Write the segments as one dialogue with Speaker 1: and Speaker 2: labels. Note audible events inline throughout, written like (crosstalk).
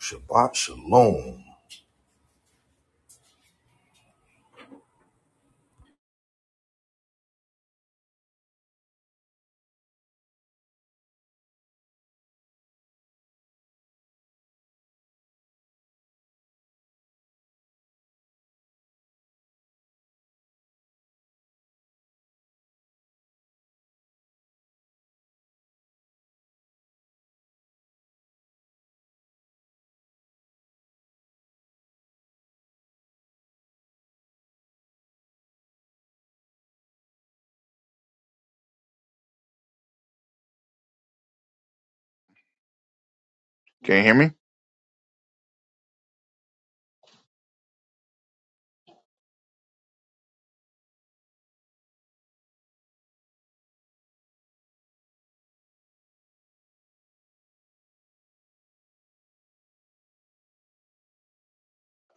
Speaker 1: Shabbat shalom.
Speaker 2: Can you hear me?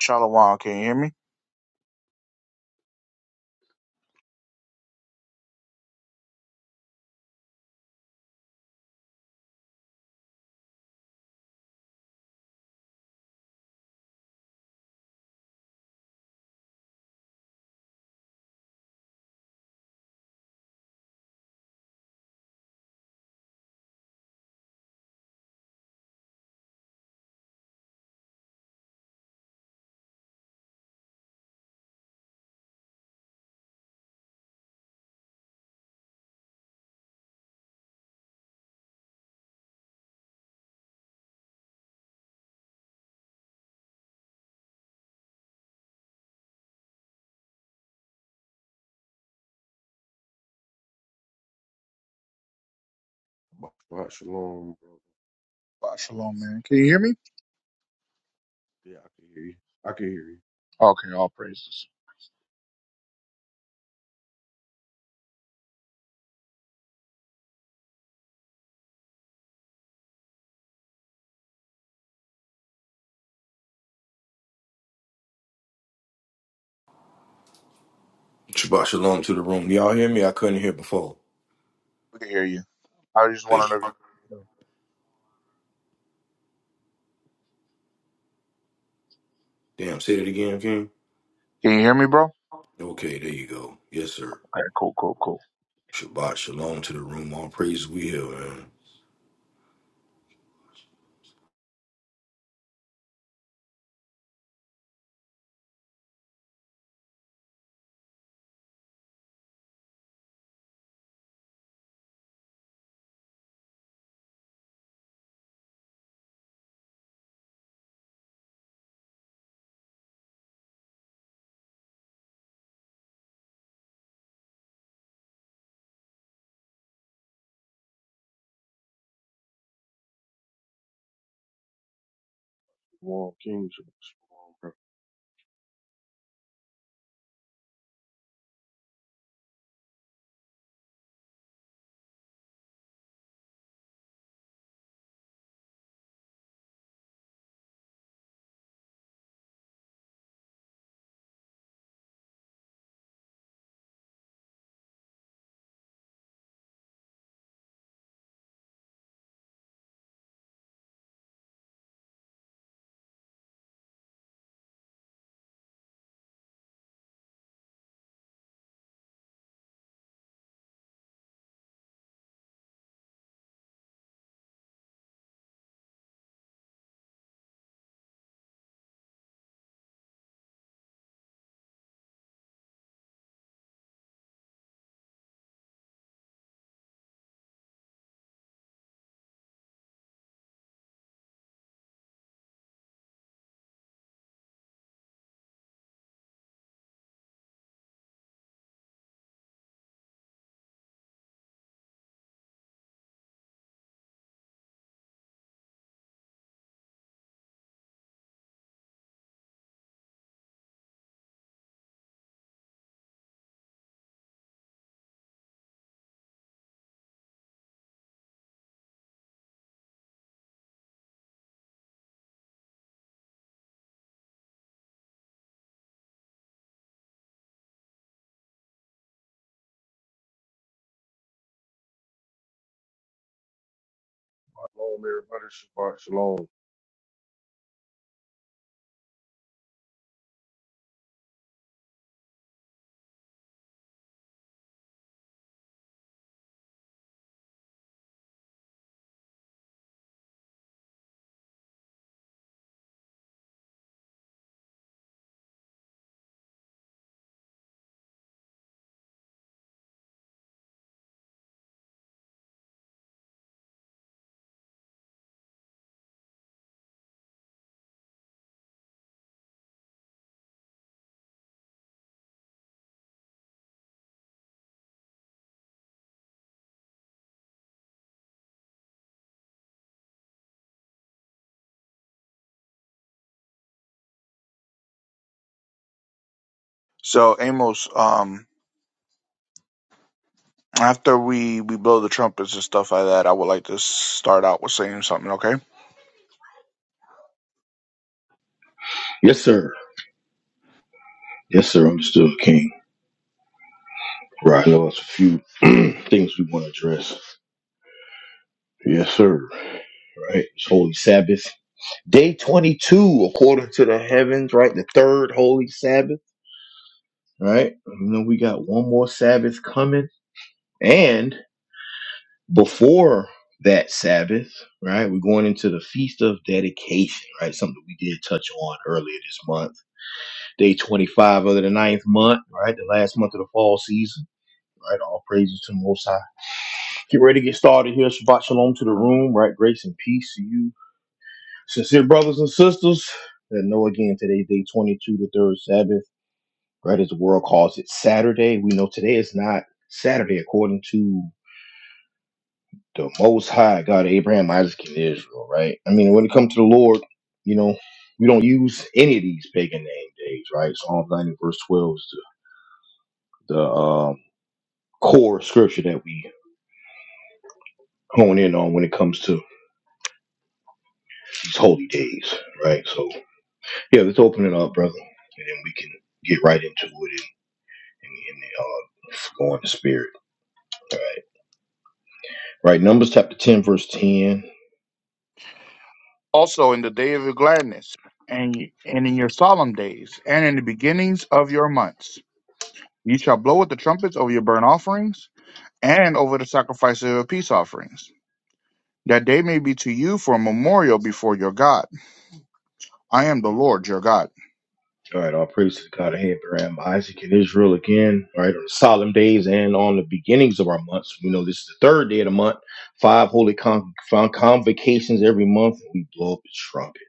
Speaker 2: Shalom, can you hear me?
Speaker 3: Shabbat shalom, bro.
Speaker 2: Wow, Shalom, man. Can you hear me?
Speaker 3: Yeah, I can hear you. I can hear you.
Speaker 2: Okay, all praises.
Speaker 1: Shabbat shalom to the room. Y'all hear me? I couldn't hear before.
Speaker 2: We can hear you. I just
Speaker 1: Thank
Speaker 2: wanted
Speaker 1: you.
Speaker 2: to. know if you
Speaker 1: Damn, say it again, King.
Speaker 2: Can you hear me, bro?
Speaker 1: Okay, there you go. Yes, sir.
Speaker 2: Okay, cool, cool, cool.
Speaker 1: Shabbat shalom to the room. All praise we have, man.
Speaker 3: Shalom, King. Shabbat shalom, bro. Shabbat shalom, everybody. Shabbat shalom.
Speaker 2: So, Amos, um, after we we blow the trumpets and stuff like that, I would like to start out with saying something, okay?
Speaker 1: Yes, sir. Yes, sir. I'm still king. Right. I know it's a few (clears throat) things we want to address. Yes, sir. Right. It's Holy Sabbath. Day 22, according to the heavens, right? The third Holy Sabbath, right? You know, we got one more Sabbath coming. and. before that Sabbath, right? We're going into the Feast of Dedication, right? Something we did touch on earlier this month. Day 25 of the ninth month, right? The last month of the fall season, right? All praises to the Most High. Get ready to get started here. Shabbat Shalom to the room, right? Grace and peace to you. Sincere brothers and sisters that know again today, day 22, the third Sabbath, right? As the world calls it Saturday. We know today is not Saturday according to the most high God of Abraham, Isaac, and Israel, right? I mean, when it comes to the Lord, you know, we don't use any of these pagan name days, right? Psalm 90, verse 12 is the, the um, core scripture that we hone in on when it comes to these holy days, right? So, yeah, let's open it up, brother, and then we can get right into it and, and, and uh, go in the spirit, all right? Right, Numbers chapter 10, verse 10.
Speaker 2: Also, in the day of your gladness, and and in your solemn days, and in the beginnings of your months, you shall blow with the trumpets over your burnt offerings and over the sacrifice of your peace offerings. that they may be to you for a memorial before your God. I am the Lord your God.
Speaker 1: All right, all praise to the God of Abraham, Isaac, and Israel again. All right, on the solemn days and on the beginnings of our months. We know this is the third day of the month. Five holy con- con- convocations every month, and we blow up the trumpet.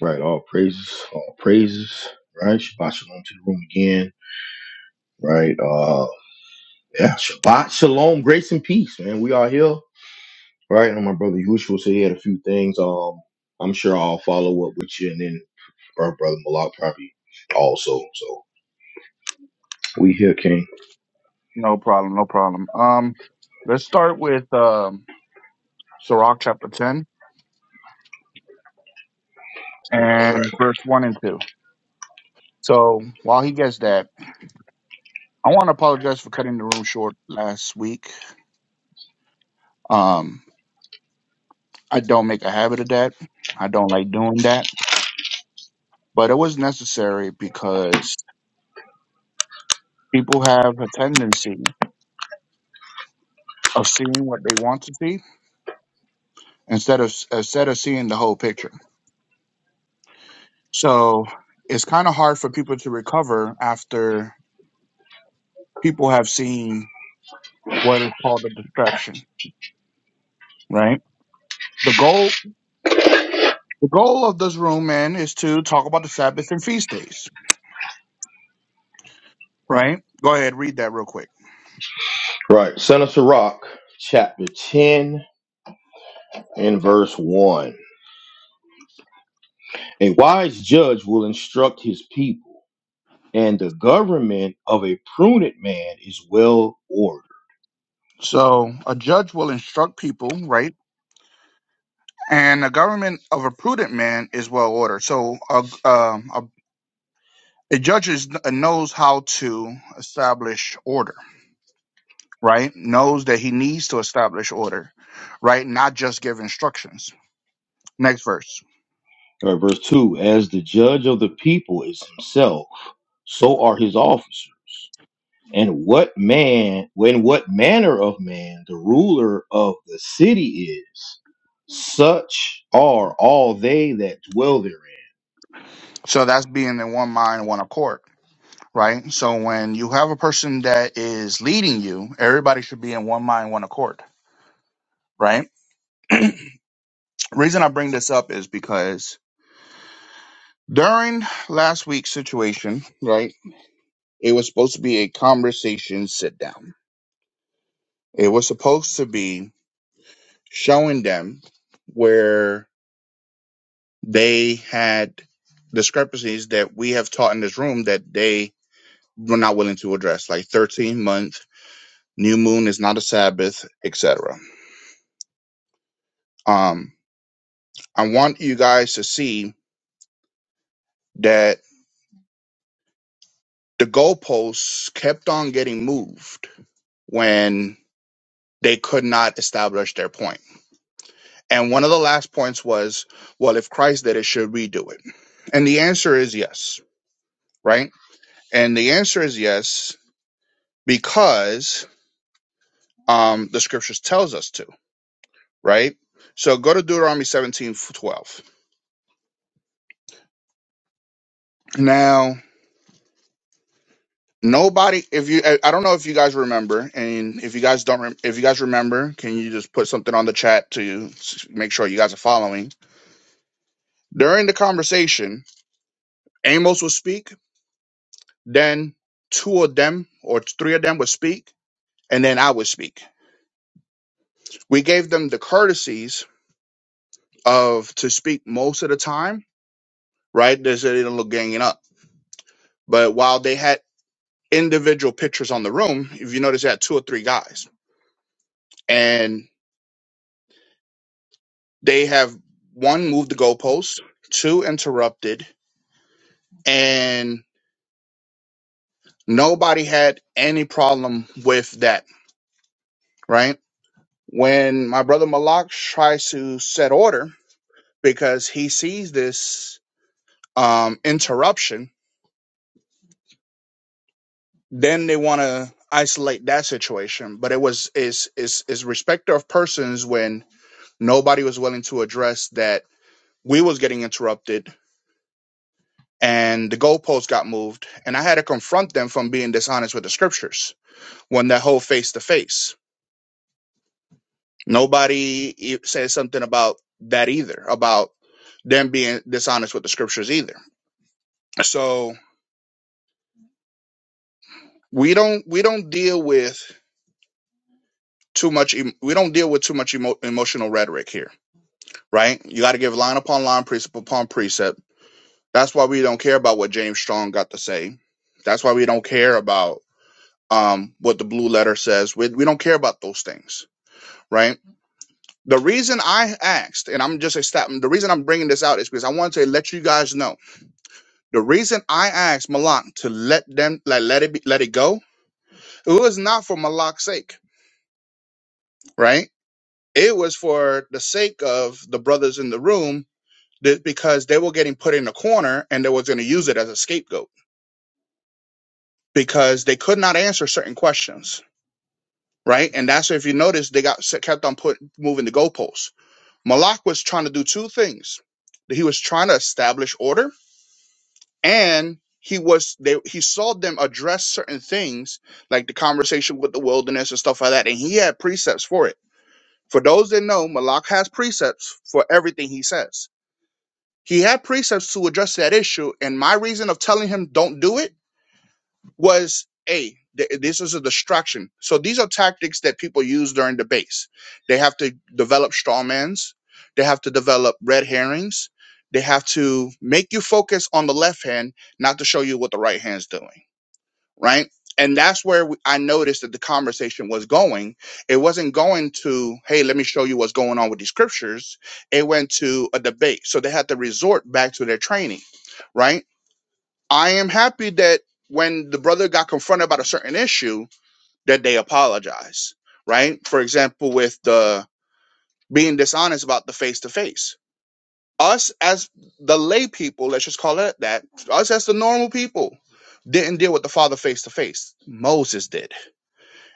Speaker 1: Right, all praises, all praises. Right, Shabbat shalom to the room again. Right, uh, yeah, Shabbat shalom, grace and peace, man. We are here. Right, and my brother Yahushua said he had a few things. Um, I'm sure I'll follow up with you, and then our brother Malak probably also. So we here, King.
Speaker 2: No problem, no problem. Um, let's start with um, Sirach chapter 10 and verse 1 and 2. So while he gets that, I want to apologize for cutting the room short last week. Um, I don't make a habit of that. I don't like doing that, but it was necessary because people have a tendency of seeing what they want to see instead of instead of seeing the whole picture. So it's kind of hard for people to recover after people have seen what is called a distraction, right? The goal, the goal of this room, man, is to talk about the Sabbath and feast days, right? Go ahead, read that real quick.
Speaker 1: Right. Son of Sirach, chapter 10 and verse 1. A wise judge will instruct his people, and the government of a prudent man is well ordered.
Speaker 2: So a judge will instruct people, right? And the government of a prudent man is well ordered. So a, um, a, a judge is, knows how to establish order, right? Knows that he needs to establish order, right? Not just give instructions Next verse.
Speaker 1: All right, verse 2 As the judge of the people is himself, so are his officers. And what man, when what manner of man the ruler of the city is, such are all they that dwell therein.
Speaker 2: So that's being in one mind, one accord, right? So when you have a person that is leading you, everybody should be in one mind, one accord, right? Reason I bring this up is because during last week's situation, right, it was supposed to be a conversation sit down. It was supposed to be showing them where they had discrepancies that we have taught in this room that they were not willing to address, like 13 month new moon is not a Sabbath, etc. Um, I want you guys to see that the goalposts kept on getting moved when they could not establish their point. And one of the last points was, well, if Christ did it, should we do it? And the answer is yes, right? And the answer is yes because um, the scriptures tells us to, right? So go to Deuteronomy seventeen twelve. now. Nobody, if you, I I don't know if you guys remember, and if you guys don't, rem- if you guys remember, can you just put something on the chat to s- make sure you guys are following? During the conversation, Amos would speak, then two of them or three of them would speak, and then I would speak. We gave them the courtesies of to speak most of the time, right? There's a little ganging up, but while they had individual pictures on the room, if you notice, they had two or three guys, They have one moved the goalposts, two interrupted, and nobody had any problem with that, right? When my brother Malak tries to set order because he sees this um, interruption, then they want to isolate that situation. But it was is is is respecter of persons when nobody was willing to address that we was getting interrupted and the goalposts got moved, and I had to confront them from being dishonest with the scriptures when that whole face to face. Nobody e- says something about that either, about them being dishonest with the scriptures either. So we don't we don't deal with too much em- we don't deal with too much emo- emotional rhetoric here, right? You got to give line upon line, precept upon precept. That's why we don't care about what James Strong got to say. That's why we don't care about um, what the blue letter says. We, we don't care about those things, right? The reason I asked, and I'm just establishing, the reason I'm bringing this out is because I want to let you guys know. The reason I asked Malak to let them, like, let it be, let it go, it was not for Malak's sake, right? It was for the sake of the brothers in the room that, because they were getting put in a corner and they was going to use it as a scapegoat because they could not answer certain questions, right? And that's if you notice, they got kept on put moving the goalposts. Malak was trying to do two things. He was trying to establish order and he was they he saw them address certain things like the conversation with the wilderness and stuff like that and he had precepts for it for those that know malak has precepts for everything he says he had precepts to address that issue and my reason of telling him don't do it was a th- this is a distraction so these are tactics that people use during debates they have to develop straw mans they have to develop red herrings they have to make you focus on the left hand not to show you what the right hand's doing right and that's where we, i noticed that the conversation was going it wasn't going to hey let me show you what's going on with these scriptures it went to a debate so they had to resort back to their training right I am happy that when the brother got confronted about a certain issue, that they apologize, right? For example, with the being dishonest about the face to face. Us as the lay people, let's just call it that, us as the normal people didn't deal with the father face to face. Moses did.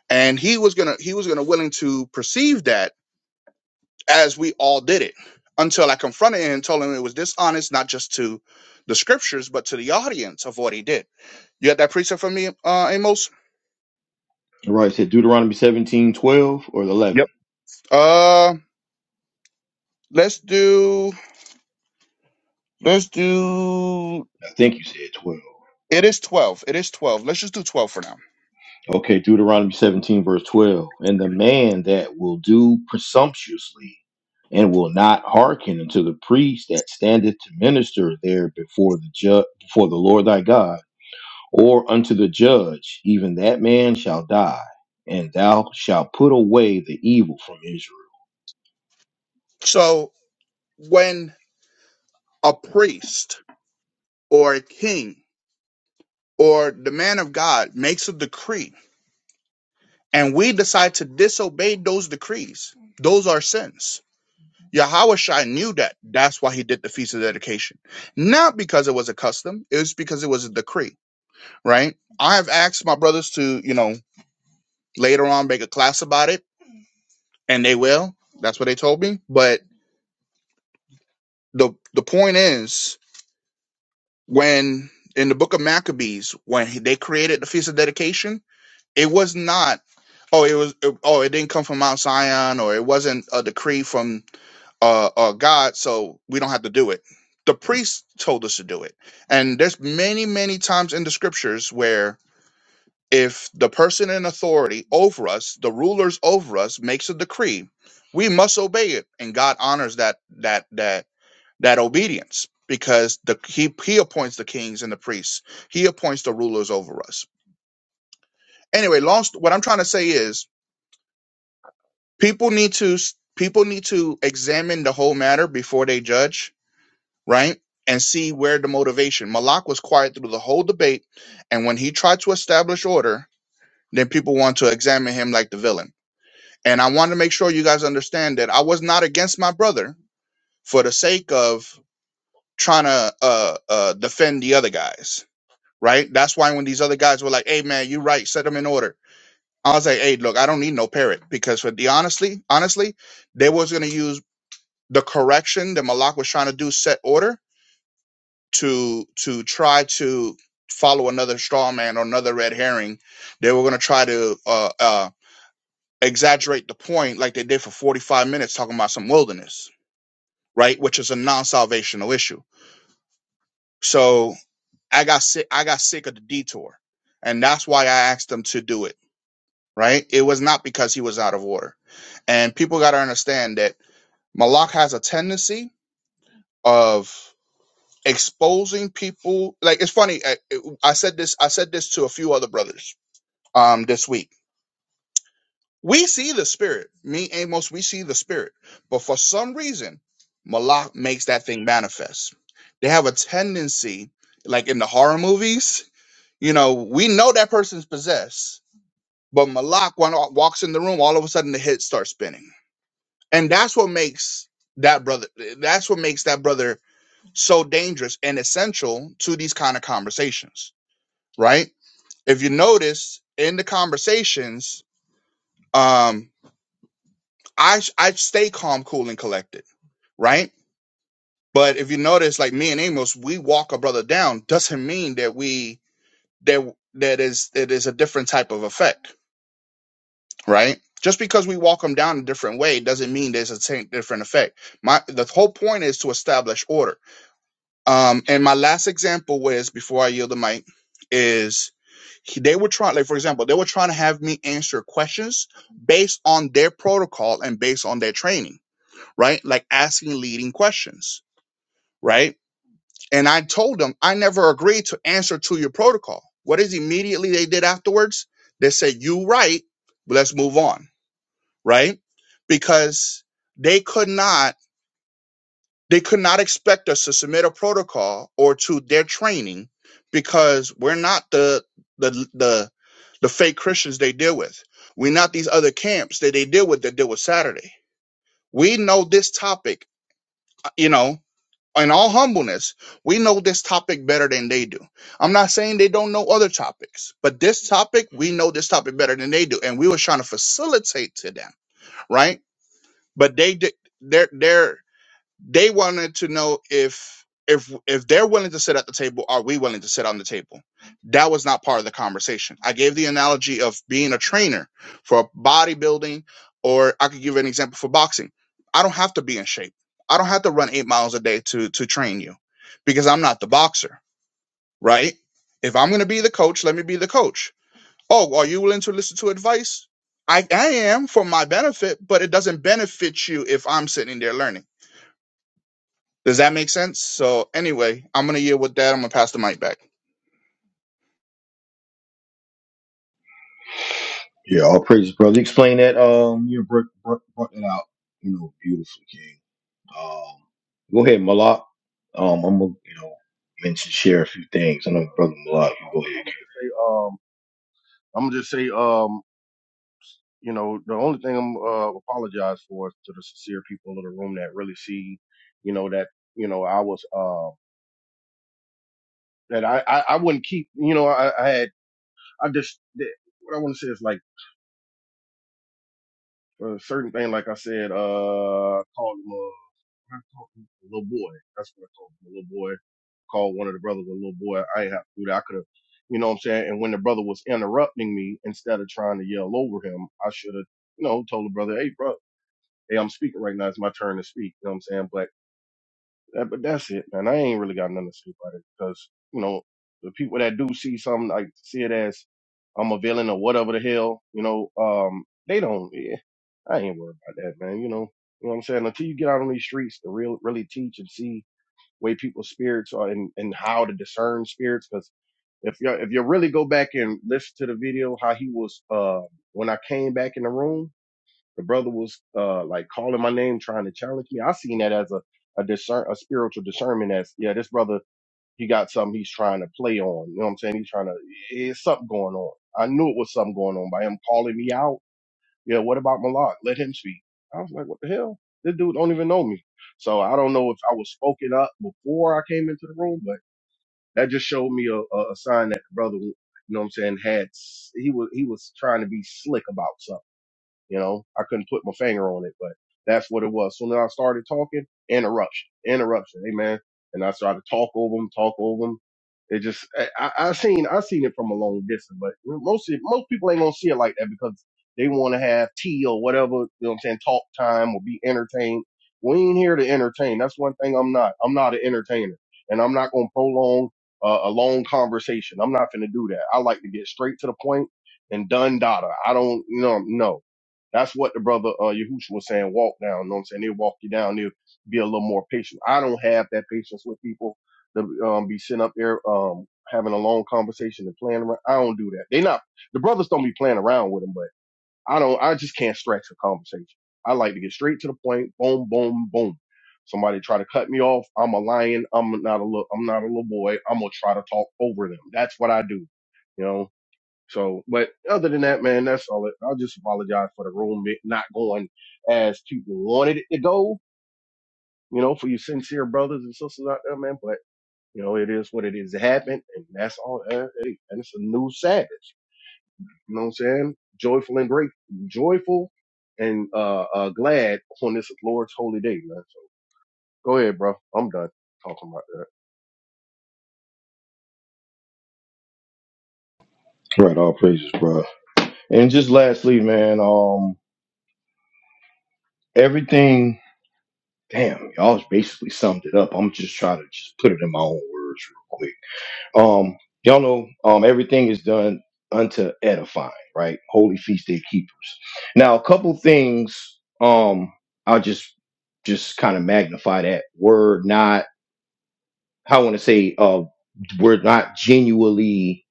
Speaker 2: And he was gonna he was gonna willing to perceive that as we all did it. Until I confronted him and told him it was dishonest, not just to the scriptures, but to the audience of what he did. You got that precept for me, uh Amos?
Speaker 1: All Right, said Deuteronomy 17 12 or 11.
Speaker 2: Yep. Uh, let's do let's do.
Speaker 1: I think you said 12.
Speaker 2: It is twelve. It is twelve. Let's just do twelve for now.
Speaker 1: Okay, Deuteronomy 17, verse 12. And the man that will do presumptuously and will not hearken unto the priest that standeth to minister there before the ju- before the Lord thy God, or unto the judge, even that man shall die, and thou shalt put away the evil from Israel.
Speaker 2: So when a priest or a king or the man of God makes a decree, and we decide to disobey those decrees, those are sins. Yahushua knew that. That's why he did the feast of dedication, not because it was a custom. It was because it was a decree, right? I have asked my brothers to, you know, later on make a class about it and they will. That's what they told me. But the the point is, when in the book of Maccabees, when they created the feast of dedication, it was not. Oh, it was. Oh, it didn't come from Mount Zion, or it wasn't a decree from uh, uh, God, so we don't have to do it. The priests told us to do it, and there's many, many times in the scriptures where if the person in authority over us, the rulers over us, makes a decree, we must obey it, and God honors that. That that that obedience because the he he appoints the kings and the priests. He appoints the rulers over us. Anyway, lost what I'm trying to say is people need to s- people need to examine the whole matter before they judge, right? And see where the motivation. Malak was quiet through the whole debate, and when he tried to establish order, then people want to examine him like the villain. And I want to make sure you guys understand that I was not against my brother for the sake of trying to uh, uh, defend the other guys right? That's why when these other guys were like, "Hey, man, you right, set them in order," I was like, "Hey, look, I don't need no parrot because for the honestly, honestly, they was gonna use the correction that Malak was trying to do set order to to try to follow another straw man or another red herring. They were gonna try to uh, uh, exaggerate the point like they did for forty five minutes talking about some wilderness, right? Which is a non salvational issue. So I got sick. I got sick of the detour, and that's why I asked them to do it right? It was not because he was out of order. And people got to understand that Malak has a tendency of exposing people. Like it's funny. I, I said this. I said this to a few other brothers um this week. We see the spirit. Me, Amos, we see the spirit. But for some reason, Malak makes that thing manifest. They have a tendency, like in the horror movies, you know, we know that person's possessed, but Malak when walks in the room, all of a sudden the head starts spinning and that's what makes that brother that's what makes that brother so dangerous and essential to these kind of conversations right if you notice in the conversations um i i stay calm cool and collected right but if you notice like me and amos we walk a brother down doesn't mean that we that that is it is a different type of effect right just because we walk them down a different way doesn't mean there's a same different effect my the whole point is to establish order Um, and my last example was before I yield the mic is he- they were trying, like for example, they were trying to have me answer questions based on their protocol and based on their training, right? Like asking leading questions, right? And I told them I never agreed to answer to your protocol. What is immediately they did afterwards? They said you right, let's move on, right? Because they could not. They could not expect us to submit a protocol or to their training because we're not the the the the fake Christians they deal with. We're not these other camps that they deal with that deal with Saturday. We know this topic, uh, you know, in all humbleness, we know this topic better than they do. I'm not saying they don't know other topics, but this topic, we know this topic better than they do. And we were trying to facilitate to them, right? But they did they're they're. They wanted to know if if if they're willing to sit at the table, are we willing to sit on the table? That was not part of the conversation. I gave the analogy of being a trainer for bodybuilding, or I could give an example for boxing. I don't have to be in shape. I don't have to run eight miles a day to to train you because I'm not the boxer, right? If I'm gonna be the coach, let me be the coach. Oh, are you willing to listen to advice? I, I am for my benefit, but it doesn't benefit you if I'm sitting there learning. Does that make sense? So anyway, I'm gonna yield with that. I'm gonna pass the mic back.
Speaker 1: Yeah, all praises, brother. Explain that. Um, you brought, brought, brought that out. You know, beautifully, King. Um, go ahead, Malak. Um, I'm gonna, you know, mention share a few things. I know, brother Malak. You go
Speaker 3: I'm
Speaker 1: ahead.
Speaker 3: gonna just say, um, I'm gonna just say, um, you know, the only thing I'm uh apologize for is to the sincere people in the room that really see, you know, that you know I was uh that I I, I wouldn't keep, you know, I, I had I just that, what I want to say is like. Uh, certain thing, like I said, uh, I called him uh, called him a little boy. That's what I called him, a little boy. Called one of the brothers a little boy. I ain't have to do that. I could have, you know what I'm saying? And when the brother was interrupting me, instead of trying to yell over him, I should have, you know, told the brother, hey, bro, hey, I'm speaking right now. It's my turn to speak. You know what I'm saying? but. That, but that's it, man. I ain't really got nothing to say about it because you know the people that do see something like see it as I'm a villain or whatever the hell, you know, um, they don't. Yeah, I ain't worried about that, man. You know, you know what I'm saying. Until you get out on these streets to real really teach and see way people's spirits are and, and how to discern spirits, because if you if you really go back and listen to the video, how he was uh when I came back in the room. The brother was uh like calling my name, trying to challenge me. I seen that as a a discern a spiritual discernment as yeah, this brother he got something he's trying to play on. You know what I'm saying? He's trying to it's something going on. I knew it was something going on by him calling me out. Yeah, what about Malak? Let him speak. I was like, what the hell? This dude don't even know me. So I don't know if I was spoken up before I came into the room, but that just showed me a, a a sign that the brother, you know what I'm saying, had s- he was he was trying to be slick about something. You know, I couldn't put my finger on it, but that's what it was. Soon as I started talking, interruption, interruption. Hey man. And I started to talk over them, talk over them. It just, I, I I seen, I seen it from a long distance, but most, most people ain't gonna see it like that because they want to have tea or whatever, you know what I'm saying? Talk time or be entertained. We ain't here to entertain. That's one thing I'm not. I'm not an entertainer and I'm not gonna prolong uh, a long conversation. I'm not gonna do that. I like to get straight to the point and done data. I don't, you know, no. That's what the brother uh, Yahushua was saying. Walk down. You know what I'm saying? They'll walk you down. They'll be a little more patient. I don't have that patience with people to um, be sitting up there um, having a long conversation and playing around. I don't do that. They not the brothers don't be playing around with them, but I don't. I just can't stretch a conversation. I like to get straight to the point. Boom, boom, boom. Somebody try to cut me off. I'm a lion. I'm not a little. I'm not a little boy. I'm gonna try to talk over them. That's what I do. You know. So, but other than that, man, that's all. It, I'll just apologize for the room be- not going as people wanted it to go. You know, for you sincere brothers and sisters out there, man. But you know, it is what it is. It happened, and that's all. uh, Hey, and it's a new Sabbath. You know what I'm saying? Joyful and great, joyful and uh, uh glad on this Lord's holy day, man. So go ahead, bro. I'm done talking about that.
Speaker 1: Right, all praises, bro. And just lastly, man. Um, everything. Damn, y'all basically summed it up. I'm just trying to just put it in my own words real quick. Um, y'all know um, everything is done unto edifying, right? Holy feast day keepers. Now, a couple things. Um, I'll just just kind of magnify that. We're not. I want to say uh, we're not genuinely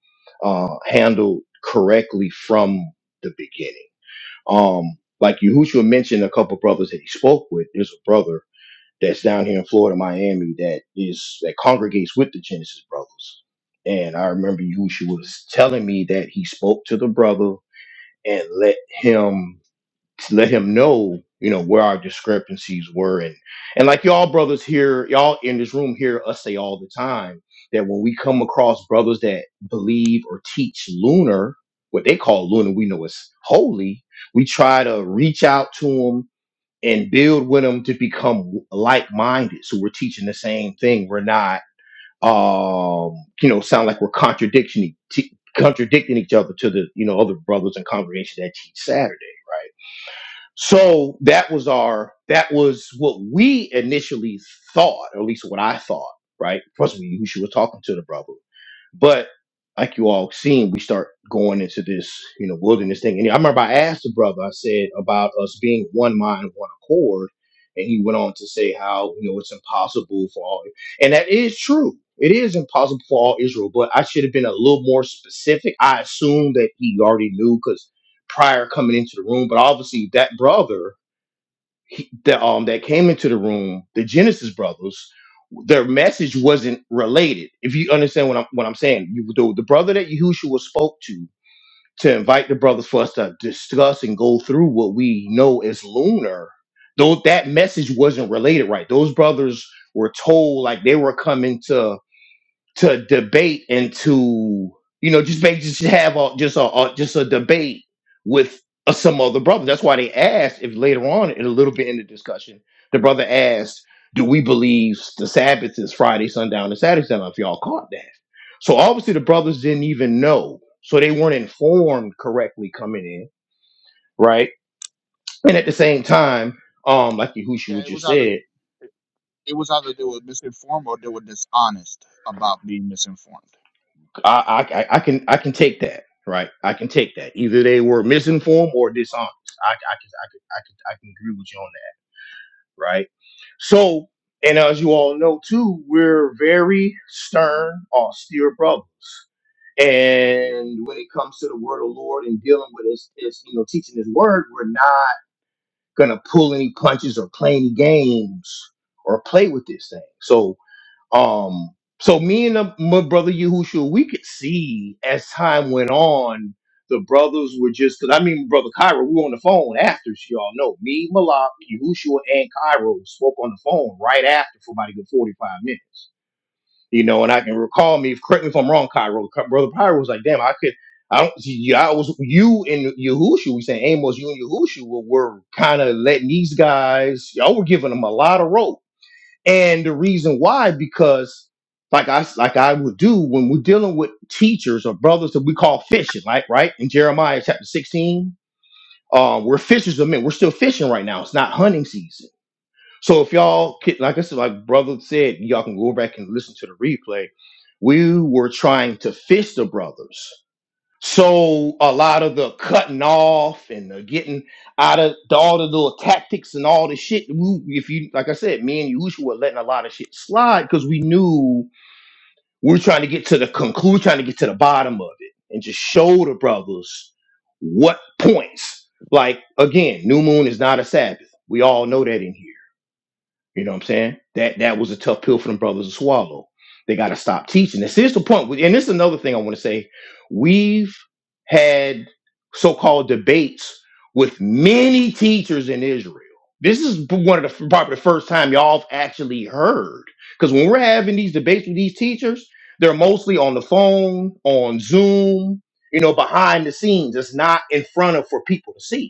Speaker 1: uh, handled correctly from the beginning. Um, like Yahushua mentioned, a couple brothers that he spoke with. There's a brother that's down here in Florida, Miami, that is that congregates with the Genesis brothers. And I remember Yusha was telling me that he spoke to the brother and let him let him know, you know, where our discrepancies were. And and like y'all brothers here, y'all in this room hear us say all the time that when we come across brothers that believe or teach lunar, what they call lunar, we know it's holy, we try to reach out to them and build with them to become like-minded. So we're teaching the same thing. We're not, um, you know, sound like we're contradicting e-, t- contradicting each other to the you know other brothers and congregation that teach Saturday, right? So that was our that was what we initially thought, or at least what I thought, right? Plus, we Yusha was talking to the brother. But like you all seen, we start going into this, you know, wilderness thing. And I remember I asked the brother, I said about us being one mind, one accord. And he went on to say how, you know, it's impossible for all. And that is true. It is impossible for all Israel, but I should have been a little more specific. I assumed that he already knew because prior coming into the room, but obviously that brother he, the um that came into the room, the Genesis brothers, their message wasn't related. If you understand what I'm what I'm saying, you the, the brother that Yahushua spoke to to invite the brothers for us to discuss and go through what we know as lunar, though that message wasn't related right. Those brothers were told like they were coming to to debate and to you know just make just have a, just a, a just a debate with uh, some other brothers. That's why they asked if later on in a little bit in the discussion, the brother asked, "Do we believe the Sabbath is Friday sundown and Saturday sundown?" If y'all caught that, so obviously the brothers didn't even know, so they weren't informed correctly coming in, right? And at the same time, um, like Yahushua
Speaker 2: Yeah, it was
Speaker 1: just
Speaker 2: either
Speaker 1: said.
Speaker 2: it was either they were misinformed or they were dishonest about being misinformed.
Speaker 1: I, I, I I can I can take that, right? I can take that. Either they were misinformed or dishonest. I, I can I can I can I can agree with you on that, right? So, and as you all know too, we're very stern, austere brothers. And when it comes to the word of the Lord and dealing with his, his you know, teaching his word, we're not gonna pull any punches or play any games or play with this thing. So um, so me and the, my brother Yahushua, we could see as time went on, the brothers were just. Cause I mean, brother Cairo, we were on the phone after. so Y'all know me, Malak, Yahushua, and Cairo spoke on the phone right after for about a good forty-five minutes. You know, and I can recall me. Correct me if I'm wrong, Cairo. Ca- Brother Cairo was like, "Damn, I could." I don't. see, Yeah, I was you and Yahushua. We saying Amos, you and Yahushua were kind of letting these guys. Y'all were giving them a lot of rope and the reason why, because like I like I would do when we're dealing with teachers or brothers that we call fishing, like right in Jeremiah chapter 16, um, we're fishers of men. We're still fishing right now. It's not hunting season. So if y'all could, like I said, like brother said, y'all can go back and listen to the replay. We were trying to fish the brothers. So a lot of the cutting off and the getting out of the, all the little tactics and all the shit. We, if you like, I said, me and Yusha were letting a lot of shit slide because we knew we are trying to get to the conclude, trying to get to the bottom of it, and just show the brothers what points. Like again, new moon is not a Sabbath. We all know that in here. You know what I'm saying? That that was a tough pill for them brothers to swallow. They got to stop teaching. This is the point, and this is another thing I want to say. We've had so-called debates with many teachers in Israel. This is one of the probably the first time y'all have actually heard. Because when we're having these debates with these teachers, they're mostly on the phone, on Zoom, you know, behind the scenes. It's not in front of for people to see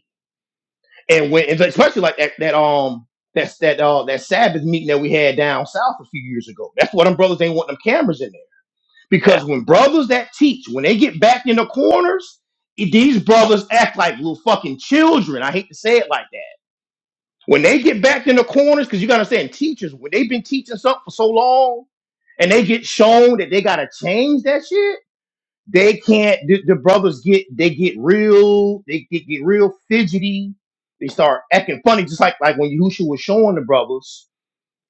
Speaker 1: and when and so especially like that that um that's that uh that Sabbath meeting that we had down south a few years ago. That's why them brothers ain't want them cameras in there. Because when brothers that teach, when they get back in the corners, it- these brothers act like little fucking children. I hate to say it like that. When they get back in the corners, because you gotta understand, teachers, when they've been teaching something for so long and they get shown that they gotta change that shit they can't the, the brothers get they get real they get, get real fidgety they start acting funny just like like when Yahushua was showing the brothers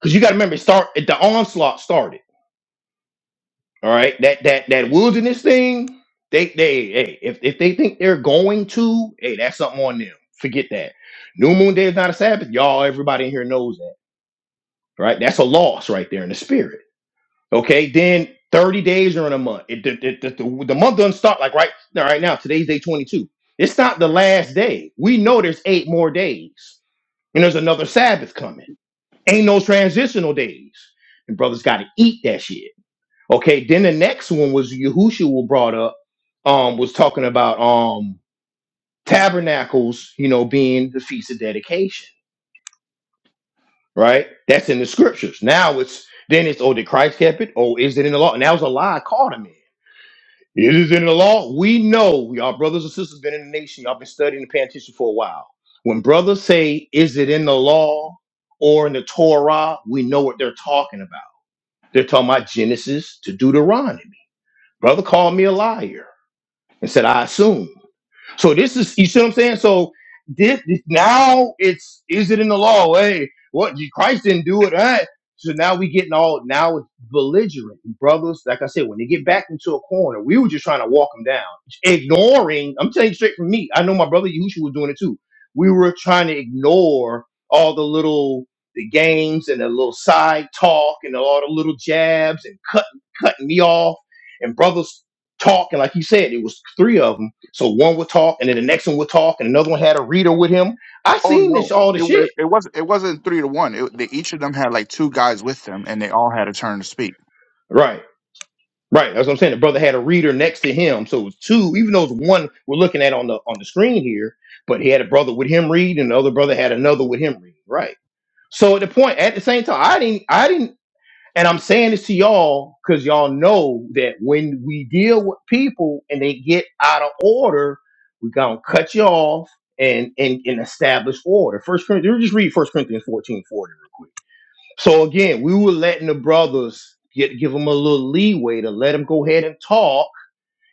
Speaker 1: because you got to remember it start the onslaught started all right that that that wilderness thing they they hey if, if they think they're going to hey that's something on them forget that new moon day is not a sabbath y'all everybody in here knows that right that's a loss right there in the spirit Okay, then 30 days are in a month. It, it, it- the, the month doesn't start like right now, right now. Today's day 22. It's not the last day. We know there's eight more days, and there's another Sabbath coming. Ain't no transitional days. And brothers got to eat that shit. Okay, then the next one was Yahushua brought up, um, was talking about um tabernacles, you know, being the feast of dedication, right? That's in the scriptures. Now it's then it's oh, did Christ kept it? Oh, is it in the law? And that was a lie I caught him in. It is in the law. We know y'all brothers and sisters been in the nation. Y'all been studying the Pentateuch for a while. When brothers say, "Is it in the law or in the Torah?" We know what they're talking about. They're talking about Genesis to Deuteronomy. Brother called me a liar and said, "I assume." So this is you see what I'm saying. So this, this now it's is it in the law? Hey, what Christ didn't do it. eh? So now we getting all now it's belligerent, brothers. Like I said, when they get back into a corner, we were just trying to walk them down, ignoring. I'm telling you straight from me. I know my brother Yusha was doing it too. We were trying to ignore all the little the games and the little side talk and all the little jabs and cutting cutting me off and brothers talk, and like you said, it was three of them. So one would talk, and then the next one would talk, and another one had a reader with him. I
Speaker 2: Oh
Speaker 1: seen
Speaker 2: no,
Speaker 1: this all the
Speaker 2: it was
Speaker 1: shit.
Speaker 2: it wasn't it wasn't three to one. It, they, each of them had like two guys with them, and they all had a turn to speak.
Speaker 1: Right, right. That's what I'm saying. The brother had a reader next to him, so it was two. Even though it's one we're looking at on the on the screen here, but he had a brother with him read, and the other brother had another with him read. Right. So at the point, at the same time, I didn't, I didn't. And I'm saying this to y'all because y'all know that when we deal with people and they get out of order, we're gonna cut you off and and, and establish order. First Corinthians, just read First Corinthians 14 40 real quick. So again, we were letting the brothers get give them a little leeway to let them go ahead and talk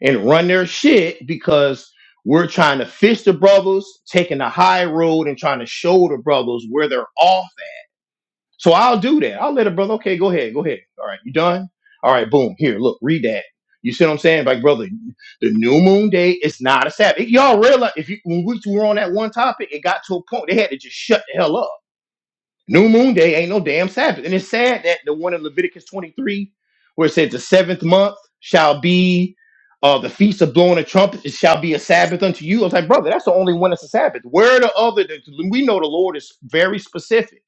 Speaker 1: and run their shit because we're trying to fish the brothers, taking the high road and trying to show the brothers where they're off so I'll do that. I'll let a brother, okay, go ahead, go ahead. All right, you done? All right, boom, here, look, read that. You see what I'm saying? Like, brother, the new moon day is not a Sabbath. Y'all realize if you when we were on that one topic, it got to a point they had to just shut the hell up. New moon day ain't no damn Sabbath. And it's sad that the one in Leviticus 23, where it said the seventh month shall be uh the feast of blowing a trumpet, it shall be a Sabbath unto you. I was like, brother, that's the only one that's a Sabbath. Where are the other we know the Lord is very specific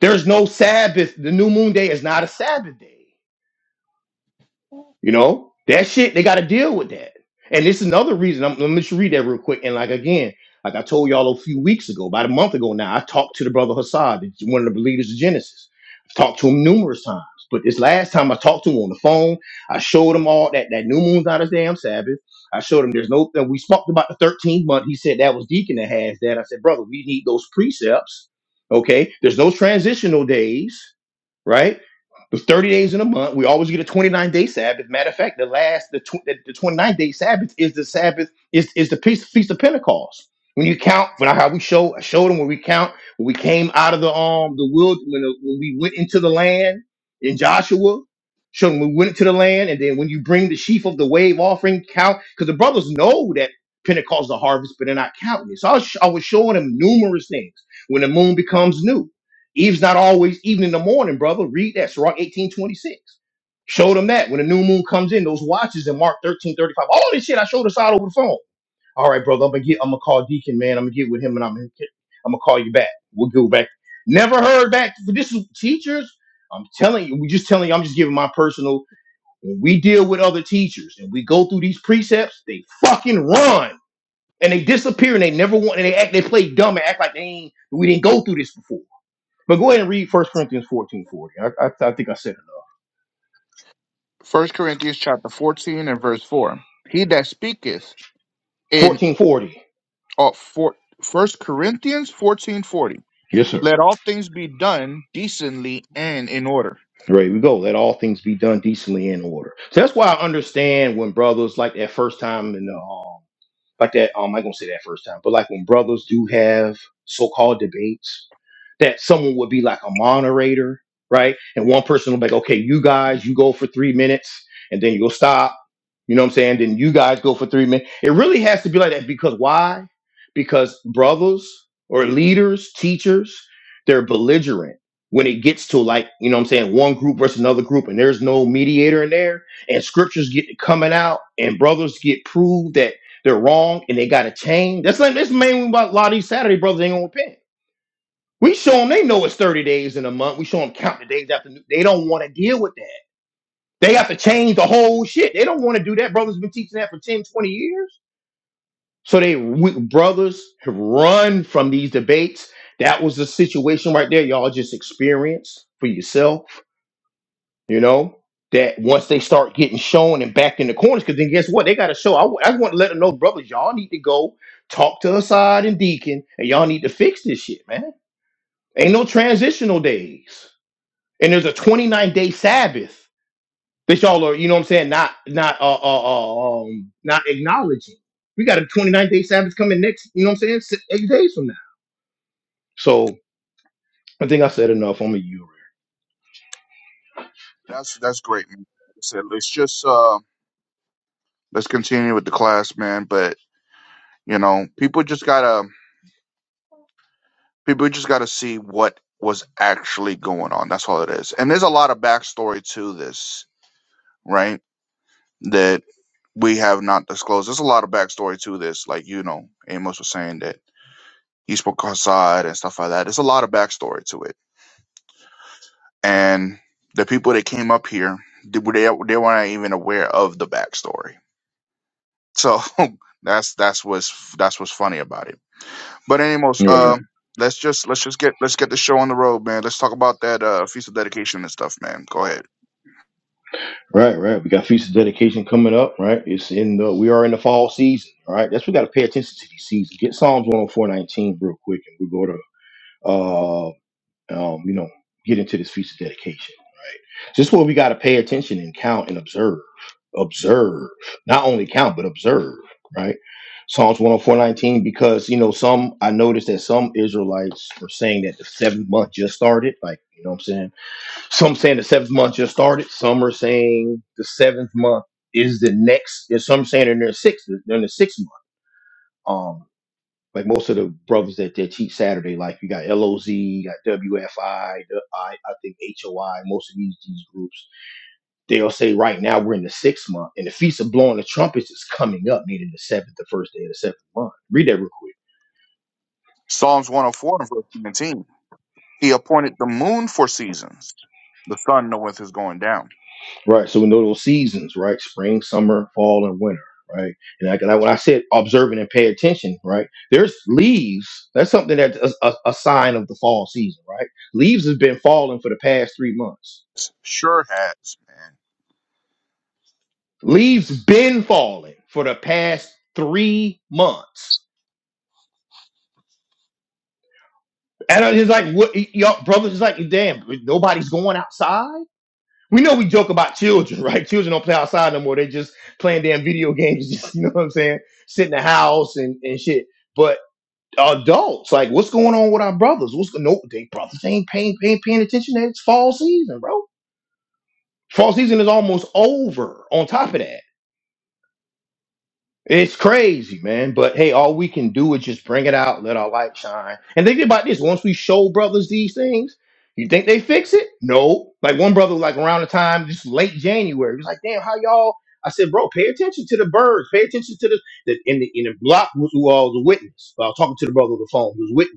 Speaker 1: there's no Sabbath. The new moon day is not a Sabbath day. You know that shit. They got to deal with that. And this is another reason. I'm, let me just read that real quick. And like again, like I told y'all a few weeks ago, about a month ago now, I talked to the brother Hassad, the- one of the leaders of Genesis. I've talked to him numerous times, but this last time I talked to him on the phone, I showed him all that that new moon's not a damn Sabbath. I showed him there's no. And we spoke about the 13th month. He said that was Deacon that has that. I said, brother, we need those precepts. Okay, there's no transitional days right? The 30 days in a month, we always get a 29 day Sabbath. Matter of fact, the last, the, tw- the 29 day Sabbath is the Sabbath, is, is the feast, feast of Pentecost. When you count, when I, how we show, I showed them when we count, when we came out of the, um, the wild, when, the, when we went into the land in Joshua, showed them we went into the land. And then when you bring the sheaf of the wave offering, count, because the brothers know that Pentecost is a harvest, but they're not counting it. So I was, I was showing them numerous things when the moon becomes new Eve's not always even in the morning, brother. Read that. Sirach 1826. Showed them that when the new moon comes in, those watches in Mark 1335. All this shit I showed us out over the phone. All right, brother, I'm gonna get I'm gonna call Deacon, man. I'm gonna get with him and I'm gonna I'm gonna call you back. We'll go back. Never heard back. But this is teachers. I'm telling you, we just telling you, I'm just giving my personal when we deal with other teachers and we go through these precepts, they fucking run and they disappear and they never want and they act they play dumb and act like they ain't we didn't go through this before. But go ahead and read First Corinthians 1440. I, I, I think I said enough.
Speaker 2: First Corinthians chapter fourteen and verse four. He that speaketh in
Speaker 1: 1440.
Speaker 2: uh, for, First Corinthians fourteen forty.
Speaker 1: Yes, sir.
Speaker 2: Let all things be done decently and in order.
Speaker 1: Ready we go. Let all things be done decently and in order. So that's why I understand when brothers like that first time in the um, like that. Um, I ain't gonna say that first time, but like when brothers do have so-called debates, that someone would be like a moderator, right? And one person will be like, okay, you guys, you go for three minutes, and then you'll stop. You know what I'm saying? Then you guys go for three minutes. It really has to be like that because why? Because brothers or leaders, teachers, they're belligerent when it gets to like, you know what I'm saying, one group versus another group, and there's no mediator in there, and scriptures get coming out, and brothers get proved that they're wrong and they got to change. That's like this main thing about a lot of these Saturday brothers ain't gonna repent. We show them they know it's 30 days in a month. We show them count the days after. They don't want to deal with that. They have to change the whole shit. They don't want to do that. Brothers been teaching that for 10, 20 years. So they we, brothers have run from these debates. That was the situation right there. Y'all just experienced for yourself you know, that once they start getting shown and backed in the corners, because then guess what? They got to show. I, w- I just want to let them know, brothers, y'all need to go talk to Assad and Deacon, and y'all need to fix this shit, man. Ain't no transitional days, and there's a 29 day Sabbath that y'all are, you know, what I'm saying, not not uh, uh, uh um not acknowledging. We got a 29 day Sabbath coming next, you know, what I'm saying, si- eight days from now. So I think I said enough. I'm a
Speaker 2: That's that's great, man. Like I said, It's just uh. let's continue with the class, man. But you know, people just gotta people just gotta see what was actually going on. That's all it is. And there's a lot of backstory to this, right? That we have not disclosed. There's a lot of backstory to this. Like you know, Amos was saying that he spoke outside and stuff like that. There's a lot of backstory to it. And the people that came up here, they were- they they weren't even aware of the backstory. So (laughs) that's that's what's that's what's funny about it But anyways,
Speaker 1: you.
Speaker 2: um, let's just let's just get let's get the show on the road, man. Let's talk about that uh, feast of dedication and stuff, man. Go ahead.
Speaker 1: Right, right. We got feast of dedication coming up, right? It's in the we are in the fall season, Right, That's we gotta pay attention to these seasons. Get Psalms 10419 real quick and we go to uh um, you know, get into this feast of dedication, right? This is where we gotta pay attention and count and observe. Observe. Not only count, but observe, right? Psalms 10419, because you know, some I noticed that some Israelites were saying that the seventh month just started, like you know what I'm saying? Some saying the seventh month just started. Some are saying the seventh month is the next. And some saying in their sixth, they're in the sixth month. Um, like most of the brothers that, that teach Saturday, like you got LOZ, you got WFI, the- I, I think HOI, most of these, these groups, they'll say right now we're in the sixth month and the Feast of Blowing the Trumpets is coming up, meaning the seventh, the first day of the seventh month. Read that real quick.
Speaker 2: Psalms one hundred four and verse nineteen. He appointed the moon for seasons. The sun knoweth his going down.
Speaker 1: Right. So we know those seasons, right? Spring, summer, fall, and winter, right? And I, and I- when I said observing and pay attention, right? There's leaves. That's something that's a, a, a sign of the fall season, right? Leaves has been falling for the past three months.
Speaker 2: Sure has, man.
Speaker 1: Leaves been falling for the past three months. And I- it's like, what, y- y'all, brothers, it's like, damn, nobody's going outside. We know we joke about children, (laughs) right? Children don't play outside no more. They just playing damn video games, (laughs) just, you know what I'm saying? Sit in the house and, and shit. but. adults. Like, what's going on with our brothers? What's going? Nope, they brothers ain't paying, paying, paying attention. That it's fall season, bro. Fall season is almost over. On top of that, it's crazy, man. But hey, all we can do is just bring it out, let our light shine. And think about this: once we show brothers these things, you think they fix it? No. Like one brother, like around the time, just late January, he was like, "Damn, how y'all?" I said, "Bro, pay attention to the birds. Pay attention to the." the in the in the block was who I was a witness. Well, I was talking to the brother on the phone. He was a witness.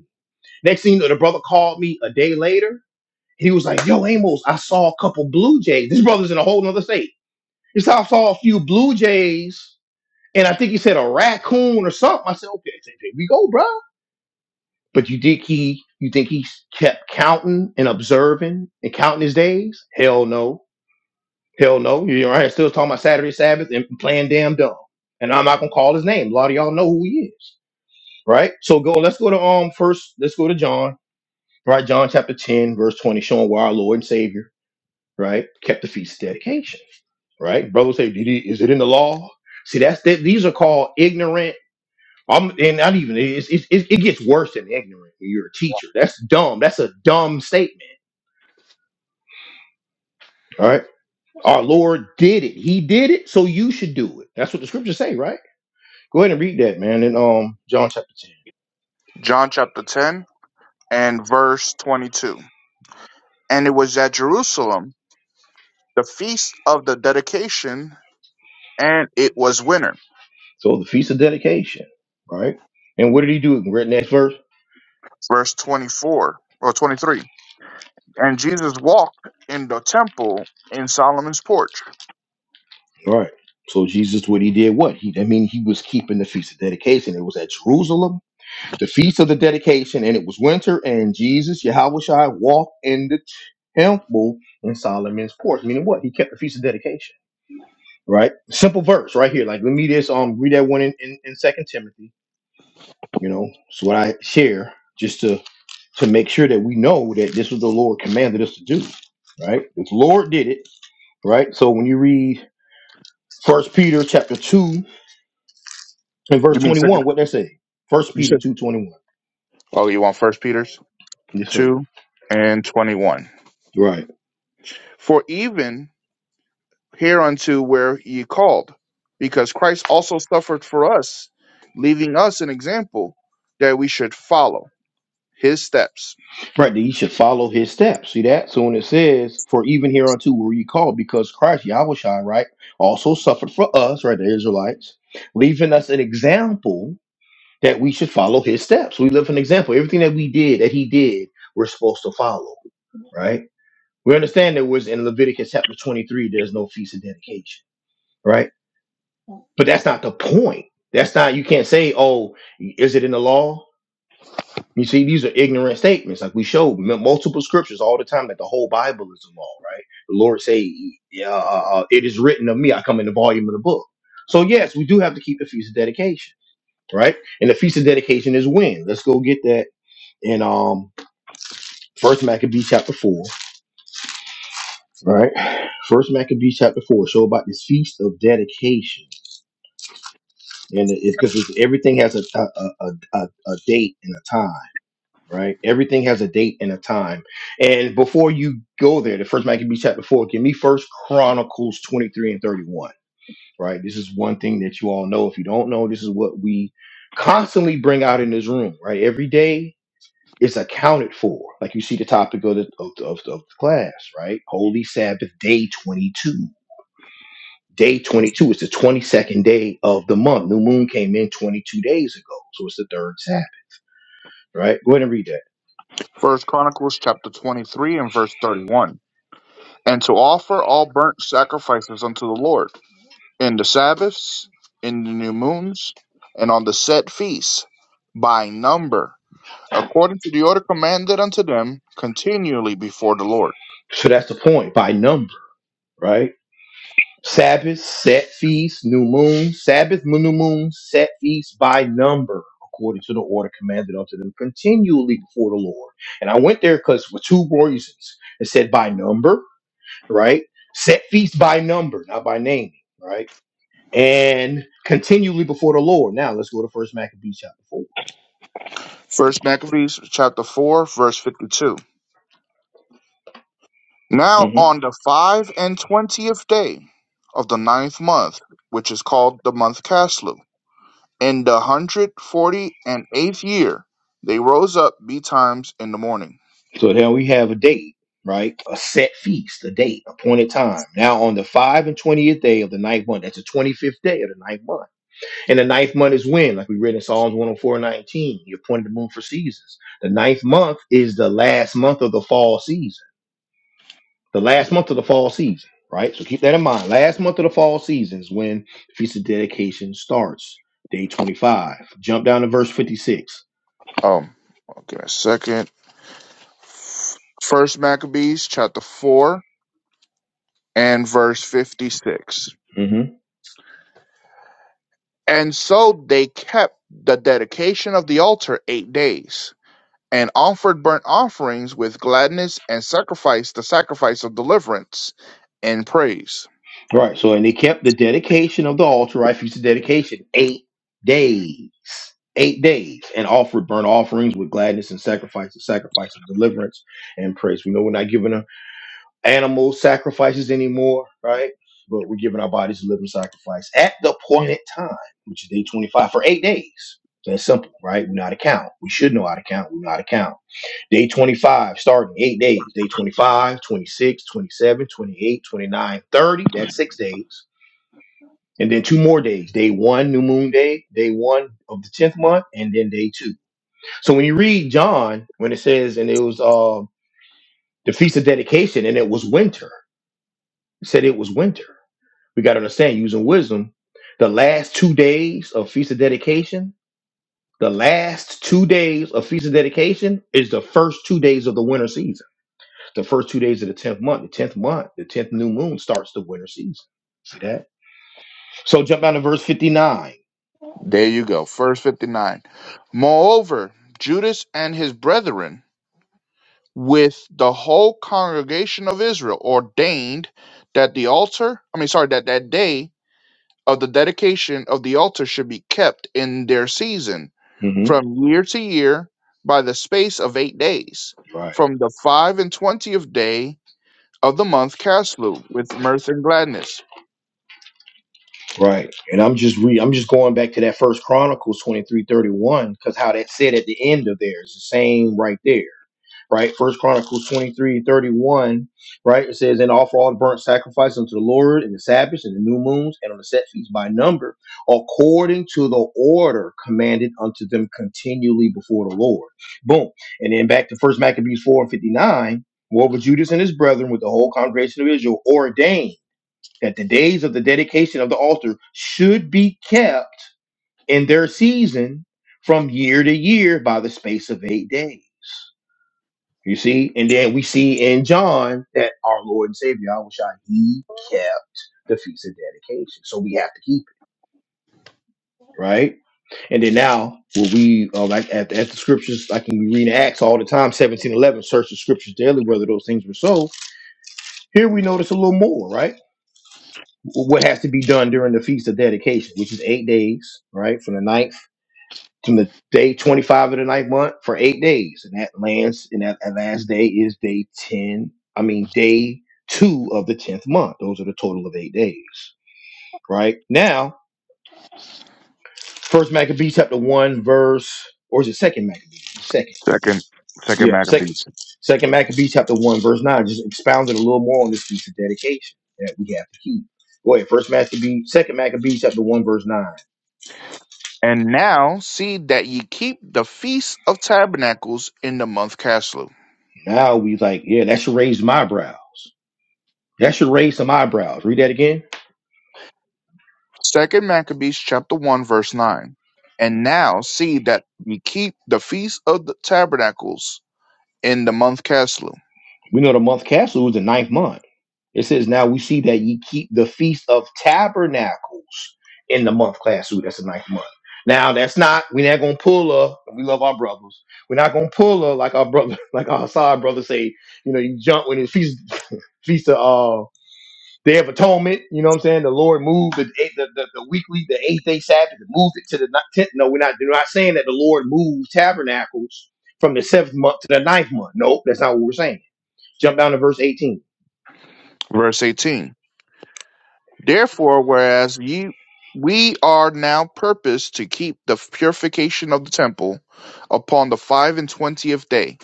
Speaker 1: Next thing you know, the brother called me a day later. He was like, Yo, Amos, I saw a couple Blue Jays. This brother's in a whole nother state. He said, I saw a few Blue Jays, and I think he said a raccoon or something. I said, Okay, there we go, bro. But you think he you think he kept counting and observing and counting his days? Hell no. Hell no. You're right. here Still talking about Saturday Sabbath and playing damn dumb. And I'm not gonna call his name. A lot of y'all know who he is. Right? So go, let's go to um first, let's go to John right? John chapter 10, verse 20, showing why our Lord and Savior, right, kept the feast of dedication, right? Brothers say, Did it, is it in the law? See, that's that. These are called ignorant. i and not even it's, it's, it it gets worse than ignorant when you're a teacher. That's dumb. That's a dumb statement. All right. Our Lord did it. He did it, so you should do it. That's what the scriptures say, right? Go ahead and read that, man, in um John chapter 10.
Speaker 2: John chapter ten and verse twenty two. And it was at Jerusalem the feast of the dedication, and it was winter.
Speaker 1: So the feast of dedication, right? And what did he do in the next verse?
Speaker 2: Verse twenty four or twenty three. And Jesus walked in the temple in Solomon's porch.
Speaker 1: All right. So Jesus, what he did, what he, I mean, he was keeping the feast of dedication. It was at Jerusalem, the feast of the dedication, and it was winter. And Jesus, Yahweh Shai, walked in the temple in Solomon's porch. Meaning what? He kept the feast of dedication. Right. Simple verse right here. Like let me just um read that one in in, in Second Timothy. You know, it's what I share just to to make sure that we know that this was the Lord commanded us to do. Right. The Lord did it. Right. So when you read First Peter chapter two. In verse
Speaker 2: You mean second?
Speaker 1: 21, what that say? First
Speaker 2: You
Speaker 1: Peter
Speaker 2: said,
Speaker 1: 2.21.
Speaker 2: oh, you want First Peter's
Speaker 1: Yes, sir.
Speaker 2: two and twenty-one.
Speaker 1: Right.
Speaker 2: For even hereunto were ye called, because Christ also suffered for us, leaving us an example that we should follow his steps.
Speaker 1: Right, that you should follow his steps. See that? So when it says, For even hereunto were ye called, because Christ Yahushua, right, also suffered for us, right, the Israelites, leaving us an example that we should follow his steps. We live an example. Everything that we did, that he did, we're supposed to follow, right? We understand that was in Leviticus chapter 23, there's no feast of dedication, right? But that's not the point. That's not, you can't say, oh, is it in the law? You see, these are ignorant statements. Like we showed m- multiple scriptures all the time that the whole Bible is a law, right? The Lord say, yeah, uh, uh, uh, "It is written of me." I come in the volume of the book. So yes, we do have to keep the feast of dedication, right? And the feast of dedication is when. Let's go get that in um First Maccabees chapter four, right? First Maccabees chapter four. Show about this feast of dedication, and it's because everything has a a, a, a a a date and a time. right? Everything has a date and a time. And before you go there, the first Maccabees chapter four, give me first Chronicles 23 and 31, right? This is one thing that you all know. If you don't know, this is what we constantly bring out in this room, right? Every day is accounted for. Like you see the topic of the of, the- of, the- of the class, right? Holy Sabbath day 22. Day 22 is the 22nd day of the month. New moon came in 22 days ago. So it's the third Sabbath, right? Go ahead and read that.
Speaker 2: First Chronicles chapter twenty-three and verse thirty-one, and to offer all burnt sacrifices unto the Lord in the Sabbaths, in the new moons, and on the set feasts by number. according to the order commanded unto them, continually before the Lord.
Speaker 1: So that's the point by number, right? Sabbath, set feasts, new moon, Sabbath, new moon, set feasts by number, according to the order commanded unto them continually before the Lord. And I went there because for two reasons. It said by number, right? Set feasts by number, not by name, right? And continually before the Lord. Now let's go to First Maccabees chapter 4
Speaker 2: First Maccabees chapter four, verse fifty-two. Now
Speaker 1: hmm
Speaker 2: on the five and twentieth day of the ninth month, which is called the month Caslu, in the hundred forty and eighth year, they rose up betimes in the morning.
Speaker 1: So now we have a date, right? A set feast, a date, appointed time. Now on the five and twentieth day of the ninth month, that's the twenty fifth day of the ninth month And the ninth month is when, like we read in Psalms 104 19, he appointed the moon for seasons. The ninth month is the last month of the fall season, the last month of the fall season, right? So keep that in mind. Last month of the fall season is when the Feast of Dedication starts, day 25. Jump down to verse 56.
Speaker 2: Oh, okay, a second. First Maccabees chapter four and verse fifty-six.
Speaker 1: hmm
Speaker 2: And so they kept the dedication of the altar eight days, and offered burnt offerings with gladness, and sacrificed the sacrifice of deliverance and praise.
Speaker 1: Right. So, and they kept the dedication of the altar, right? Feast of Dedication, eight days. Eight days and offered burnt offerings with gladness and sacrifice, the sacrifice of deliverance and praise. We know we're not giving a. animal sacrifices anymore, right? But we're giving our bodies a living sacrifice at the appointed time, which is day 25 for eight days. So That's simple, right? We know how to count. We should know how to count. We know how to count. Day 25, starting eight days. Day 25, 26, 27, 28, 29, 30. That's six days. And then two more days. Day one, new moon day. Day one of the 10th month. And then day two. So when you read John, when it says, and it was uh, the feast of dedication, and it was winter, it said it was winter We got to understand using wisdom. The last two days of Feast of Dedication, the last two days of Feast of Dedication is the first two days of the winter season. The first two days of the 10th month, the 10th month, the 10th new moon starts the winter season. See that? So jump down to verse 59.
Speaker 2: There you go, verse 59. Moreover, Judas and his brethren, with the whole congregation of Israel, ordained that the altar, I mean, sorry, that that day of the dedication of the altar should be kept in their season
Speaker 1: hmm
Speaker 2: from year to year by the space of eight days,
Speaker 1: Right,
Speaker 2: from the five and twentieth day of the month Caslu, with mirth and gladness.
Speaker 1: right. And I'm just re I'm just going back to that first Chronicles 23 31 because how that said at the end of there is the same right there. right? First Chronicles 23 31. right? It says, And offer all the burnt sacrifice unto the Lord in the Sabbaths and the new moons and on the set feasts by number, according to the order commanded unto them continually before the Lord. Boom. And then back to First Maccabees 4 and 59, moreover Judas and his brethren with the whole congregation of Israel ordained that the days of the dedication of the altar should be kept in their season from year to year by the space of eight days you see, and then we see in John that our Lord and Savior Yahushua, he kept the feast of dedication. So we have to keep it, right? And then now, will we, uh, like at, at the scriptures, like when we read in Acts all the time, seventeen eleven, search the scriptures daily whether those things were so. Here we notice a little more, right? What has to be done during the feast of dedication, which is eight days, right? From the ninth from the day 25 of the ninth month for eight days. And that lands, and that, that last day is day 10, I mean, day two of the 10th month. Those are the total of eight days, right? Now, first Maccabees chapter 1, verse, or is it second Maccabees? Second.
Speaker 2: Second second
Speaker 1: Yeah, second.
Speaker 2: Maccabees.
Speaker 1: Second Maccabees chapter 1, verse 9, just expounded a little more on this piece of dedication that we have to keep. Go ahead, first Maccabees, second Maccabees chapter 1, verse 9.
Speaker 2: And now see that ye keep the feast of tabernacles in the month Caslu.
Speaker 1: Now we like, yeah, that should raise my brows. That should raise some eyebrows. Read that again.
Speaker 2: Second Maccabees chapter one verse nine. And now see that ye keep the feast of the tabernacles in the month Caslu.
Speaker 1: We know the month Castle was the ninth month. It says, Now we see that ye keep the feast of tabernacles in the month Castle. That's the ninth month. Now that's not, we're not gonna pull her. We love our brothers. We're not gonna pull her like our brother, (laughs) like our side brother say, you know, you jump when it's feast (laughs) feast of uh Day of Atonement, you know what I'm saying? The Lord moved the eight, the, the, the weekly, the eighth day Sabbath, and moved it to the ni- tenth. No, we're not. We're not saying that the Lord moved tabernacles from the seventh month to the ninth month. Nope, that's not what we're saying. Jump down to verse 18.
Speaker 2: Verse 18 Therefore, whereas ye we are now purposed to keep the purification of the temple upon the five and twentieth day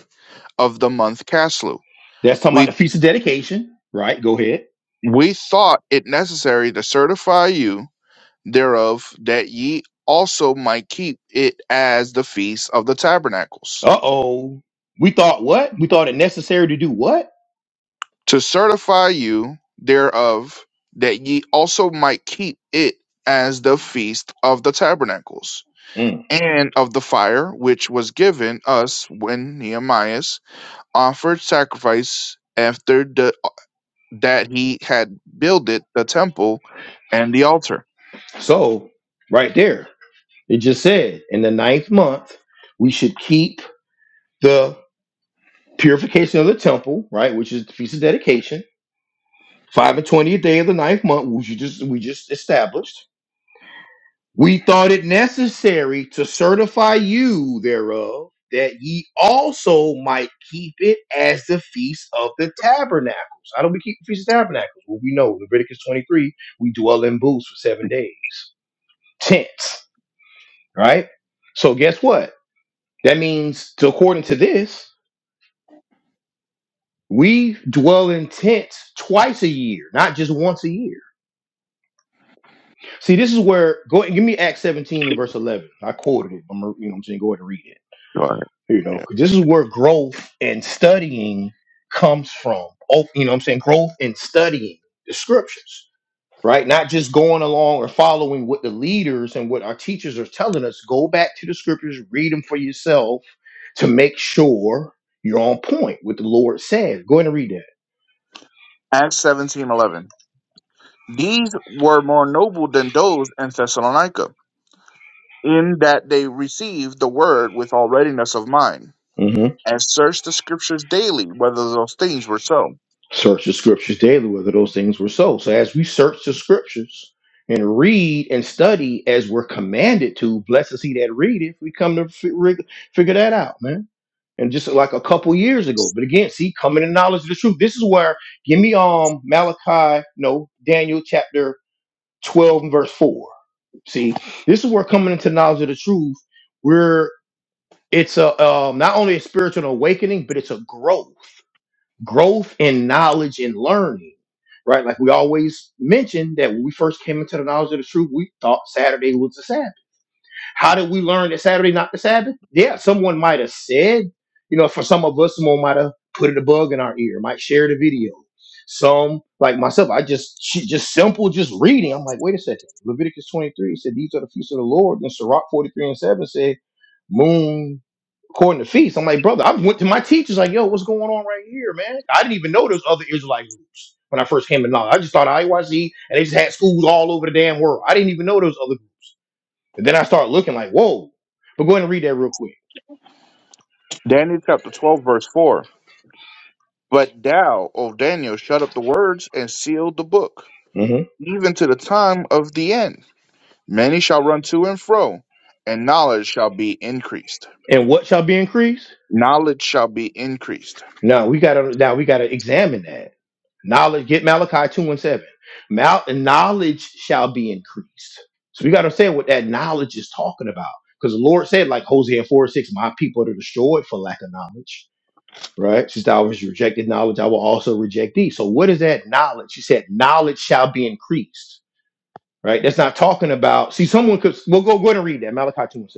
Speaker 2: of the month Caslu,
Speaker 1: That's talking about
Speaker 2: we
Speaker 1: the feast of dedication, right? Go ahead.
Speaker 2: we thought it necessary to certify you thereof that ye also might keep it as the feast of the tabernacles.
Speaker 1: Uh oh. We thought what? We thought it necessary to do what?
Speaker 2: To certify you thereof that ye also might keep it as the feast of the tabernacles
Speaker 1: Mm.
Speaker 2: and of the fire which was given us when Nehemiah offered sacrifice after the, that he had builded the temple and the altar.
Speaker 1: So, right there, it just said in the ninth month, we should keep the purification of the temple, right? Which is the feast of dedication. Five and twentieth day of the ninth month, which you just we just established. We thought it necessary to certify you thereof, that ye also might keep it as the feast of the tabernacles. How do we keep the feast of tabernacles? Well, we know Leviticus 23, we dwell in booths for seven days, tents, right? So, guess what? That means, to, according to this, we dwell in tents twice a year, not just once a year. See, this is where go give me Acts 17 and verse 11. I quoted it. I'm, you know, what I'm saying go ahead and read it.
Speaker 2: Go ahead,
Speaker 1: You know,
Speaker 2: yeah.
Speaker 1: 'cause this is where growth and studying comes from. Oh, you know what I'm saying? Growth and studying the scriptures, right? Not just going along or following what the leaders and what our teachers are telling us. Go back to the scriptures, read them for yourself to make sure you're on point with the Lord says. Go ahead and read
Speaker 2: Acts seventeen eleven. These were more noble than those in Thessalonica, in that they received the word with all readiness of mind,
Speaker 1: that.
Speaker 2: and searched the scriptures daily whether those things were so.
Speaker 1: Search the scriptures daily whether those things were so. So as we search the scriptures and read and study as we're commanded to, blessed is he that readeth, we come to fi- rig- figure that out, man. And just like a couple years ago, but again, see, coming to knowledge of the truth. This is where give me um Malachi, no Daniel chapter twelve and verse four. See, this is where coming into knowledge of the truth, we're it's a um, not only a spiritual awakening, but it's a growth growth in knowledge and learning, right? Like we always mentioned that when we first came into the knowledge of the truth, we thought Saturday was the Sabbath how did we learn that Saturday not the Sabbath? Yeah, someone might have said, you know, for some of us, someone might have put a bug in our ear, might share the video. Some, like myself, I just she- just simple, just reading. I'm like, wait a second. Leviticus 23 said, "These are the feasts of the Lord." And Sirach 43 and 7 said, "Moon according to feast." I'm like, brother, I went to my teachers like, yo, what's going on right here, man? I didn't even know there's other Israelite groups when I first came to knowledge. I just thought IYC and they just had schools all over the damn world. I didn't even know there was other groups. And then I start looking like, whoa. But go ahead and read that real quick.
Speaker 2: Daniel chapter 12, verse 4. But thou, O Daniel, shut up the words and seal the book
Speaker 1: hmm
Speaker 2: even to the time of the end. Many shall run to and fro, and knowledge shall be increased.
Speaker 1: And what shall be increased?
Speaker 2: Knowledge shall be increased.
Speaker 1: No, we gotta now we gotta examine that. Knowledge, get Malachi 2 and 7. Mal- knowledge shall be increased. So we gotta say what that knowledge is talking about. Because the Lord said, like Hosea 4 and 6, my people are destroyed for lack of knowledge. Right? Since thou was rejected knowledge, I will also reject thee. So what is that knowledge? He said, knowledge shall be increased. Right? That's not talking about. See, someone could. We'll go go ahead and read that Malachi two and seven.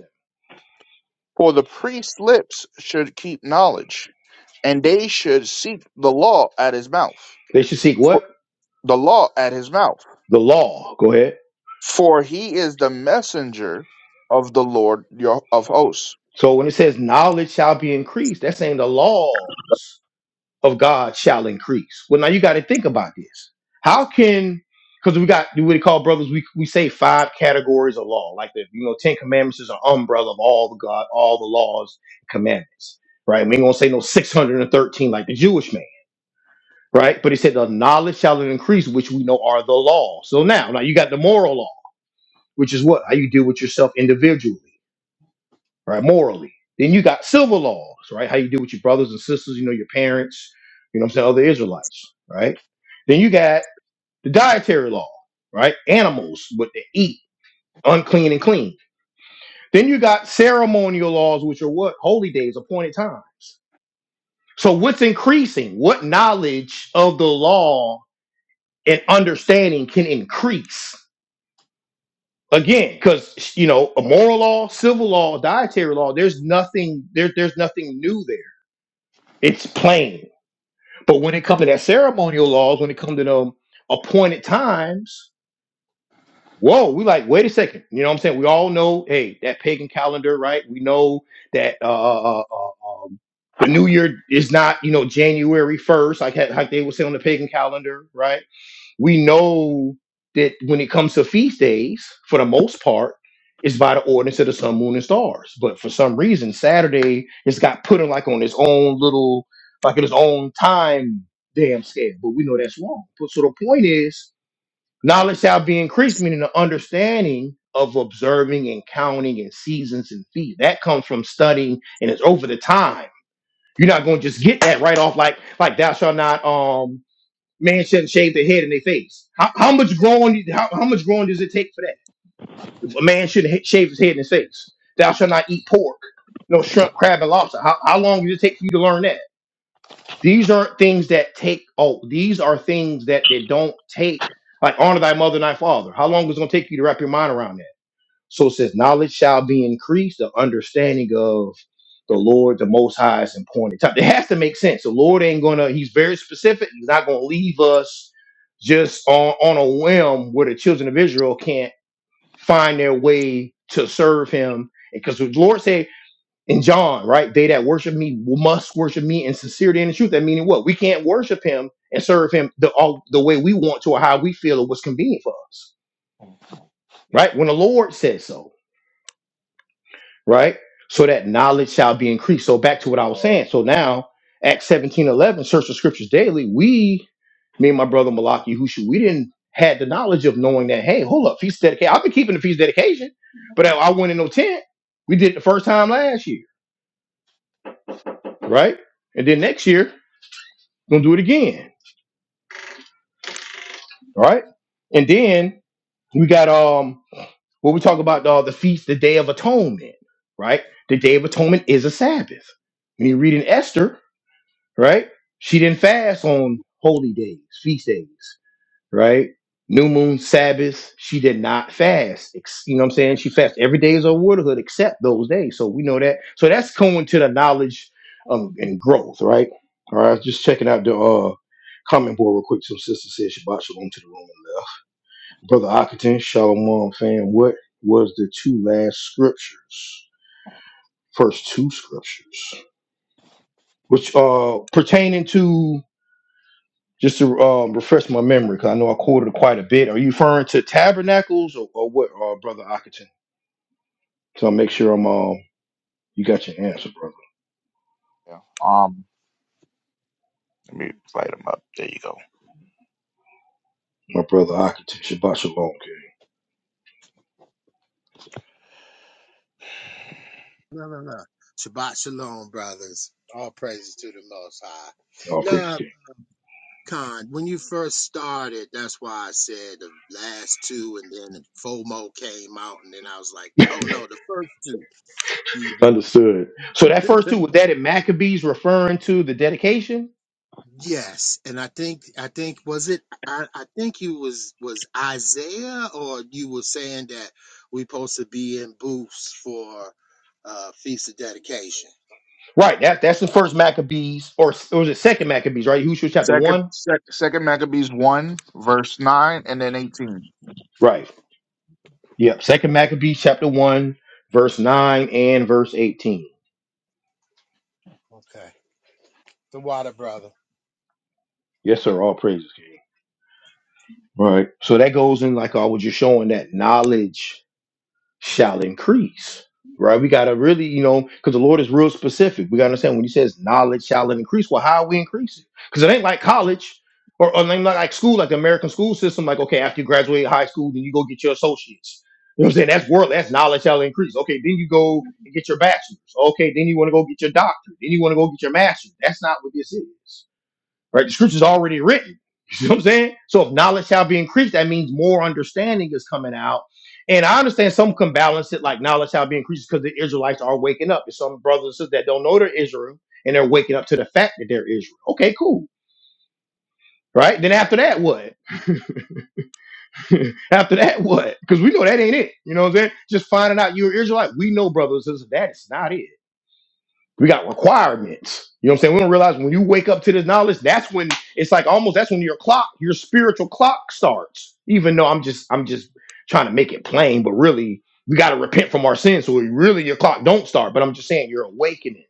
Speaker 2: For the priest's lips should keep knowledge, and they should seek the law at his mouth.
Speaker 1: They should seek
Speaker 2: For
Speaker 1: what?
Speaker 2: the law at his mouth.
Speaker 1: The law. Go ahead.
Speaker 2: For he is the messenger of the Lord your, of hosts.
Speaker 1: So when it says knowledge shall be increased, that's saying the laws of God shall increase. Well, now you got to think about this. How can because we got what they call brothers, we, we say five categories of law, like the you know Ten Commandments is an umbrella of all the God, all the laws, commandments, right? We ain't gonna say no six hundred and thirteen like the Jewish man, right? But he said the knowledge shall increase, which we know are the law. So now, now you got the moral law, which is what how you deal with yourself individually right? Morally. Then you got civil laws, right? How you deal with your brothers and sisters, you know, your parents, you know what I'm saying, other Israelites, right? Then you got the dietary law, right? Animals, what they eat, unclean and clean. Then you got ceremonial laws, which are what? Holy days, appointed times. So what's increasing? What knowledge of the law and understanding can increase? Again, because you know, a moral law, civil law, dietary law, there's nothing there, there's nothing new there it's plain. But when it comes to that ceremonial laws, when it comes to them appointed times, whoa, we like, wait a second. You know what I'm saying? We all know, hey, that pagan calendar, right? We know that uh, uh, uh, uh, um, the new year is not, you know, January 1st, like, ha- like they would say on the pagan calendar, right? we know that when it comes to feast days, for the most part, it's by the ordinance of the sun, moon, and stars. But for some reason, Saturday has got put in like on its own little, like in its own time damn scale. But we know that's wrong. But so the point is, knowledge shall be increased, meaning the understanding of observing and counting and seasons and feet. That comes from studying, and it's over the time. You're not going to just get that right off like like thou shalt not. Um, man shouldn't shave their head in their face. How, how much growing? How, how much growing does it take for that? If a man shouldn't ha- shave his head in his face, thou shalt not eat pork, no shrimp, crab, and lobster. How, how long did it take for you to learn that? These aren't things that take. Oh, these are things that they don't take. Like honor thy mother and thy father. How long is it going to take you to wrap your mind around that? So it says, knowledge shall be increased, the understanding of the Lord, the Most High is important. It has to make sense. The Lord ain't gonna, he's very specific. He's not gonna leave us just on, on a whim where the children of Israel can't find their way to serve him. Because the Lord said in John, right, they that worship me must worship me in sincerity and in truth. That meaning what? We can't worship him and serve him the, all, the way we want to or how we feel or what's convenient for us, right? When the Lord says so right? So that knowledge shall be increased. So back to what I was saying.
Speaker 3: Uh,
Speaker 1: So now, Acts seventeen eleven, search the scriptures daily. We, me and my brother Malaki Hushu, we didn't had the knowledge of knowing that, hey, hold up, feast dedication. I've been keeping the feast dedication, but I, I went in no tent. We did it the first time last year, right? And then next year, we're gonna do it again, all right? And then we got um what we talk about uh, the feast, the day of atonement, right? The day of atonement is a Sabbath. When you read in Esther, right? She didn't fast on holy days, feast days, right? New moon, Sabbath, she did not fast. Ex- You know what I'm saying? She fasted every day as a widowhood except those days. So we know that. So that's going to the knowledge um, and growth, right? All right, just checking out the uh, comment board real quick. Some sister said Shabbat Shalom to the room and left. Brother Ockerton, Shalom, fam, what was the two last scriptures? First two scriptures, which uh pertaining to Just to um, refresh my memory, because I know I quoted quite a bit. Are you referring to tabernacles or, or what, uh, Brother Ockerton? So I'll make sure I'm um, you got your answer, brother.
Speaker 2: Yeah. Um let me light him up. There you go.
Speaker 1: My brother Ockerton, Shabbat Shalom, King.
Speaker 4: No, no, no. Shabbat shalom, brothers. All praises to the Most High.
Speaker 1: All praise
Speaker 4: Now, Khan, when you first started, that's why I said the last two, and then FOMO came out, and then I was like,
Speaker 1: King. (laughs)
Speaker 4: oh no, the first two. You know.
Speaker 1: Understood. So that first two was that in Maccabees referring to the dedication,
Speaker 4: Yes, and I think I think was it I, I think you was was Isaiah or you were saying that we supposed to be in booths for uh feast of dedication.
Speaker 1: right? That that's the first Maccabees, or, or was it second Maccabees, right? Who's chapter
Speaker 2: Second
Speaker 1: one,
Speaker 2: sec, second Maccabees one, verse nine and then eighteen.
Speaker 1: right? Yep, second Maccabees chapter one, verse nine and verse eighteen.
Speaker 4: Okay. The water brother.
Speaker 1: Yes, sir. All praises, King. Right. So that goes in like I was just showing that knowledge shall increase. Right. We gotta really, you know, because the Lord is real specific. We gotta understand when He says knowledge shall increase. Well, how we increase it? Because it ain't like college or, or ain't like like school, like the American school system. Like, okay, after you graduate high school, then you go get your associates. You know what I'm saying? That's world. That's knowledge shall increase. Okay, then you go and get your bachelor's. Okay, then you want to go get your doctorate. Then you want to go get your master's. That's not what this is right? The scripture's already written. (laughs) You see what I'm saying? So if knowledge shall be increased, that means more understanding is coming out. And I understand some can balance it like knowledge shall be increased because the Israelites are waking up. There's some brothers and sisters that don't know they're Israel and they're waking up to the fact that they're Israel. Okay, cool. Right? Then after that, what? (laughs) after that, what? Because we know that ain't it. You know what I'm saying? Just finding out you're Israelite. We know, brothers and sisters, that is not it. We got requirements. You know what I'm saying? We don't realize when you wake up to this knowledge, that's when it's like almost that's when your clock, your spiritual clock starts. Even though I'm just I'm just trying to make it plain, but really we got to repent from our sins. So really your clock don't start, but I'm just saying you're awakening.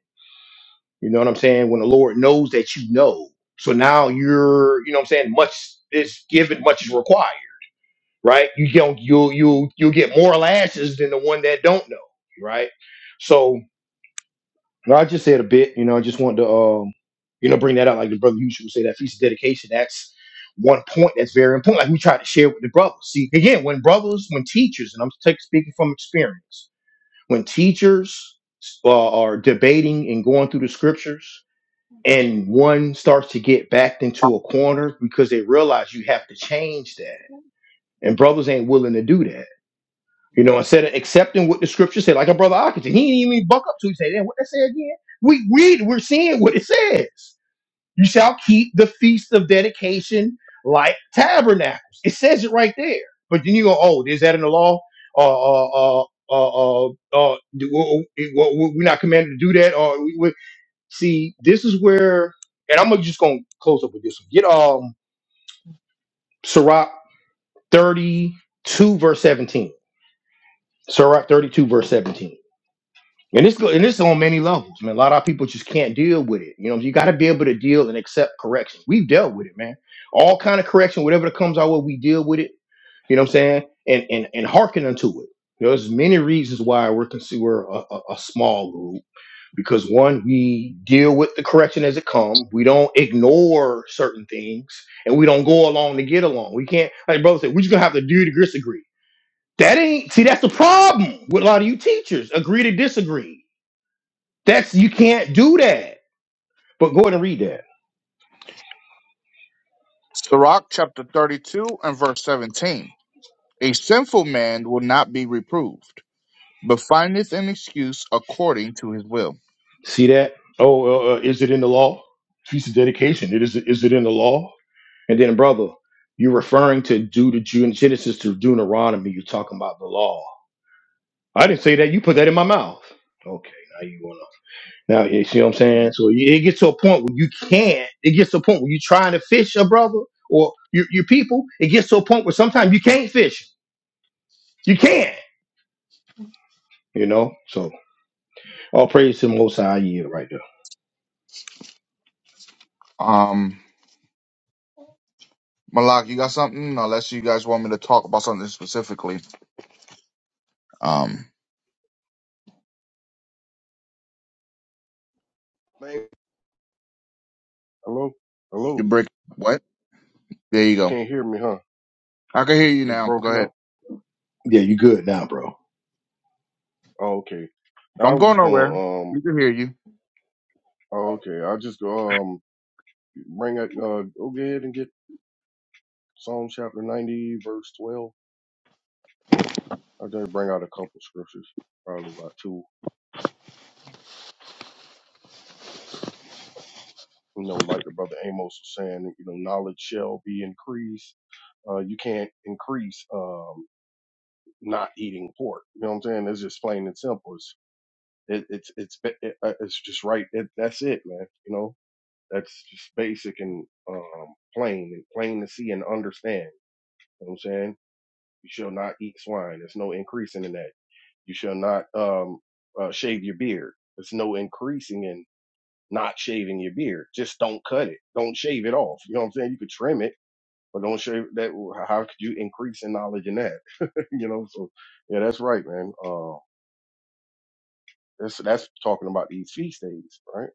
Speaker 1: You know what I'm saying? When the Lord knows that you know. So now you're, you know what I'm saying, much is given, much is required, right? You don't you'll you'll you'll get more lashes than the one that don't know, right? So no, I just said a bit. You know, I just wanted to, um, you know, bring that up. Like the brother usually would say, that feast of dedication. That's one point that's very important. Like we try to share with the brothers. See, again, when brothers, when teachers, and I'm take, speaking from experience, when teachers uh, are debating and going through the scriptures, and one starts to get backed into a corner because they realize you have to change that, and brothers ain't willing to do that you know, instead of accepting what the scripture said, like a brother Ockington, he didn't even buck up to it. He said, damn, what that say again? We read, we're seeing what it says. You shall keep the feast of dedication like tabernacles. It says it right there. But then you go, oh, is that in the law? Uh, uh, uh, uh, uh, uh, do- w- w- w- we're not commanded to do that. Or we, we, see, this is where, and I'm just gonna close up with this one. Get um, Sirach 32 verse 17. Sirach 32 verse 17 And it's go- and it's on many levels, man. A lot of our people just can't deal with it. You know, you got to be able to deal and accept correction. We've dealt with it, man. All kind of correction, whatever that comes our way, we deal with it. You know what I'm saying? And and and hearken unto it. You know, there's many reasons why we're considered a, a, a small group because one, we deal with the correction as it comes. We don't ignore certain things, and we don't go along to get along. We can't, like brother said, we just gonna have to do to disagree. That ain't see. That's the problem with a lot of you teachers. Agree to disagree that's you can't do that. But go ahead and read that.
Speaker 2: Sirach chapter 32 and verse 17. A sinful man will not be reproved, but findeth an excuse according to his will.
Speaker 1: See that? Oh, uh, uh, is it in the law? Feast of dedication. It is. Is it in the law? And then, brother, you're referring to due to June Genesis to Deuteronomy. You're talking about the law. I didn't say that. You put that in my mouth. Okay, now you wanna. Now you see what I'm saying. So it it gets to a point where you can't. It gets to a point where you're trying to fish a brother or your your people. It gets to a point where sometimes you can't fish. You can't. You know. So all praise to the Most High. Yeah, right there.
Speaker 2: Um, Malak, you got something? Unless you guys want me to talk about something specifically. Um,
Speaker 3: man, hello,
Speaker 2: you
Speaker 3: hello.
Speaker 2: break what? There you
Speaker 3: You
Speaker 2: go.
Speaker 3: can't hear me, huh?
Speaker 2: I can hear you
Speaker 3: It's
Speaker 2: now. Go
Speaker 3: broken
Speaker 2: ahead.
Speaker 3: up.
Speaker 1: Yeah, you good now, bro.
Speaker 3: Oh, okay. I
Speaker 2: Don't
Speaker 3: was
Speaker 2: go
Speaker 3: just
Speaker 2: nowhere.
Speaker 3: gonna um
Speaker 2: We can hear you.
Speaker 3: Oh, okay. I'll just go, um, bring it, uh, go ahead and get Psalm chapter 90, verse 12. I'll just bring out a couple scriptures, probably about two. You know, like the brother Amos was saying, you know, knowledge shall be increased. Uh, you can't increase, um, not eating pork. You know what I'm saying? It's just plain and simple. It's, it, it's, it's, ba- it, uh, it's just right. It, that's it, man. You know, that's just basic and, um, plain and plain to see and understand. You know what I'm saying? You shall not eat swine. There's no increasing in that You shall not um, uh, shave your beard. There's no increasing in not shaving your beard. Just don't cut it. Don't shave it off. You know what I'm saying? You could trim it, but don't shave that. How could you increase in knowledge in that? (laughs) you know. So yeah, that's right, man. Uh, that's that's talking about these feast days, right?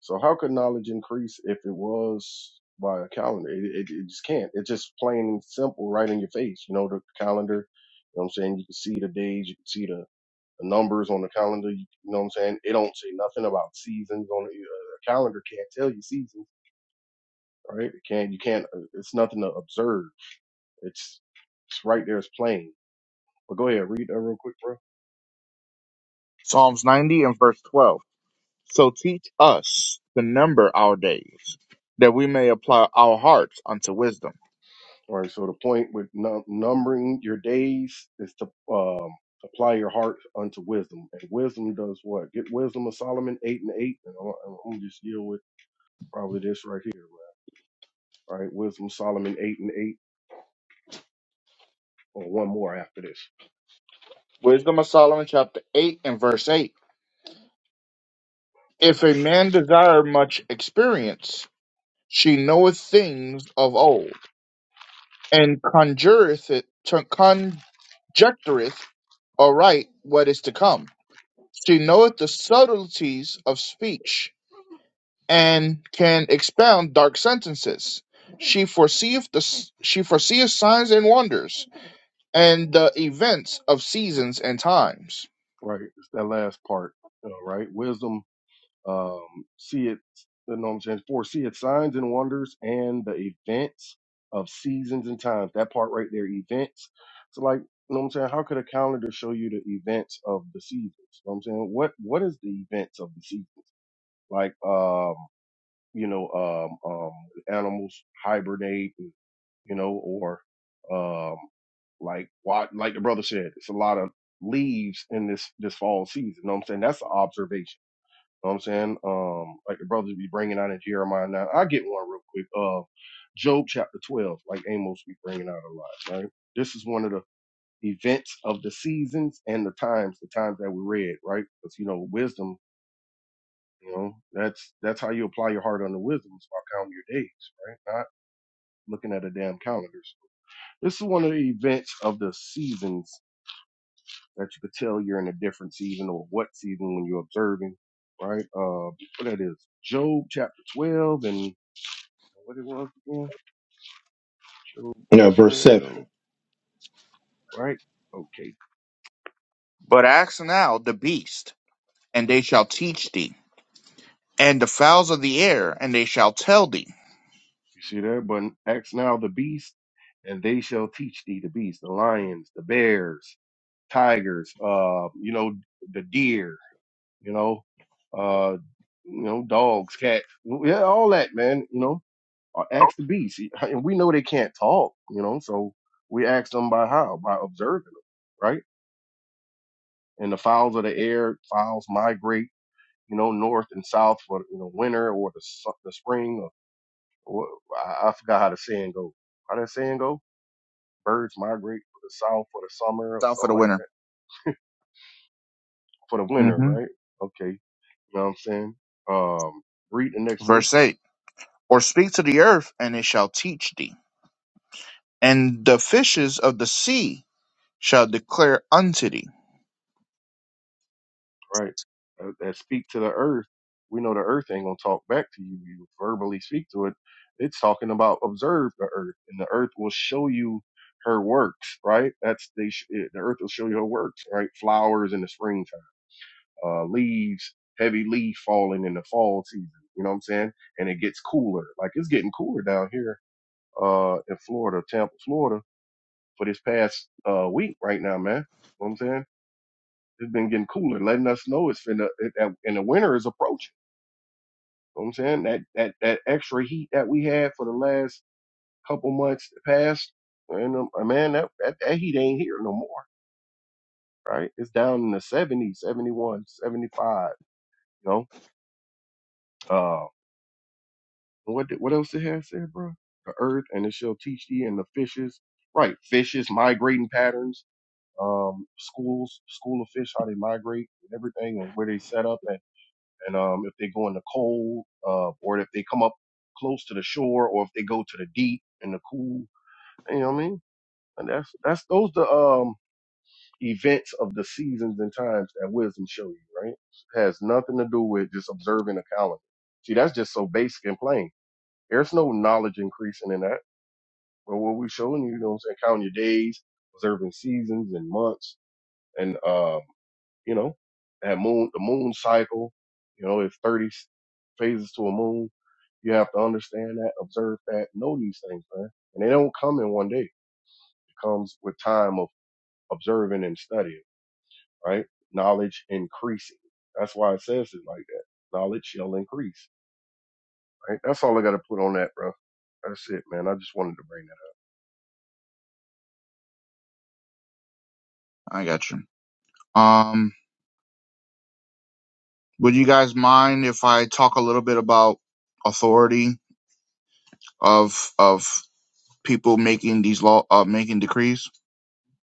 Speaker 3: So how could knowledge increase if it was by a calendar? It, it, it just can't. It's just plain and simple, right in your face. You know the calendar. You know what I'm saying? You can see the days. You can see the The numbers on the calendar, you know what I'm saying? It don't say nothing about seasons on the uh, calendar. Can't tell you seasons, right? It can't. You can't. uh, It's nothing to observe. It's it's right there. It's plain. But go ahead, read that real quick, bro.
Speaker 2: Psalms 90 and verse 12. So teach us to number our days, that we may apply our hearts unto wisdom.
Speaker 3: All right. So the point with num- numbering your days is to um, apply your heart unto wisdom, and wisdom does what? Get wisdom of Solomon eight and eight, and I'm, I'm gonna just deal with probably this right here, man. All right, wisdom Solomon eight and eight, or one more after this.
Speaker 2: Wisdom of Solomon chapter 8 and verse 8. If a man desire much experience, she knoweth things of old, and conjureth it, conjectureth aright what is to come. She knoweth the subtleties of speech, and can expound dark sentences. She foreseeth the she foreseeth signs and wonders, and the events of seasons and times.
Speaker 3: right? It's that last part, uh, right? Wisdom, um, see it, you know what I'm saying? Foresee its signs and wonders and the events of seasons and times. That part right there, events. So, like, you know what I'm saying? How could a calendar show you the events of the seasons? You know what I'm saying? What What is the events of the season? Like, um, you know, um, um, animals hibernate, and, you know, or, um, like what, like the brother said, it's a lot of leaves in this, this fall season. You know what I'm saying? That's an observation. You know what I'm saying? Um, like the brothers be bringing out in Jeremiah now. I get one real quick. Uh, Job chapter 12, like Amos be bringing out a lot, right? This is one of the events of the seasons and the times, the times that we read, right? Because, you know, wisdom you know, that's that's how you apply your heart unto wisdom is by counting your days, right? Not looking at a damn calendar. So this is one of the events of the seasons that you could tell you're in a different season or what season when you're observing, right? Uh, what that is, Job chapter twelve and what it was again, Job
Speaker 1: Now, verse 7.
Speaker 3: twelve, right? Okay,
Speaker 2: But ask now the beast, and they shall teach thee, and the fowls of the air, and they shall tell thee
Speaker 3: you see that? But ask now the beast, and they shall teach thee the beast, the lions, the bears, tigers, uh, you know, the deer you know, uh, you know, dogs, cats, yeah, all that, man, you know, or ask the beast. And we know they can't talk, you know, so we ask them by how? By observing them, right? And the fowls of the air, fowls migrate, you know, north and south for you know winter or the su- the spring or, or I, I forgot how the saying goes. How that saying go? Birds migrate for the south for the summer or
Speaker 2: Down for
Speaker 3: something
Speaker 2: the
Speaker 3: like
Speaker 2: winter.
Speaker 3: that for the winter,
Speaker 2: hmm
Speaker 3: right? Okay, you know what I'm saying? Um, read the next verse.
Speaker 2: Verse 8 Or speak to the earth, and it shall teach thee, and the fishes of the sea shall declare unto thee.
Speaker 3: right? That, that speak to the earth. We know the earth ain't gonna talk back to you. You verbally speak to it. It's talking about observe the earth, and the earth will show you her works, right? That's they. Sh- it- the earth will show you her works, right? Flowers in the springtime, uh, leaves, heavy leaf falling in the fall season. You know what I'm saying? And it gets cooler. Like it's getting cooler down here, uh, in Florida, Tampa, Florida, for this past uh week right now, man. You know What I'm saying. It's been getting cooler, letting us know it's finna, it, that- and the winter is approaching. You know what I'm saying that that that extra heat that we had for the last couple months past, and um, uh, man, that, that that heat ain't here no more. Right? It's down in the 70s, 71, seventy-five, You know, uh, what did- what else it has said, bro? The earth and it shall teach thee, and the fishes, right? Fishes migrating patterns um, schools, school of fish, how they migrate and everything and where they set up at. And um, if they go in the cold, uh, or if they come up close to the shore, or if they go to the deep and the cool, you know what I mean? And that's that's those the um events of the seasons and times that wisdom show you, right? has nothing to do with just observing a calendar. See, that's just so basic and plain. There's no knowledge increasing in that. But what we're showing you, you know, what I'm saying, counting your days, observing seasons and months, and um, you know that moon the moon cycle. You know, it's thirty s- phases to a moon. You have to understand that, observe that, know these things, man. And they don't come in one day. It comes with time of observing and studying, right? Knowledge increasing. That's why it says it like that. Knowledge shall increase, right? That's all I got to put on that, bro. That's it, man. I just wanted to bring that up.
Speaker 2: I got you. Um, would you guys mind if I talk a little bit about authority of of people making these law uh, making decrees?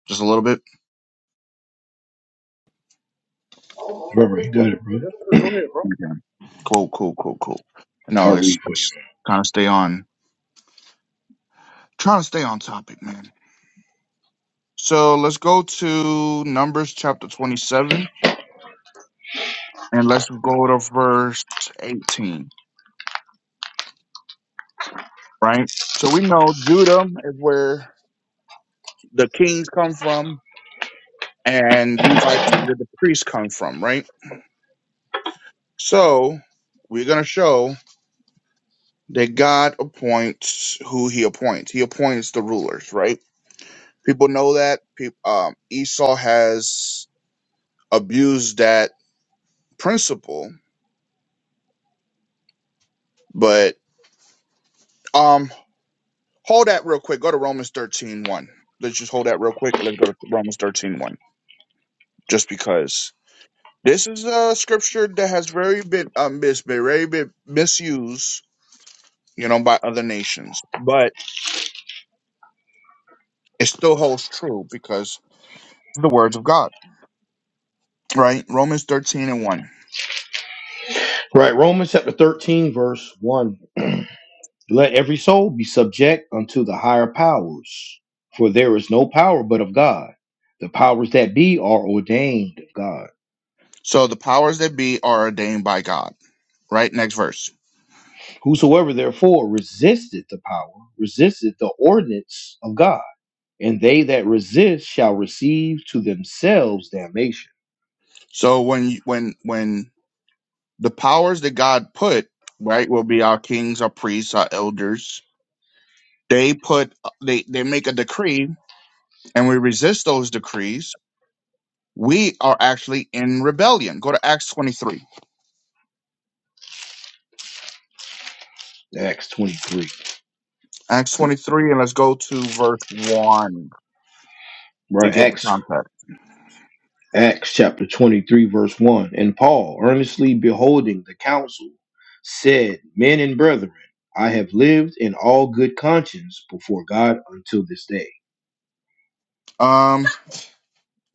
Speaker 2: Just a little bit.
Speaker 1: Remember, you got it, bro.
Speaker 3: Yes, sir. Go ahead, bro.
Speaker 2: Cool, cool, cool, cool.
Speaker 1: I'll
Speaker 2: No, it's,
Speaker 1: read for you.
Speaker 2: it's trying to stay on, trying to stay on topic, man. So let's go to Numbers chapter 27 and let's go to verse 18, right? So we know Judah is where the kings come from and Levites is where the priests come from, right? So we're going to show that God appoints who he appoints. He appoints the rulers, right? People know that. People, um, Esau has abused that principle, but um hold that real quick. Go to Romans 13 let Let's just hold that real quick and let's go to Romans thirteen one. Just because this is a scripture that has very been um mis- been very been misused, you know, by other nations. But it still holds true because it's the words of God. Right? Romans 13 and 1.
Speaker 1: Right, Romans chapter 13, verse 1. Let every soul be subject unto the higher powers, for there is no power but of God. The powers that be are ordained of God.
Speaker 2: So the powers that be are ordained by God. Right? Next verse.
Speaker 1: Whosoever therefore resisteth the power, resisteth the ordinance of God, and they that resist shall receive to themselves damnation.
Speaker 2: So when you, when when The powers that God put, right, will be our kings, our priests, our elders. They put they they make a decree and we resist those decrees. We are actually in rebellion. Go to Acts 23.
Speaker 1: Acts 23.
Speaker 2: Acts 23 and let's go to verse 1 to
Speaker 1: Right,
Speaker 2: get the
Speaker 1: Acts
Speaker 2: context.
Speaker 1: Acts chapter 23, verse 1. And Paul, earnestly beholding the council, said, Men and brethren, I have lived in all good conscience before God until this day.
Speaker 2: Um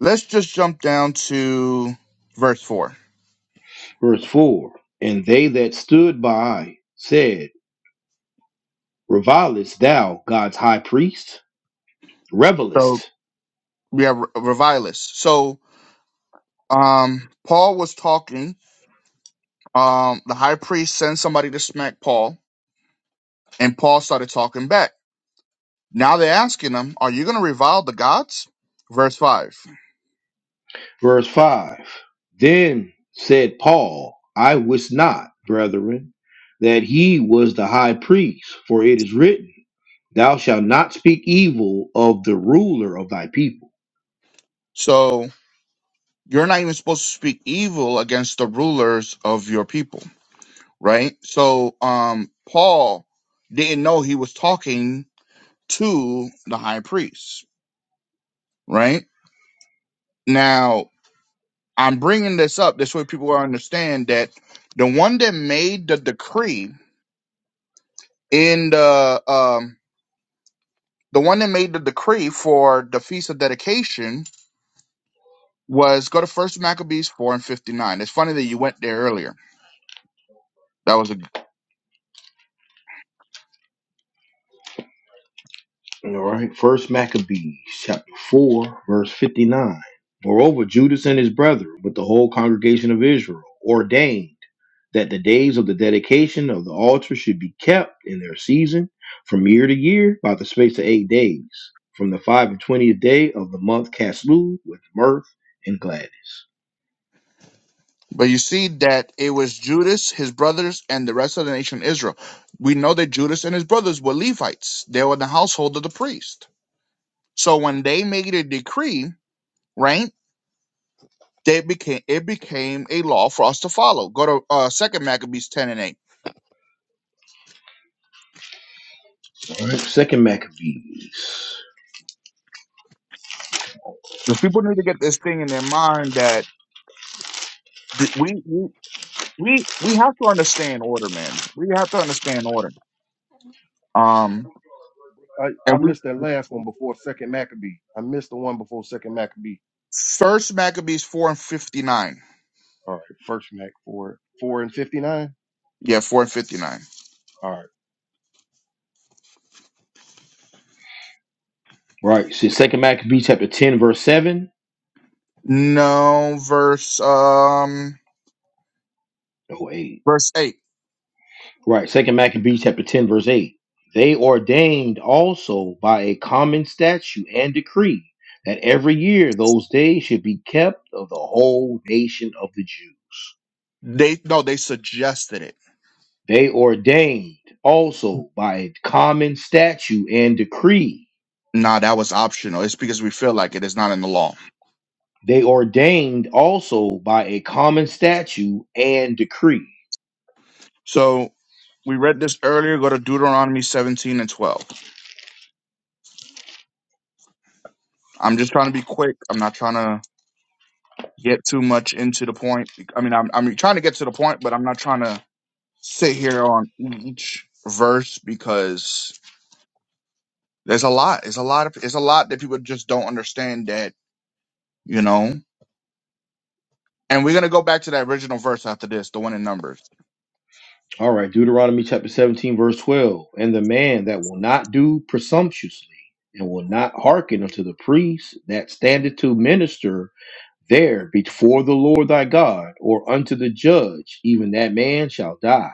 Speaker 2: let's just jump down to verse 4.
Speaker 1: Verse 4. And they that stood by said, Revilest thou God's high priest? Revelest
Speaker 2: So we have revilus. So um Paul was talking um, the high priest sends somebody to smack Paul, and Paul started talking back. Now they're asking him, Are you going to revile the gods? Verse 5.
Speaker 1: Verse 5 Then said Paul, I wist not, brethren, that he was the high priest, for it is written, Thou shalt not speak evil of the ruler of thy people.
Speaker 2: So you're not even supposed to speak evil against the rulers of your people, right? So um, Paul didn't know he was talking to the high priest, right? Now, I'm bringing this up this way people will understand that the one that made the decree in the um, The one that made the decree for the feast of dedication was go to First Maccabees four and fifty nine. It's funny that you went there earlier. That was a
Speaker 1: All right, First Maccabees chapter four, verse fifty-nine. Moreover, Judas and his brethren, with the whole congregation of Israel, ordained that the days of the dedication of the altar should be kept in their season from year to year by the space of eight days, from the five and twentieth day of the month Caslu with mirth and gladness.
Speaker 2: but you see that it was Judas, his brothers, and the rest of the nation of Israel. We know that Judas and his brothers were Levites. They were in the household of the priest. So when they made a decree, right, they became it became a law for us to follow. Go to uh, Second Maccabees ten and eight.
Speaker 1: All right, Second Maccabees.
Speaker 2: Because people need to get this thing in their mind that th- we, we we we have to understand order, man. We have to understand order. Um,
Speaker 3: I, I
Speaker 2: and we
Speaker 3: missed that last one before Second Maccabee. I missed the one before Second Maccabee.
Speaker 2: first Maccabees four and fifty nine.
Speaker 3: All right, first Mac four four and fifty nine.
Speaker 2: Yeah, four and fifty nine.
Speaker 3: All right,
Speaker 1: Right, so Second Maccabees chapter ten, verse seven.
Speaker 2: No, verse um
Speaker 1: Oh eight.
Speaker 2: verse eight.
Speaker 1: Right. Second Maccabees chapter 10, verse 8. They ordained also by a common statute and decree that every year those days should be kept of the whole nation of the Jews.
Speaker 2: They no, they suggested it.
Speaker 1: They ordained also by a common statute and decree.
Speaker 2: Nah, that was optional. It's because we feel like it is not in the law.
Speaker 1: They ordained also by a common statute and decree.
Speaker 2: So we read this earlier. Go to Deuteronomy seventeen and twelve. I'm just trying to be quick. I'm not trying to get too much into the point. I mean, I'm I'm trying to get to the point, but I'm not trying to sit here on each verse because there's a lot. It's a lot of it's a lot that people just don't understand that, you know. And we're gonna go back to that original verse after this, the one in Numbers.
Speaker 1: All right, Deuteronomy chapter 17, verse 12. And the man that will not do presumptuously and will not hearken unto the priest that standeth to minister there before the Lord thy God or unto the judge, even that man shall die.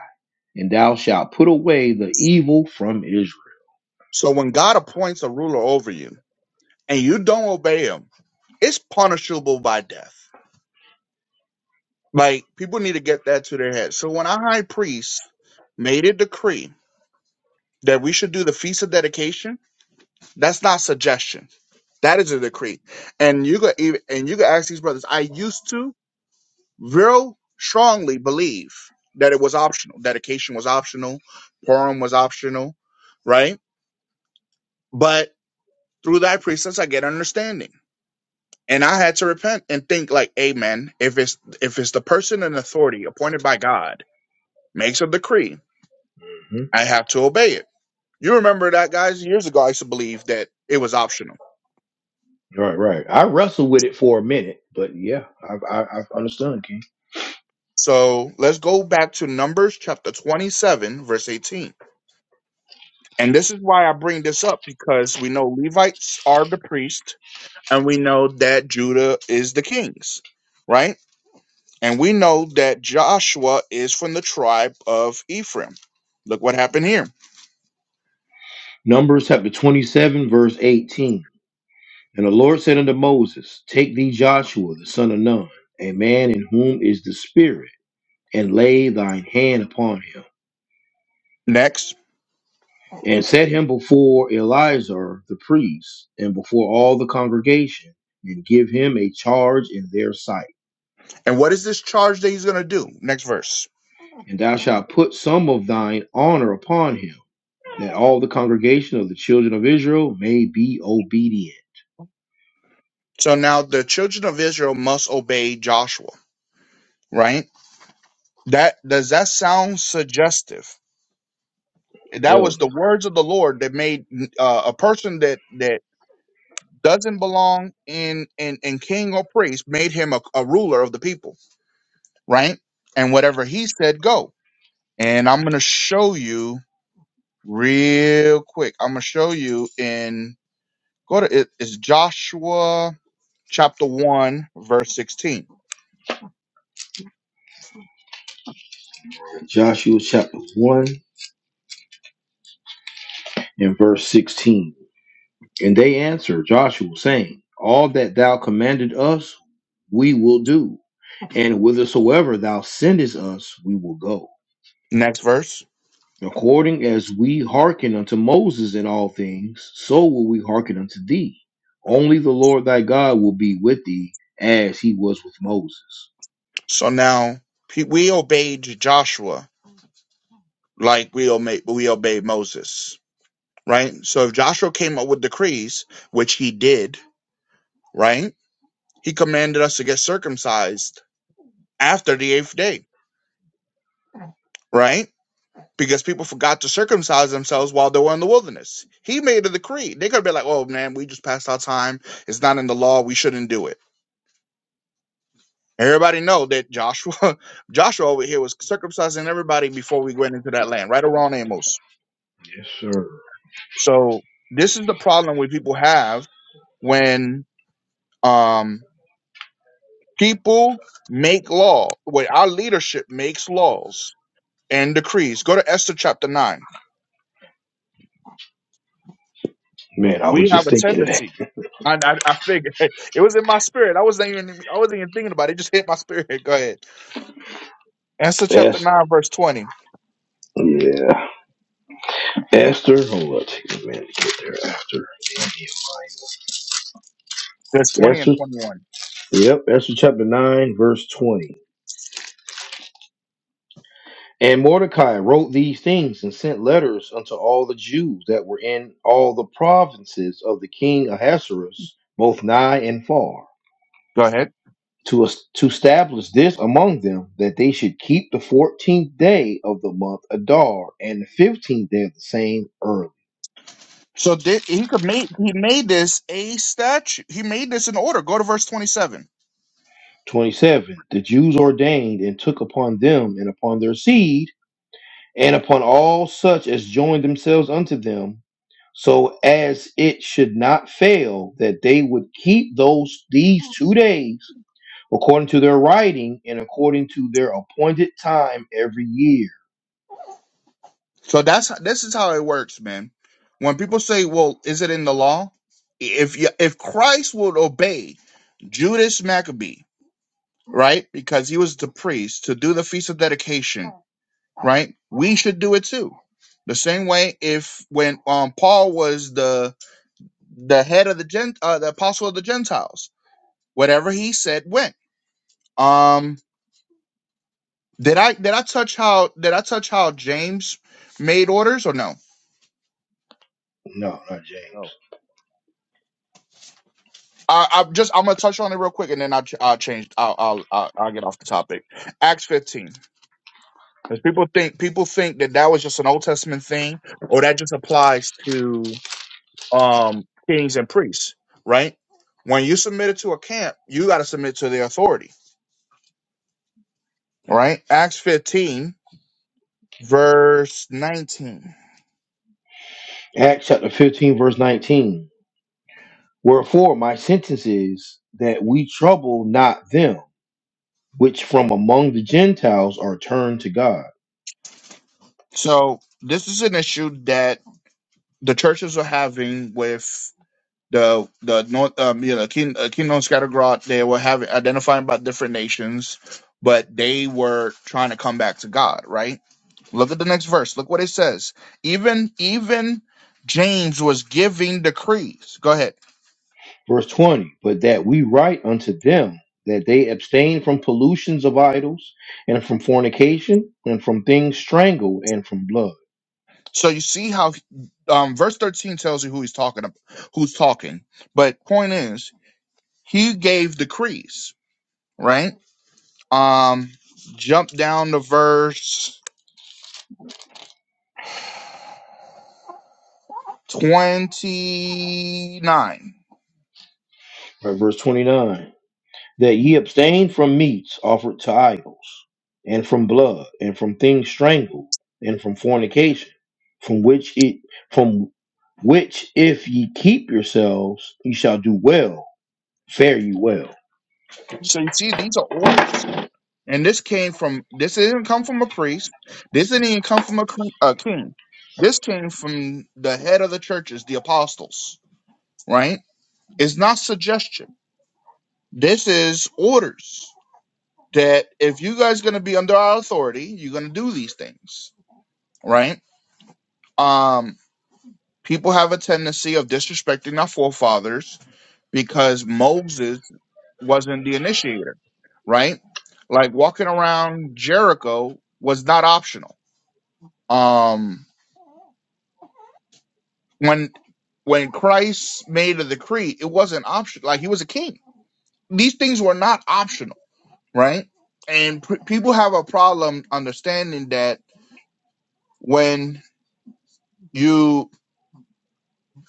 Speaker 1: And thou shalt put away the evil from Israel.
Speaker 2: So when God appoints a ruler over you and you don't obey him, it's punishable by death. Like people need to get that to their head. So when our high priest made a decree that we should do the feast of dedication, that's not suggestion. That is a decree. And you could even and you could ask these brothers, I used to, real strongly believe that it was optional. Dedication was optional, Purim was optional, right? But through thy precepts I get understanding. And I had to repent and think like, Amen, if it's if it's the person in authority appointed by God makes a decree,
Speaker 1: Mhm.
Speaker 2: I have to obey it. You remember that guys years ago I used to believe that it was optional.
Speaker 1: Right, right. I wrestled with it for a minute, but yeah, I, I, I understand, King.
Speaker 2: So let's go back to Numbers chapter 27, verse 18. And this is why I bring this up because we know Levites are the priest and we know that Judah is the kings, right? And we know that Joshua is from the tribe of Ephraim. Look what happened here.
Speaker 1: Numbers chapter 27, verse 18. And the Lord said unto Moses, Take thee Joshua the son of Nun, a man in whom is the Spirit, and lay thine hand upon him,
Speaker 2: Next.
Speaker 1: and set him before Eleazar the priest, and before all the congregation, and give him a charge in their sight.
Speaker 2: And what is this charge that he's going to do? Next verse.
Speaker 1: And thou shalt put some of thine honor upon him, that all the congregation of the children of Israel may be obedient.
Speaker 2: So now the children of Israel must obey Joshua, right? That does that sound suggestive? That
Speaker 1: Hell
Speaker 2: was
Speaker 1: no.
Speaker 2: the words of the Lord that made uh, a person that that doesn't belong in in, in king or priest made him a, a ruler of the people, right? And whatever he said, go. and I'm gonna show you real quick. I'm gonna show you in go to it, it's Joshua chapter one verse sixteen.
Speaker 1: Joshua chapter 1 and verse 16. And they answered Joshua, saying, All that thou commanded us, we will do, and whithersoever thou sendest us, we will go.
Speaker 2: Next verse.
Speaker 1: According as we hearken unto Moses in all things, so will we hearken unto thee. Only the Lord thy God will be with thee as he was with Moses.
Speaker 2: So now pe- we obeyed Joshua like we obeyed we obeyed Moses, right? So if Joshua came up with decrees, which he did, right? He commanded us to get circumcised after the eighth day, right? because people forgot to circumcise themselves while they were in the wilderness. He made a decree. They could have been like, "Oh man, we just passed our time. It's not in the law. We shouldn't do it." Everybody know that Joshua, (laughs) Joshua over here was circumcising everybody before we went into that land, right around Amos.
Speaker 1: Yes, sir.
Speaker 2: So this is the problem we people have when um, people make law, when our leadership makes laws and decrees. Go to Esther chapter nine.
Speaker 1: Man, I was
Speaker 2: We have
Speaker 1: just
Speaker 2: a
Speaker 1: thinking of that.
Speaker 2: tendency, and I, I figured (laughs) it was in my spirit. I wasn't even I wasn't even thinking about it. It just hit my spirit. (laughs) Go ahead. Esther chapter
Speaker 1: Esther.
Speaker 2: nine verse twenty.
Speaker 1: Yeah. Esther. Hold on, take a minute to get there after.
Speaker 2: There's twenty and
Speaker 1: Esther.
Speaker 2: twenty one.
Speaker 1: Yep. Esther chapter 9, verse 20. And Mordecai wrote these things and sent letters unto all the Jews that were in all the provinces of the king Ahasuerus, both nigh and far,
Speaker 2: Go ahead.
Speaker 1: to, es- to establish this among them, that they should keep the fourteenth day of the month Adar, and the fifteenth day of the same early.
Speaker 2: So thi- he could make he made this a statue. He made this in order. Go to verse twenty seven.
Speaker 1: 27. The Jews ordained and took upon them and upon their seed and upon all such as join themselves unto them, so as it should not fail that they would keep those these two days according to their writing and according to their appointed time every year.
Speaker 2: So that's this is how it works, man. When people say, "Well, is it in the law?" If you, if Christ would obey Judas Maccabee, right, because he was the priest to do the feast of dedication, right? We should do it too. The same way if when um Paul was the the head of the gent uh, the apostle of the Gentiles, whatever he said went. Um did I did I touch how did I touch how James made orders or no?
Speaker 1: No, not James.
Speaker 3: no,
Speaker 2: I, I'm just I'm gonna touch on it real quick and then I'll ch- I'll change I'll, I'll I'll I'll get off the topic. Acts 15 because people think people think that that was just an Old Testament thing or that just applies to. um, kings and priests, right? When you submit it to a camp, you got to submit to the authority, right? Acts 15, verse 19.
Speaker 1: Acts chapter 15, verse 19. Wherefore my sentence is that we trouble not them which from among the Gentiles are turned to God
Speaker 2: So this is an issue that the churches are having with the the north um you know King, uh, Kingdom Scattergrot. They were having identifying about different nations, but they were trying to come back to God, right? Look at the next verse. Look what it says. Even even James was giving decrees. Go ahead.
Speaker 1: Verse 20, but that we write unto them that they abstain from pollutions of idols and from fornication and from things strangled and from blood.
Speaker 2: So you see how um, verse 13 tells you who he's talking about, who's talking. But point is, he gave decrees, right? Um, jump down to verse 29.
Speaker 1: Right, verse 29, that ye abstain from meats offered to idols and from blood and from things strangled and from fornication from which it from which if ye keep yourselves ye shall do well fare you well
Speaker 2: So you see, these are orders. And this came from, this didn't come from a priest. This didn't even come from a, cre- a king. This came from the head of the churches, the apostles, right? It's not suggestion. This is orders that if you guys are going to be under our authority, you're going to do these things, right? Um, people have a tendency of disrespecting our forefathers because Moses wasn't the initiator, right? Like walking around Jericho was not optional. Um, when when Christ made a decree, it wasn't optional. Like he was a king. These things were not optional, right? And pr- people have a problem understanding that when you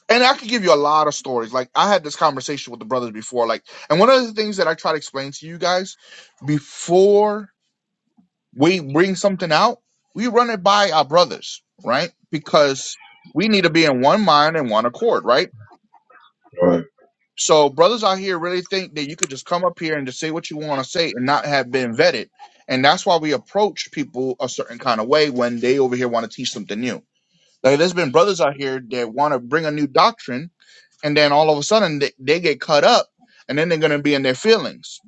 Speaker 2: and I could give you a lot of stories. Like I had this conversation with the brothers before. Like, and one of the things that I try to explain to you guys before we bring something out, we run it by our brothers, right? Because we need to be in one mind and one accord, right?
Speaker 1: right
Speaker 2: So brothers out here really think that you could just come up here and just say what you want to say and not have been vetted. And that's why we approach people a certain kind of way when they over here want to teach something new. Like there's been brothers out here that want to bring a new doctrine and then all of a sudden they, they get cut up and then they're going to be in their feelings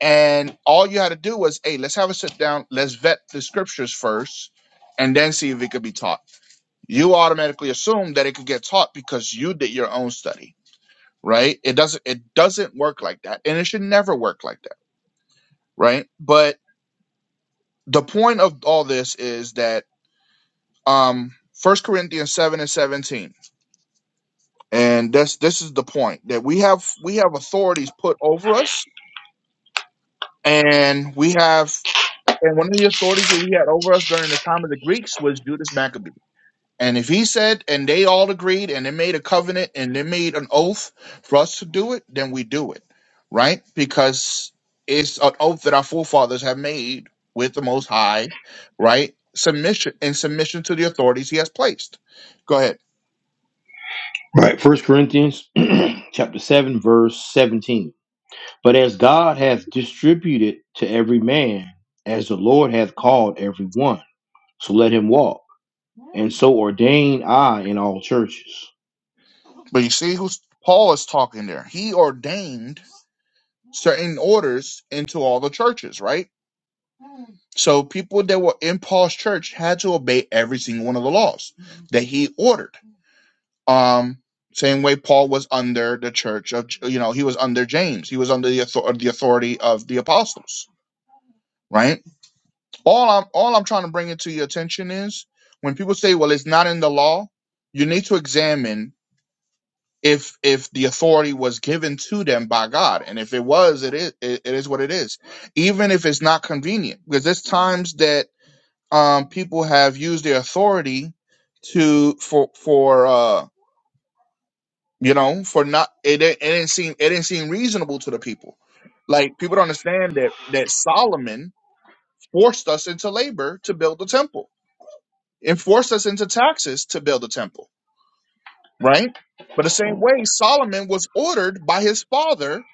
Speaker 2: and all you had to do was hey let's have a sit down let's vet the scriptures first and then see if it could be taught you automatically assume that it could get taught because you did your own study right it doesn't it doesn't work like that and it should never work like that right but the point of all this is that um first corinthians 7 and 17 and this this is the point that we have we have authorities put over us And we have, and one of the authorities that we had over us during the time of the Greeks was Judas Maccabee. And if he said, and they all agreed, and they made a covenant, and they made an oath for us to do it, then we do it, right? Because it's an oath that our forefathers have made with the Most High, right? Submission in submission to the authorities he has placed. Go ahead.
Speaker 1: right first corinthians (clears throat) chapter 7 verse 17 But as God hath distributed to every man, as the Lord hath called every one, so let him walk. And so ordained I in all churches.
Speaker 2: But you see who's Paul is talking there. He ordained certain orders into all the churches, right? So people that were in Paul's church had to obey every single one of the laws that he ordered. Um, same way Paul was under the church of, you know, he was under James. He was under the, author- the authority of the apostles, right? All I'm all I'm trying to bring it to your attention is when people say, "Well, it's not in the law," you need to examine if if the authority was given to them by God, and if it was, it is it, it is what it is, even if it's not convenient, because there's times that um, people have used their authority to for for uh, you know for not it, didn't- it didn't seem it didn't seem reasonable to the people. Like people don't understand that that Solomon forced us into labor to build the temple and forced us into taxes to build the temple, right? But the same way Solomon was ordered by his father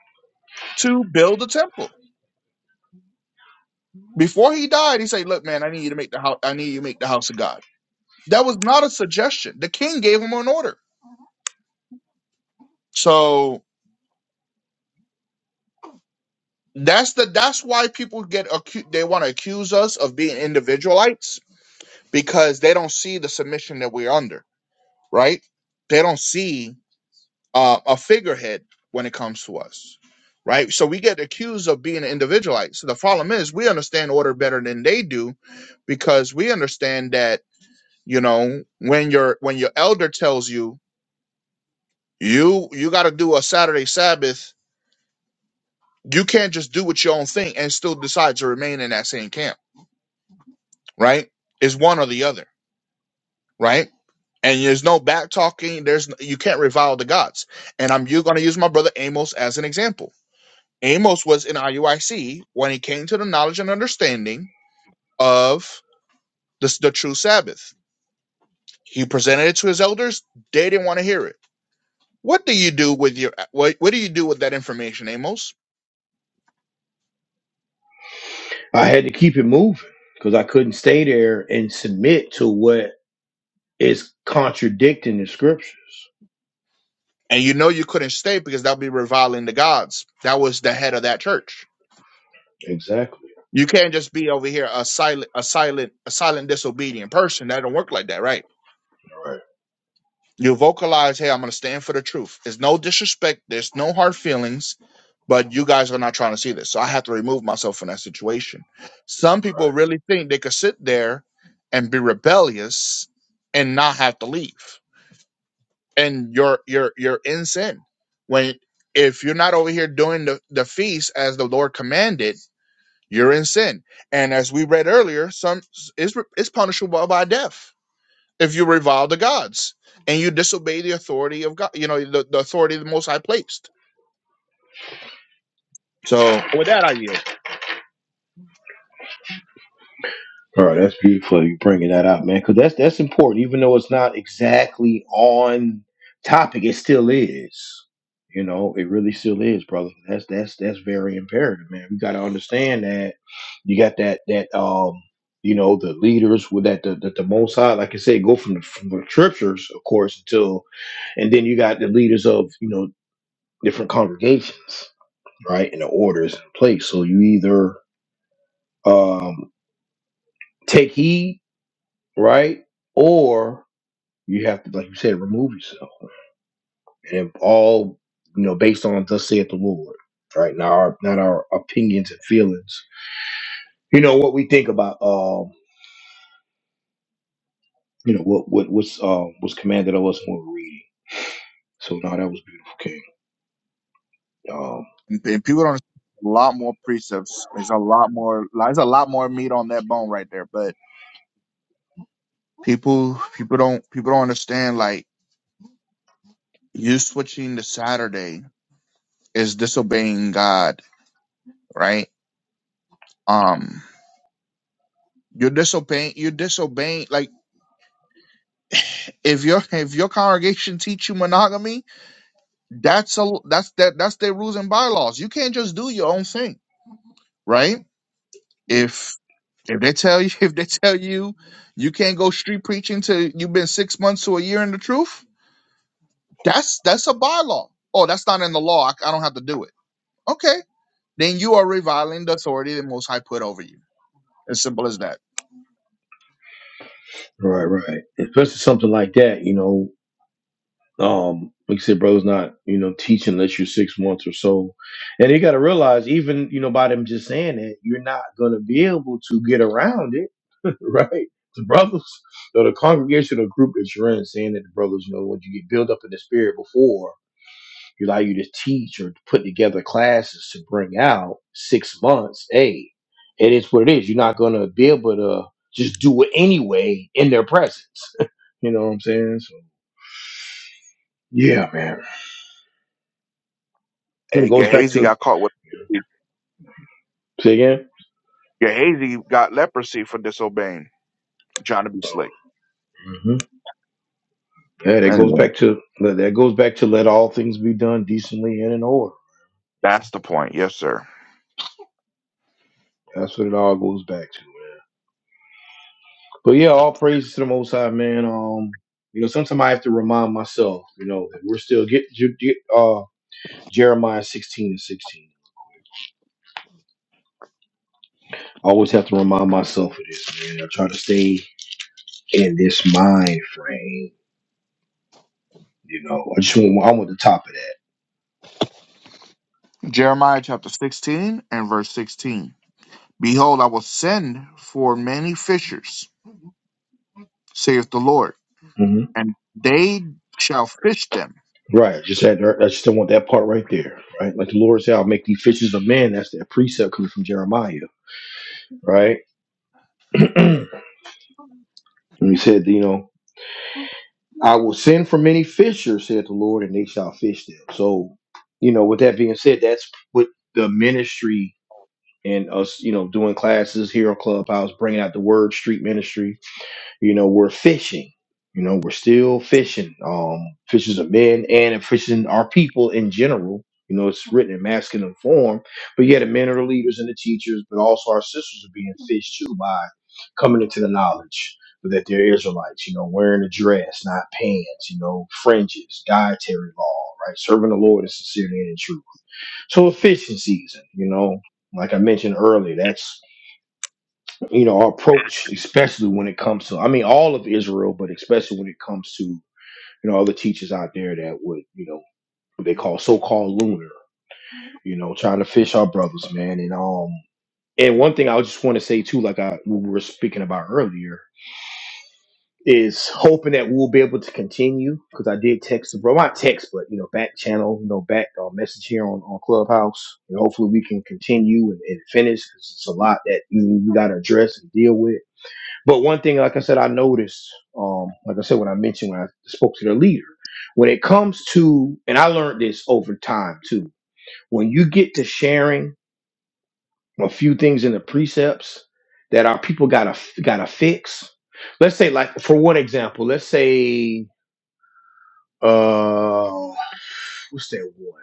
Speaker 2: to build the temple. Before he died, he said, "Look, man, I need you to make the house. I need you to make the house of God." That was not a suggestion. The king gave him an order. So That's the that's why people get acu- they want to accuse us of being individualites because they don't see the submission that we're under, right? They don't see uh, a figurehead when it comes to us, right? So we get accused of being individualites. So the problem is we understand order better than they do because we understand that you know when your when your elder tells you you you got to do a Saturday Sabbath, you can't just do what your own thing and still decide to remain in that same camp right? It's one or the other, right? And there's no back talking. There's you can't revile the gods. And I'm you going to use my brother Amos as an example. Amos was in IUIC when he came to the knowledge and understanding of the, the true Sabbath. He presented it to his elders. They didn't want to hear it. What do you do with your uh, what, what do you do with that information, Amos?
Speaker 1: I had to keep it moving because I couldn't stay there and submit to what is contradicting the scriptures.
Speaker 2: And you know you couldn't stay because that would be reviling the gods. That was the head of that church
Speaker 1: Exactly.
Speaker 2: You can't just be over here a silent, a silent, a silent disobedient person. That don't work like that, right? You vocalize, hey, I'm gonna stand for the truth. There's no disrespect, there's no hard feelings, but you guys are not trying to see this. So I have to remove myself from that situation. Some people really think they could sit there and be rebellious and not have to leave. And you're you're you're in sin. When if you're not over here doing the, the feast as the Lord commanded, you're in sin. And as we read earlier, some is is punishable by death if you revile the gods and you disobey the authority of God. You know, the, the authority of the Most High placed. So
Speaker 1: Oh, that's beautiful. You bringing that out, man, because that's that's important. Even though it's not exactly on topic, it still is. You know, it really still is, brother. That's that's that's very imperative, man. We got to understand that you got that that um you know the leaders with that the, the, the most high, like I said, go from the, from the scriptures, of course, until and then you got the leaders of you know different congregations, right, and the orders in place. So you either um take heed right? Or you have to, like you said, remove yourself. And if all, you know, based on thus saith the Lord, right? Not our not our opinions and feelings. You know, what we think about um, you know, what what what's um was commanded of us when we we're reading. So no, that was beautiful, King. Um
Speaker 2: And, and people don't. A lot more precepts. There's a lot more. There's a lot more meat on that bone right there. But people, people don't. People don't understand. Like you switching to Saturday is disobeying God, right? Um, you're disobeying. You're disobeying. Like. if your if your congregation teach you monogamy, that's a that's that that's their rules and bylaws. You can't just do your own thing, right? If if they tell you (laughs) if they tell you you can't go street preaching till you've been six months to a year in the truth, that's that's a bylaw. Oh, that's not in the law. I, I don't have to do it. Okay, then you are reviling the authority that Most High put over you. As simple as that.
Speaker 1: Right, right. Especially something like that, you know, Um, like you said, bro's not, you know, teaching unless you're six months or so. And you gotta realize, even, you know, by them just saying that, you're not gonna be able to get around it, (laughs) right? The brothers or the congregation or group that you're in saying that the brothers, you know, when you get built up in the spirit before you allow you to teach or to put together classes to bring out six months, hey, it is what it is. You're not gonna be able to just do it anyway in their presence. (laughs) you know what I'm saying? So yeah, man. And it
Speaker 2: Hey,
Speaker 1: goes back
Speaker 2: Gehazi
Speaker 1: to
Speaker 2: got caught with.
Speaker 1: Say again.
Speaker 2: Gehazi got leprosy for disobeying, trying to be slick.
Speaker 1: hmm Yeah, that goes
Speaker 2: Anyway,
Speaker 1: back to that goes back to let all things be done decently and in order.
Speaker 2: that's the point. Yes, sir.
Speaker 1: That's what it all goes back to. But yeah, all praise to the Most High, man. Um, you know, sometimes I have to remind myself, you know, that we're still get, Ju- Ju- uh Jeremiah sixteen and sixteen. I always have to remind myself of this, man. I try to stay in this mind frame. You know, I just want I want the top of that.
Speaker 2: Jeremiah chapter 16 and verse 16. Behold, I will send for many fishers, saith the Lord, and they shall fish them.
Speaker 1: Right. Just that. I just don't want that part right there. Right. Like the Lord said, I'll make thee fishes of men. That's that precept coming from Jeremiah. Right. (clears throat) and he said, you know, I will send for many fishers, said the Lord, and they shall fish them. So, you know, with that being said, that's what the ministry and us, you know, doing classes here on Clubhouse, bringing out the word, street ministry, you know, we're fishing. You know, we're still fishing. Um, fishers of men and fishing our people in general. You know, it's written in masculine form, but yet the men are the leaders and the teachers, but also our sisters are being fished too by coming into the knowledge that they're Israelites, you know, wearing a dress, not pants, you know, fringes, dietary law, right? Serving the Lord in sincerity and in truth. So a fishing season, you know, like I mentioned earlier, that's you know, our approach, especially when it comes to, I mean, all of Israel, but especially when it comes to, you know, other teachers out there that would, you know, what they call so-called lunar, you know, trying to fish our brothers, man. And, um, and one thing I just want to say too, like I, we were speaking about earlier is hoping that we'll be able to continue. Cause I did text the bro, not text, but you know, back channel, you know, back uh, message here on, on clubhouse and hopefully we can continue and, and finish. Cause it's a lot that you know, we got to address and deal with But one thing, like I said, I noticed, um, like I said, when I mentioned when I spoke to the leader, when it comes to, and I learned this over time too, when you get to sharing a few things in the precepts that our people gotta gotta fix. Let's say, like for one example, let's say, uh, what's that one?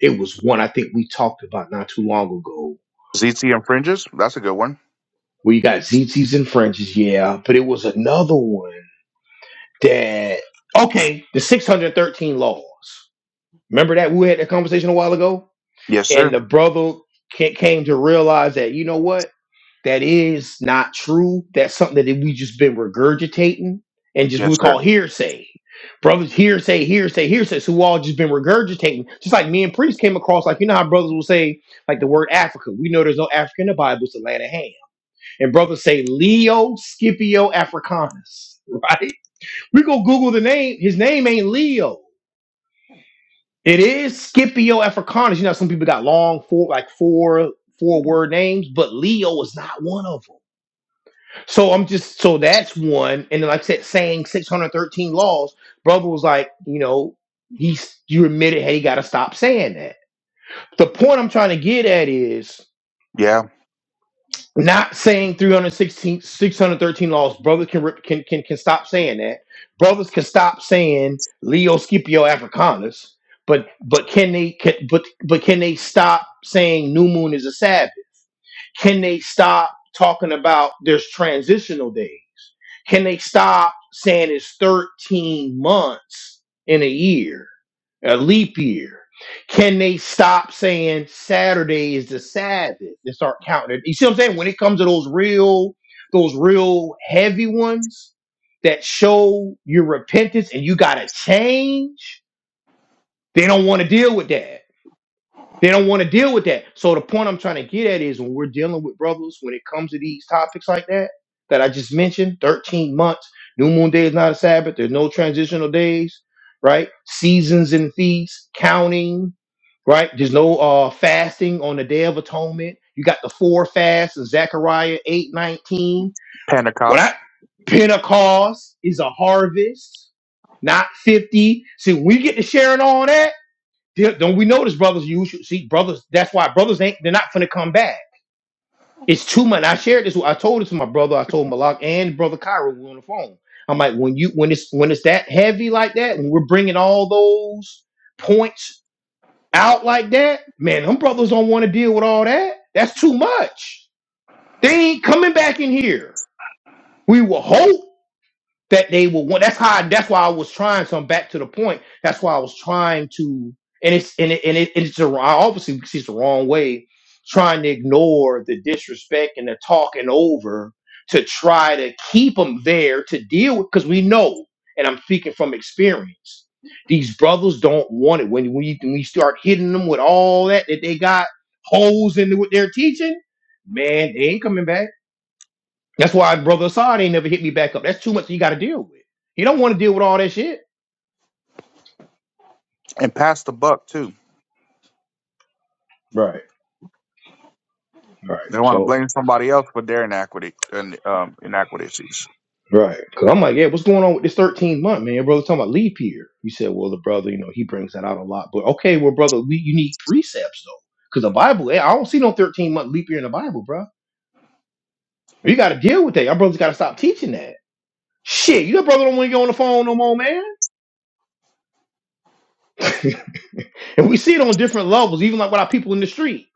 Speaker 1: It was one I think we talked about not too long ago,
Speaker 2: ZT and fringes. That's a good one.
Speaker 1: where you got ZTs and fringes, yeah, but it was another one that okay, the 613 laws. Remember that we had that conversation a while ago,
Speaker 2: Yes,
Speaker 1: and
Speaker 2: sir.
Speaker 1: the brother ca- came to realize that you know what that is not true. That's something that we just been regurgitating and just what
Speaker 2: Yes,
Speaker 1: we call
Speaker 2: sir.
Speaker 1: hearsay. Brothers, hearsay, hearsay, hearsay. So we all just been regurgitating. Just like me and Priest came across, like you know how brothers will say, like the word Africa. We know there's no Africa in the Bible, it's the land of Ham. And brothers say Leo Scipio Africanus, (laughs) right? We go Google the name. His name ain't Leo. It is Scipio Africanus. You know, some people got long four, like four four word names, but Leo is not one of them. So I'm just so that's one. And then like I said, saying 613 laws, brother was like, you know, he's you admitted, hey, you got to stop saying that. The point I'm trying to get at is
Speaker 2: Yeah.
Speaker 1: not saying 316 613 laws brothers can, rip- can can can stop saying that brothers can stop saying leo scipio africanus but but can they can, but but can they stop saying new moon is a sabbath can they stop talking about there's transitional days can they stop saying it's 13 months in a year, a leap year? Can they stop saying Saturday is the Sabbath and start counting it? You see what I'm saying? When it comes to those real, those real heavy ones that show your repentance and you gotta change, they don't want to deal with that. They don't want to deal with that. So the point I'm trying to get at is when we're dealing with brothers, when it comes to these topics like that, that I just mentioned, 13 months, new moon day is not a Sabbath, there's no transitional days, right? Seasons and feasts, counting, right? There's no uh fasting on the day of atonement. You got the four fasts in Zechariah eight nineteen. 19. When I
Speaker 2: Pentecost.
Speaker 1: Pentecost is a harvest, not 50. See, when we get to sharing all that. There- Don't we notice brothers? You should see brothers. That's why brothers ain't. They're not finna come back. It's too much. I shared this. with- I told it to my brother. I told Malak and brother Kyra. We were on the phone. I'm like, when you when it's when it's that heavy like that, and we're bringing all those points out like that, man, them brothers don't want to deal with all that. That's too much. They ain't coming back in here. We will hope that they will want. That's how. I, that's why I was trying. So I'm back to the point. That's why I was trying to, and it's and it, and, it, and it's a, obviously because it's the wrong way, trying to ignore the disrespect and the talking over to try to keep them there to deal with. Because we know, and I'm speaking from experience, these brothers don't want it when when you, when you start hitting them with all that that they got holes into what they're teaching. Man, they ain't coming back that's why Brother Assad ain't never hit me back up. That's too much you got to deal with. He don't want to deal with all that shit.
Speaker 2: And pass the buck, too.
Speaker 1: Right, right,
Speaker 2: They want to
Speaker 1: So,
Speaker 2: blame somebody else for their inaquity and um, inaquities.
Speaker 1: right. Cause I'm like, yeah, what's going on with this 13th month, man? Your brother talking about leap year. You said, well, the brother, you know, he brings that out a lot. But okay, well, brother, we, you need precepts though. Cause the Bible, eh, I don't see no 13 month leap year in the Bible, bro. You got to deal with that. Your brother's got to stop teaching that. Shit, your brother don't want to get on the phone no more, man. And we see it on different levels, even like with our people in the street.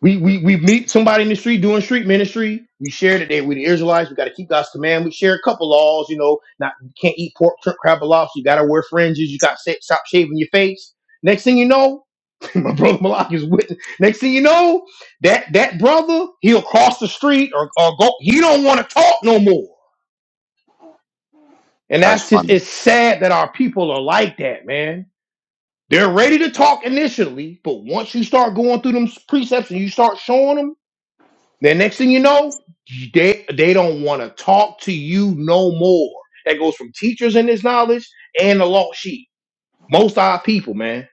Speaker 1: We, we, we meet somebody in the street doing street ministry. We share that they we the Israelites. We got to keep God's command. We share a couple laws, you know, not you can't eat pork, shrimp, crab, or lobster. You got to wear fringes. You got to stop shaving your face. Next thing you know, (laughs) my brother Malak is with. Next thing you know, that that brother he'll cross the street or, or go. He don't want to talk no more. And
Speaker 2: That's
Speaker 1: that's just
Speaker 2: funny.
Speaker 1: it's sad that our people are like that, man. They're ready to talk initially, but once you start going through them precepts and you start showing them. The next thing you know, they they don't want to talk to you no more. That goes from teachers in this knowledge and the lost sheep. Most of our people, man,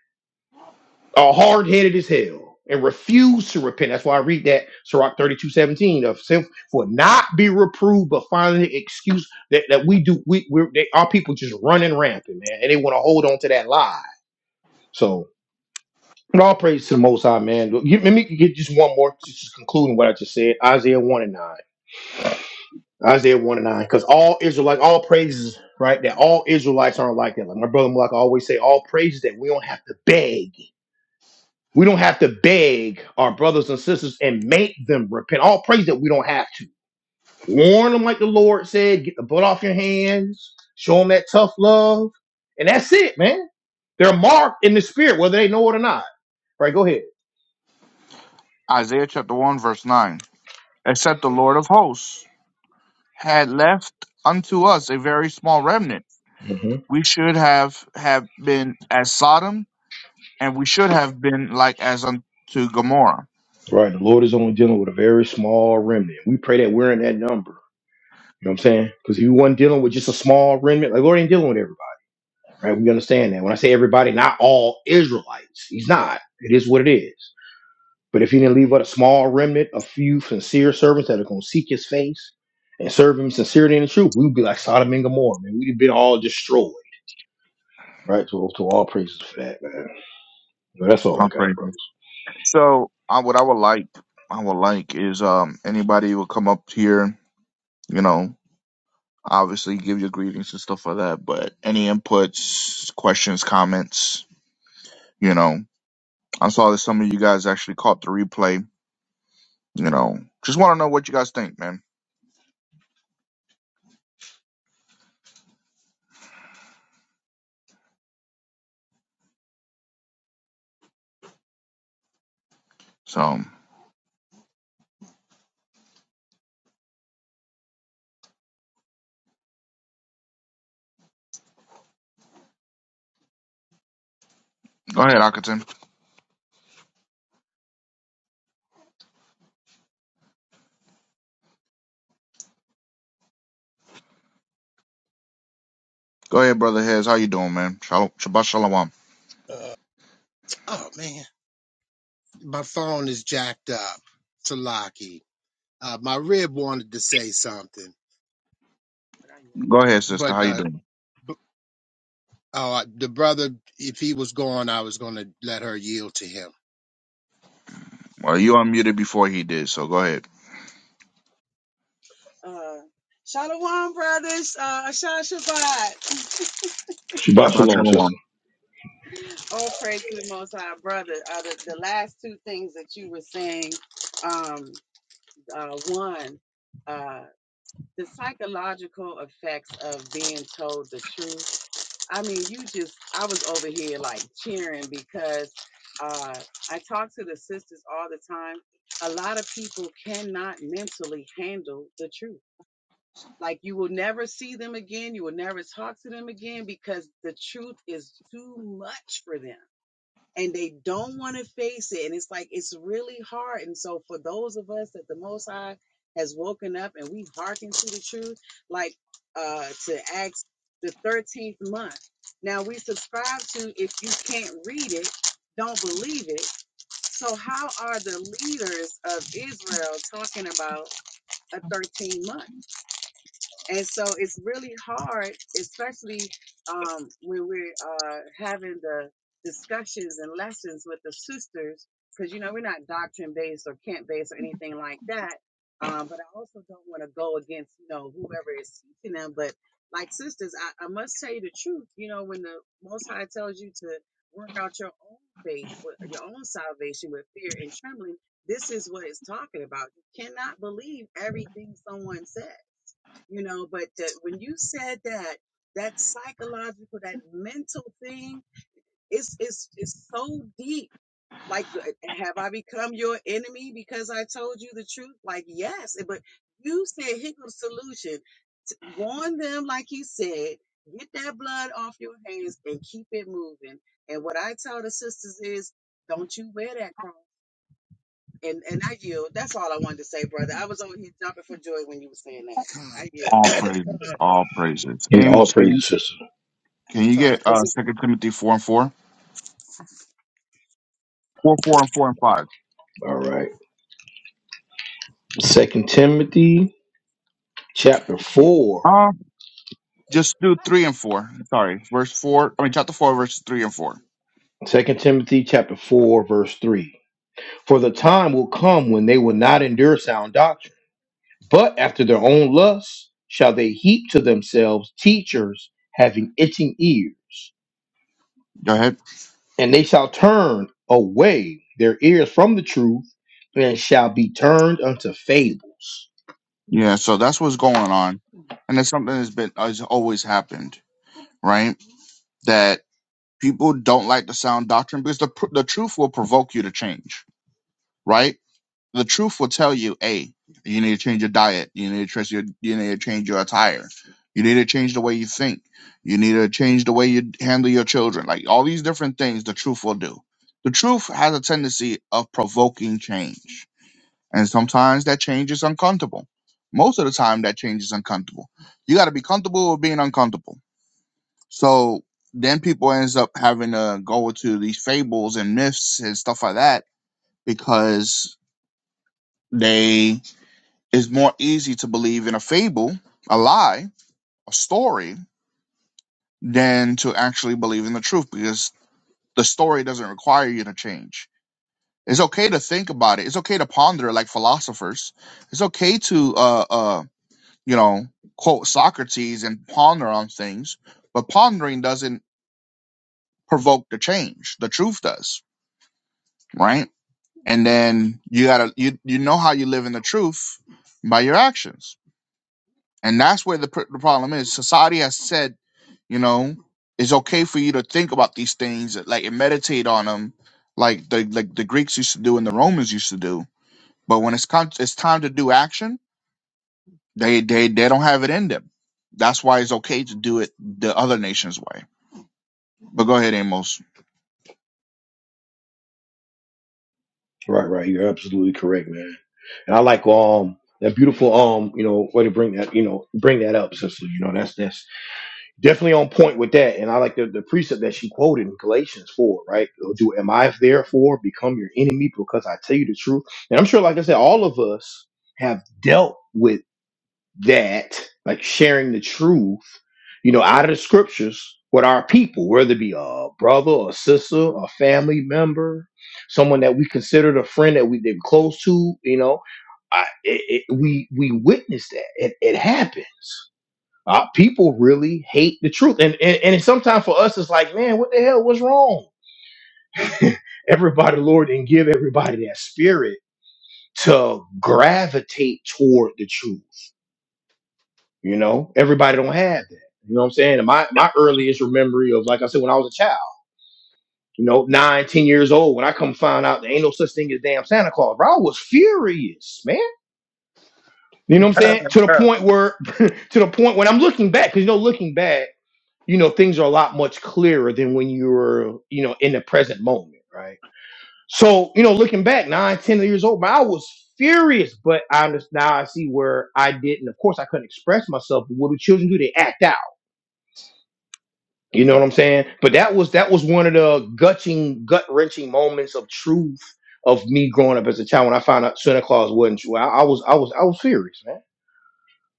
Speaker 1: are hard headed as hell and refuse to repent. That's why I read that Sirach thirty two seventeen of self for not be reproved, but finding an excuse that, that we do we we're, they, our people just running rampant, man, and they want to hold on to that lie. So. but all praise to the Most High, man. Let me get just one more, just just concluding what I just said. Isaiah 1 and 9. Isaiah 1 and 9. Because all Israelites, all praises, right? That all Israelites aren't like that. Like my brother Malak always say, all praises that we don't have to beg. We don't have to beg our brothers and sisters and make them repent. All praise that we don't have to. Warn them like the Lord said, get the blood off your hands, show them that tough love. And that's it, man. They're marked in the spirit, whether they know it or not. Right, go ahead.
Speaker 2: Isaiah chapter 1, verse 9. Except the Lord of hosts had left unto us a very small remnant,
Speaker 1: hmm
Speaker 2: we should have have been as Sodom, and we should have been like as unto Gomorrah.
Speaker 1: Right. The Lord is only dealing with a very small remnant. We pray that we're in that number. You know what I'm saying? Because he wasn't dealing with just a small remnant. Like, Lord ain't dealing with everybody, right? We understand that. When I say everybody, not all Israelites. He's not. It is what it is. But if he didn't leave but a small remnant, a few sincere servants that are going to seek his face and serve him sincerely and in truth, we'd be like Sodom and Gomorrah, man. We'd have been all destroyed, right? So, to all praises for that, man. But that's all I
Speaker 2: I'm pretty
Speaker 1: got, bro.
Speaker 2: good. So, uh, what I would like, I would like is um anybody who will come up here, you know, obviously give your greetings and stuff like that, but any inputs, questions, comments, you know, I saw that some of you guys actually caught the replay, you know, just want to know what you guys think, man. So, go ahead, Akaton. Go ahead, brother Hez. How you doing, man? Shalom, Shabbat Shalom.
Speaker 4: Uh, oh man. my phone is jacked up. Salaki. Uh, my rib wanted to say something,
Speaker 2: Go ahead, sister. How
Speaker 4: but
Speaker 2: you
Speaker 4: uh,
Speaker 2: doing?
Speaker 4: b- uh, the brother, if he was gone, I was going to let her yield to him.
Speaker 2: Well, you unmuted before he did, so go ahead.
Speaker 4: Uh, Shalom, brothers. Uh, Ashan Shabbat.
Speaker 1: Shabbat
Speaker 2: Shabbat
Speaker 1: shalom, sister.
Speaker 2: Shalom.
Speaker 4: All praise to the Most High, brother. Uh, the, the last two things that you were saying, um, uh, one, uh, the psychological effects of being told the truth I mean, you just, I was over here like cheering because uh, I talk to the sisters all the time. A lot of people cannot mentally handle the truth. Like, you will never see them again. You will never talk to them again because the truth is too much for them and they don't want to face it. And it's like it's really hard. And so for those of us that the Most High has woken up and we hearken to the truth, like uh to Acts the 13th month. Now we subscribe to if you can't read it, don't believe it. So how are the leaders of Israel talking about a 13 month? And so it's really hard, especially um, when we're uh, having the discussions and lessons with the sisters, because you know we're not doctrine based or camp based or anything like that. Um, but I also don't want to go against you know whoever is teaching them. But like sisters, I, I must tell you the truth. You know when the Most High tells you to work out your own faith, with- your own salvation with fear and trembling, this is what it's talking about. You cannot believe everything someone says you know but that when you said that that psychological that mental thing it's it's it's so deep like uh, have i become your enemy because i told you the truth like yes but you said here goes solution T- warn them like you said get that blood off your hands and keep it moving and what i tell the sisters is don't you wear that cross and and i yield that's all i wanted to say brother i was over here jumping for joy when you were saying that Con, i yield
Speaker 2: All
Speaker 4: (coughs)
Speaker 2: praises. All praises.
Speaker 1: Yeah, all
Speaker 2: Amos, can you
Speaker 1: praises, sister.
Speaker 2: can
Speaker 4: (laughs)
Speaker 2: you
Speaker 4: con.
Speaker 2: get uh Second Timothy four and four? Four, four and four and five.
Speaker 1: All right. Second Timothy chapter 4.
Speaker 2: Uh just do three and four. Sorry. Verse four. I mean chapter four, verses three and four.
Speaker 1: Second Timothy chapter 4, verse 3. For the time will come when they will not endure sound doctrine, but after their own lusts shall they heap to themselves teachers having itching ears.
Speaker 2: Go ahead.
Speaker 1: And they shall turn away their ears from the truth and shall be turned unto fables.
Speaker 2: Yeah, so that's what's going on. And that's something that's been has always happened, right? That people don't like the sound doctrine because the pr- the truth will provoke you to change, right? the truth will tell you, hey, you need to change your diet. You need to change your you need to change your attire. You need to change the way you think. You need to change the way you handle your children. Like all these different things the truth will do. The truth has a tendency of provoking change. And sometimes that change is uncomfortable. Most of the time that change is uncomfortable. You gotta be comfortable with being uncomfortable. So then people ends up having to go to these fables and myths and stuff like that because they it's more easy to believe in a fable, a lie, a story, than to actually believe in the truth because the story doesn't require you to change. It's okay to think about it. It's okay to ponder like philosophers. It's okay to, uh, uh, you know, quote Socrates and ponder on things, but pondering doesn't provoke the change. The truth does, right? And then you gotta, you, you know how you live in the truth by your actions. And that's where the, pr- the problem is. Society has said you know it's okay for you to think about these things like and meditate on them like the like the greeks used to do and the romans used to do but when it's con- it's time to do action they they they don't have it in them that's why it's okay to do it the other nation's way but go ahead amos
Speaker 1: Right, right. You're absolutely correct, man. And I like um that beautiful um, you know, way to bring that, you know, bring that up, sister. You know, that's that's definitely on point with that. And I like the, the precept that she quoted in Galatians 4, right? Do am I therefore become your enemy because I tell you the truth? And I'm sure, like I said, all of us have dealt with that, like sharing the truth, you know, out of the scriptures with our people, whether it be a brother, a sister, a family member, someone that we considered a friend that we've been close to, you know. I, it, it, we we witnessed that it, it happens uh, people really hate the truth, and, and and sometimes for us, it's like, man, what the hell was wrong? (laughs) everybody, Lord, and give everybody that spirit to gravitate toward the truth. You know, everybody don't have that. You know what I'm saying? And my my earliest memory of, like I said, when I was a child, you know, nine, ten years old, when I come find out there ain't no such thing as damn Santa Claus, bro, I was furious, man. You know what I'm saying? To the point where, (laughs) to the point when I'm looking back, because you know, looking back. you know things are a lot much clearer than when you were you know in the present moment right so you know looking back nine ten years old man, i was furious but i understand now i see where i didn't of course i couldn't express myself but what do children do they act out you know what i'm saying but that was that was one of the gutting gut wrenching moments of truth of me growing up as a child when i found out santa claus wasn't true i, I was i was i was furious man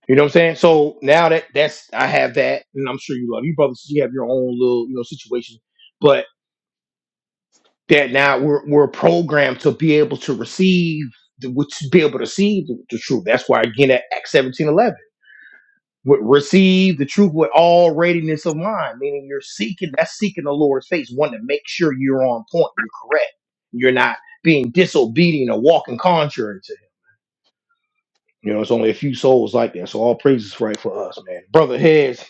Speaker 1: you know what I'm saying? So now that that's I have that, and I'm sure you love your brothers. You have your own little, you know, situation. that now we're we're programmed to be able to receive the, which be able to receive the, the truth. That's why again at Acts seventeen eleven, receive the truth with all readiness of mind, meaning you're seeking that's seeking the Lord's face, wanting to make sure you're on point, you're correct, you're not being disobedient or walking contrary to Him. You know, it's only a few souls like that, so all praises right for us, man. Brother Heads,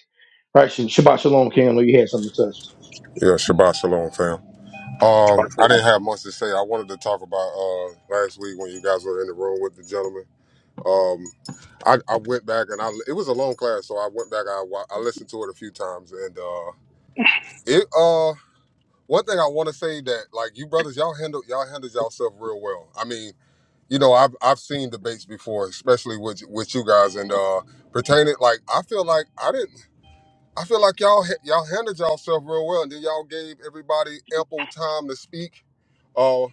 Speaker 1: right? Shabbat Shalom, King. I know you had something to touch.
Speaker 5: Yeah, Shabbat Shalom, fam. Um, I didn't have much to say. I wanted to talk about uh last week when you guys were in the room with the gentleman. Um, I, I went back and I it was a long class, so I went back. I wa- I listened to it a few times, and uh, it uh one thing I want to say that like you brothers, y'all handle y'all handled yourself real well. I mean, you know, I've I've seen debates before, especially with with you guys, and uh pertaining like I feel like I didn't. I feel like y'all ha- y'all handled yourself real well, and then y'all gave everybody ample time to speak. Uh,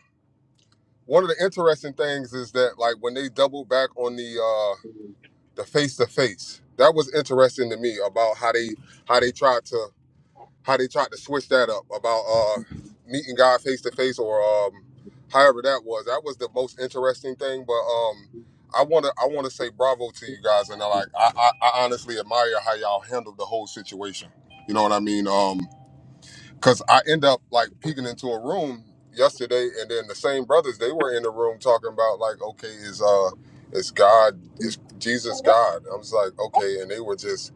Speaker 5: one of the interesting things is that like when they doubled back on the uh, the face to face, that was interesting to me about how they how they tried to how they tried to switch that up about uh, meeting God face to face or um, however that was. That was the most interesting thing. But um, I wanna I wanna say bravo to you guys, and I like I, I, I honestly admire how y'all handled the whole situation. You know what I mean? Um, because I end up like peeking into a room yesterday, and then the same brothers they were in the room talking about like, okay, is uh, is God is Jesus God? I was like, okay, and they were just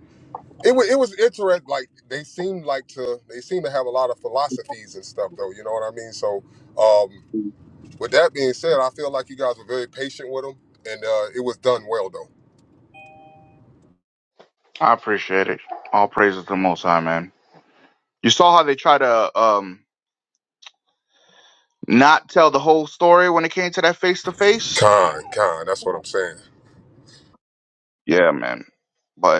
Speaker 5: it was it was interesting. Like they seemed like to they seem to have a lot of philosophies and stuff though. You know what I mean? So um, with that being said, I feel like you guys were very patient with them, and uh, it was done well though.
Speaker 2: I appreciate it. All praises to the Most High, man. You saw how they try to um not tell the whole story when it came to that face to face.
Speaker 5: Con, con, that's what I'm saying.
Speaker 2: Yeah, man. But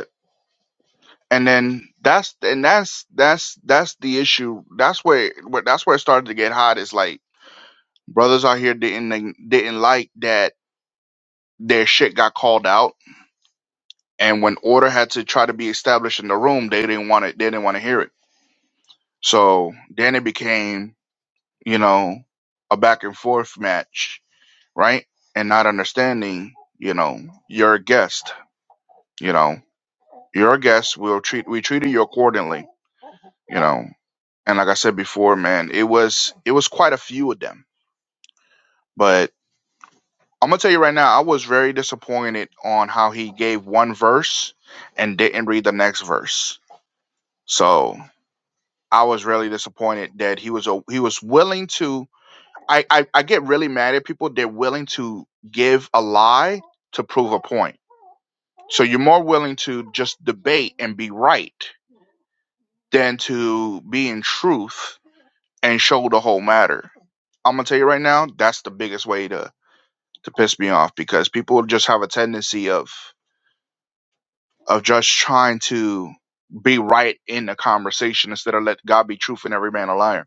Speaker 2: and then that's and that's that's that's the issue. That's where, where that's where it started to get hot. Is like brothers out here didn't didn't like that their shit got called out, and when order had to try to be established in the room, they didn't want it. They didn't want to hear it. So then it became you know a back and forth match, right? And not understanding, you know, you're a guest. You know, you're a guest. We'll treat we treated you accordingly. You know, And like I said before, man, it was it was quite a few of them. But I'm gonna tell you right now, I was very disappointed on how he gave one verse and didn't read the next verse. So I was really disappointed that he was a, he was willing to. I, I I get really mad at people. They're willing to give a lie to prove a point. So you're more willing to just debate and be right than to be in truth and show the whole matter. I'm gonna tell you right now, that's the biggest way to to piss me off because people just have a tendency of of just trying to be right in the conversation instead of let God be truth and every man a liar.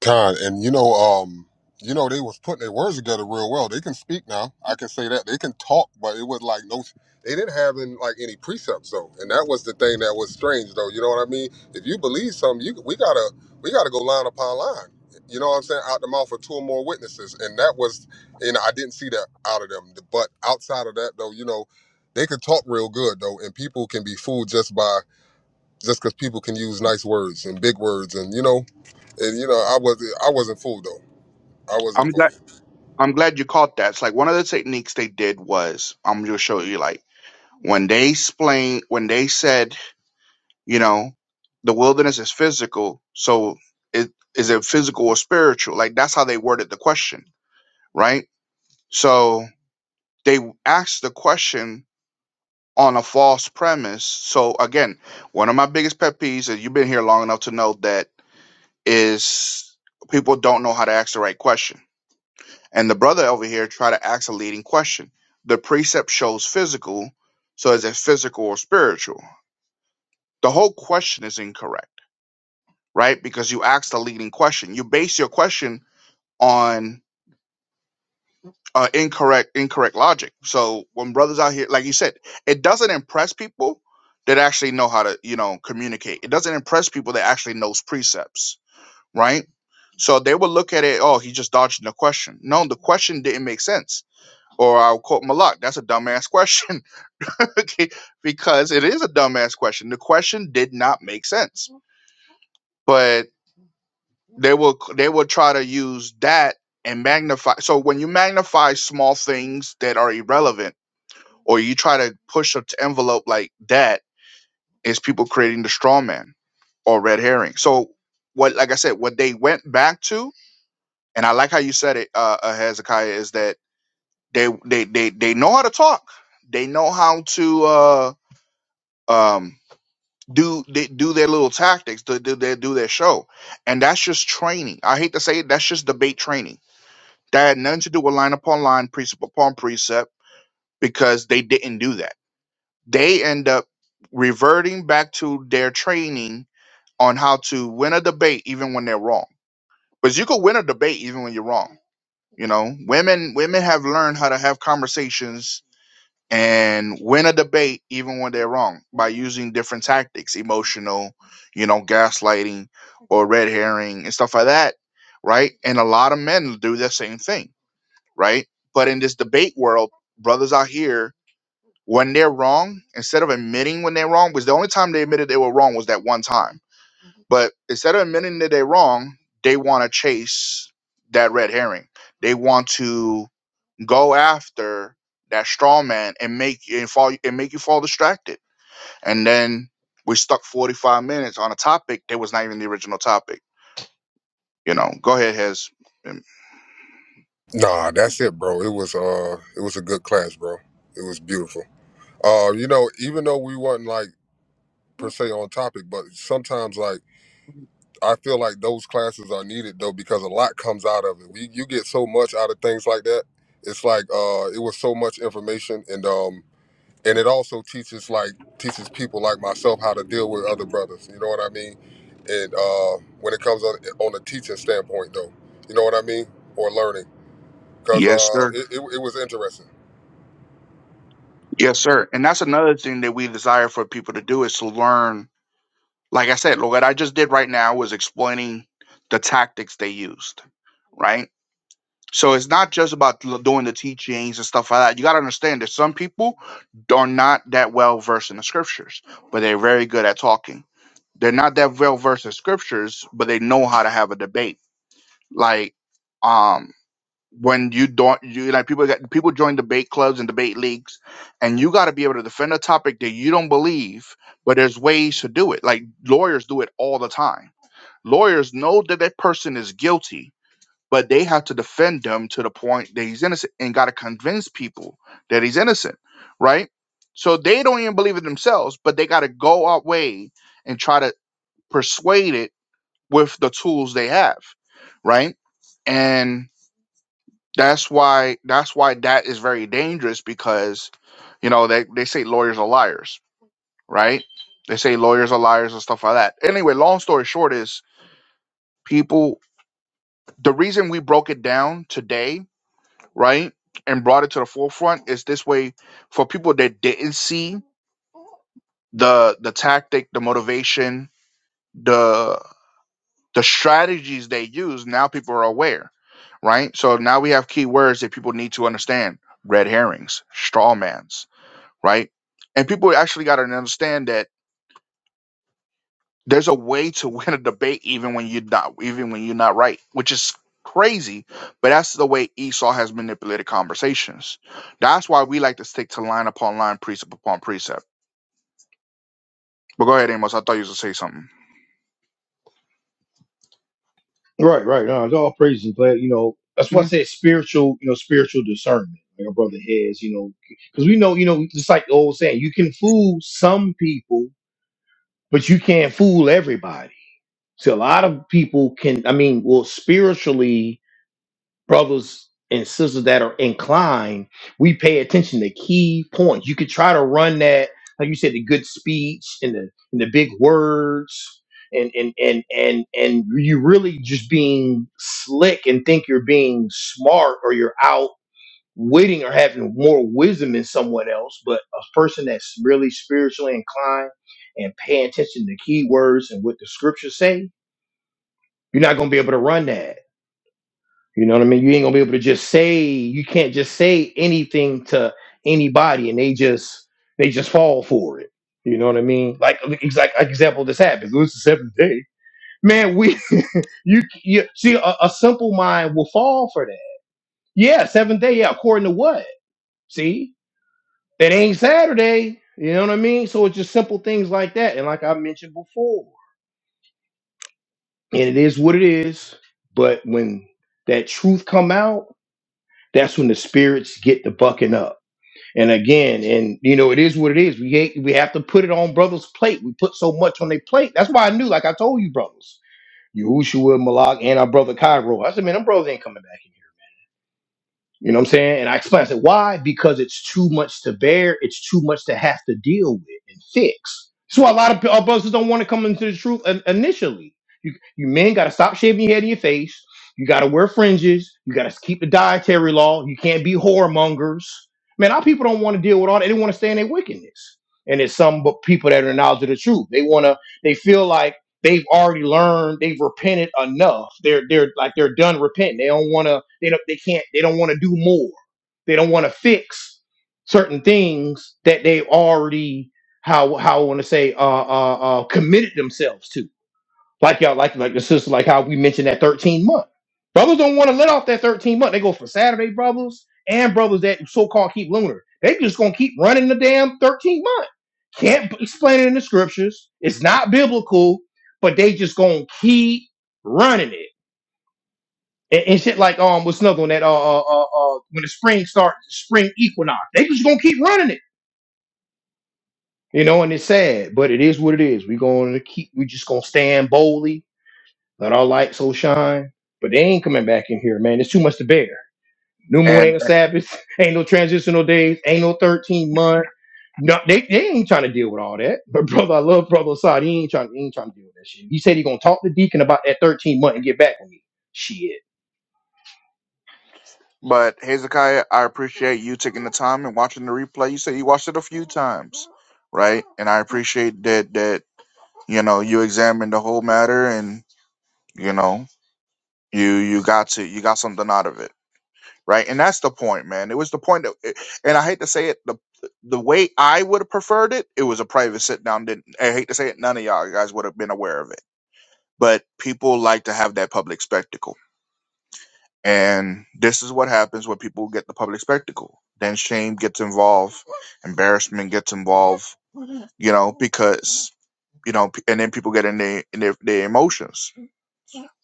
Speaker 5: Con, and you know, um, you know, they was putting their words together real well. They can speak now. I can say that they can talk, but it was like no, they didn't have in, like any precepts though, and that was the thing that was strange though. You know what I mean? If you believe something, you we gotta we gotta go line upon line. You know what I'm saying? Out the mouth of two or more witnesses, and that was, you know, I didn't see that out of them. But outside of that though, you know, they could talk real good though, and people can be fooled just by just because people can use nice words and big words, and you know and you know I wasn't I wasn't fooled though. I
Speaker 2: I'm
Speaker 5: wasn't
Speaker 2: glad.
Speaker 5: fooled.
Speaker 2: I'm glad you caught that. It's like one of the techniques they did was I'm gonna show you like when they explain when they said, you know, the wilderness is physical, so it is it physical or spiritual? Like that's how they worded the question, right? So they asked the question on a false premise. So again, one of my biggest pet peeves, and you've been here long enough to know that, is people don't know how to ask the right question And the brother over here tried to ask a leading question. The precept shows physical, so is it physical or spiritual? The whole question is incorrect, right? Because you asked a leading question. You base your question on uh, incorrect incorrect logic. So when brothers out here, like you said, it doesn't impress people that actually know how to, you know, communicate. It doesn't impress people that actually knows precepts, right? So they will look at it, oh, he just dodged the question. No, the question didn't make sense or I'll quote Malak. That's a dumbass question. (laughs) okay, because it is a dumbass question. The question did not make sense, but they will they will try to use that and magnify. So when you magnify small things that are irrelevant, or you try to push an envelope like that, is people creating the straw man or red herring. So what, like I said, what they went back to, and I like how you said it, uh, uh, Hezekiah, is that they they they they know how to talk. They know how to. Uh, um do they do their little tactics to do their do their show and that's just training i hate to say it that's just debate training that had nothing to do with line upon line precept upon precept because they didn't do that they end up reverting back to their training on how to win a debate even when they're wrong because you can win a debate even when you're wrong you know women women have learned how to have conversations and win a debate even when they're wrong by using different tactics emotional you know gaslighting or red herring and stuff like that right and a lot of men do the same thing right but in this debate world brothers out here when they're wrong instead of admitting when they're wrong because the only time they admitted they were wrong was that one time but instead of admitting that they're wrong they want to chase that red herring they want to go after that straw man and make and fall and make you fall distracted. And then we stuck 45 minutes on a topic that was not even the original topic. You know, go ahead, Hez. Um,
Speaker 5: Nah, that's it, bro. It was uh it was a good class, bro. It was beautiful. Uh, you know, even though we weren't like per se on topic, but sometimes like I feel like those classes are needed though because a lot comes out of it. We you get so much out of things like that. It's like uh it was so much information and um and it also teaches like teaches people like myself how to deal with other brothers. You know what I mean? And uh, when it comes on on a teaching standpoint, though, you know what I mean, or learning, because
Speaker 2: Yes,
Speaker 5: uh,
Speaker 2: sir.
Speaker 5: it, it it was interesting.
Speaker 2: Yes, sir. And that's another thing that we desire for people to do is to learn. Like I said, what I just did right now was explaining the tactics they used, right? So it's not just about l- doing the teachings and stuff like that. You got to understand that some people are not that well versed in the scriptures, but they're very good at talking. They're not that well versed in scriptures, but they know how to have a debate. Like, um, when you don't, you like people get people join debate clubs and debate leagues, and you got to be able to defend a topic that you don't believe, but there's ways to do it. Like lawyers do it all the time. Lawyers know that that person is guilty, but they have to defend him to the point that he's innocent and got to convince people that he's innocent, right? So they don't even believe it themselves, but they got to go our way and try to persuade it with the tools they have, right? And that's why that's why that is very dangerous because you know they, they say lawyers are liars, right? They say lawyers are liars and stuff like that. Anyway, long story short is people the reason we broke it down today right, and brought it to the forefront is this way for people that didn't see the the tactic, the motivation, the the strategies they use. Now people are aware, right? So now we have key words that people need to understand: red herrings, straw mans, right? And people actually got to understand that There's a way to (laughs) win a debate even when you're not even when you're not right, which is crazy, but that's the way Esau has manipulated conversations. That's why we like to stick to line upon line, precept upon precept. But go ahead, Amos. I thought you was gonna say something.
Speaker 1: Right, right. No, it's all praise and glad. You know, that's why I
Speaker 2: Mhm.
Speaker 1: said spiritual. You know, spiritual discernment. Like our brother has. You know, because we know. You know, just like the old saying, you can fool some people, but you can't fool everybody. So a lot of people can. I mean, well, spiritually brothers and sisters that are inclined, we pay attention to key points. You could try to run that, like you said, the good speech and the and the big words. And, and and and and you really just being slick and think you're being smart or you're outwitting or having more wisdom than someone else, but a person that's really spiritually inclined and paying attention to key words and what the scriptures say, you're not gonna be able to run that you know what I mean? You ain't gonna be able to just say you can't just say anything to anybody, and they just they just fall for it. You know what I mean? Like exact like like example, this happens. It was the seventh day, man. We (laughs) you, you see a, a simple mind will fall for that. Yeah, seventh day. Yeah, according to what? See, that ain't Saturday. You know what I mean? So it's just simple things like that, and like I mentioned before, and it is what it is. But when that truth come out, that's when the spirits get the bucking up And again, and you know, it is what it is. We hate, we have to put it on brothers' plate. We put so much on their plate. That's why I knew, like I told you, brothers, Yahushua, Malak, and our brother Cairo. I said, man, them brothers ain't coming back. You know what I'm saying? And I explained, I said, why? Because it's too much to bear. It's too much to have to deal with and fix. That's why a lot of p- our brothers don't want to come into the truth in- initially. You, you men got to stop shaving your head in your face. You got to wear fringes. You got to keep the dietary law. You can't be whoremongers. Man, our people don't want to deal with all that. They want to stay in their wickedness. And it's some bu- people that are knowledge of the truth. They want to, they feel like, they've already learned they've repented enough they're they're like they're done repenting they don't want to they don't they can't they don't want to do more they don't want to fix certain things that they already how how i want to say uh, uh uh committed themselves to like y'all, like like the sister, like how we mentioned that 13 month. Brothers don't want to let off that 13 month. They go for Saturday brothers and brothers that so-called keep lunar. They just gonna keep running the damn 13 month. Can't b- explain it in the scriptures. It's not biblical, but they just gonna keep running it. And, and shit like um what's another one that uh, uh uh uh, when the spring starts, spring equinox, they just gonna keep running it. You know, and it's sad, but it is what it is. We gonna keep we just gonna stand boldly Let our light so shine. But they ain't coming back in here, man. It's too much to bear. New moon
Speaker 2: And
Speaker 1: ain't a Sabbath. (laughs) Ain't no transitional days. Ain't no 13 month. No, they, they ain't trying to deal with all that. But (laughs) brother, I love brother Assad. He ain't trying, he ain't trying to deal with that shit. He said he gonna talk to Deacon about that 13 month and get back with me. Shit.
Speaker 2: but Hezekiah, I appreciate you taking the time and watching the replay. You said you watched it a few times, right? And I appreciate that that you know you examined the whole matter and you know you you got to you got something out of it. right? And that's the point, man. It was the point that, it- and I hate to say it, the the way I would have preferred it, it was a private sit down. Didn't I hate to say it? None of y'all guys would have been aware of it, but people like to have that public spectacle, and this is what happens when people get the public spectacle. Then shame gets involved, embarrassment gets involved, you know, because you know, p- and then people get in their in their, their emotions.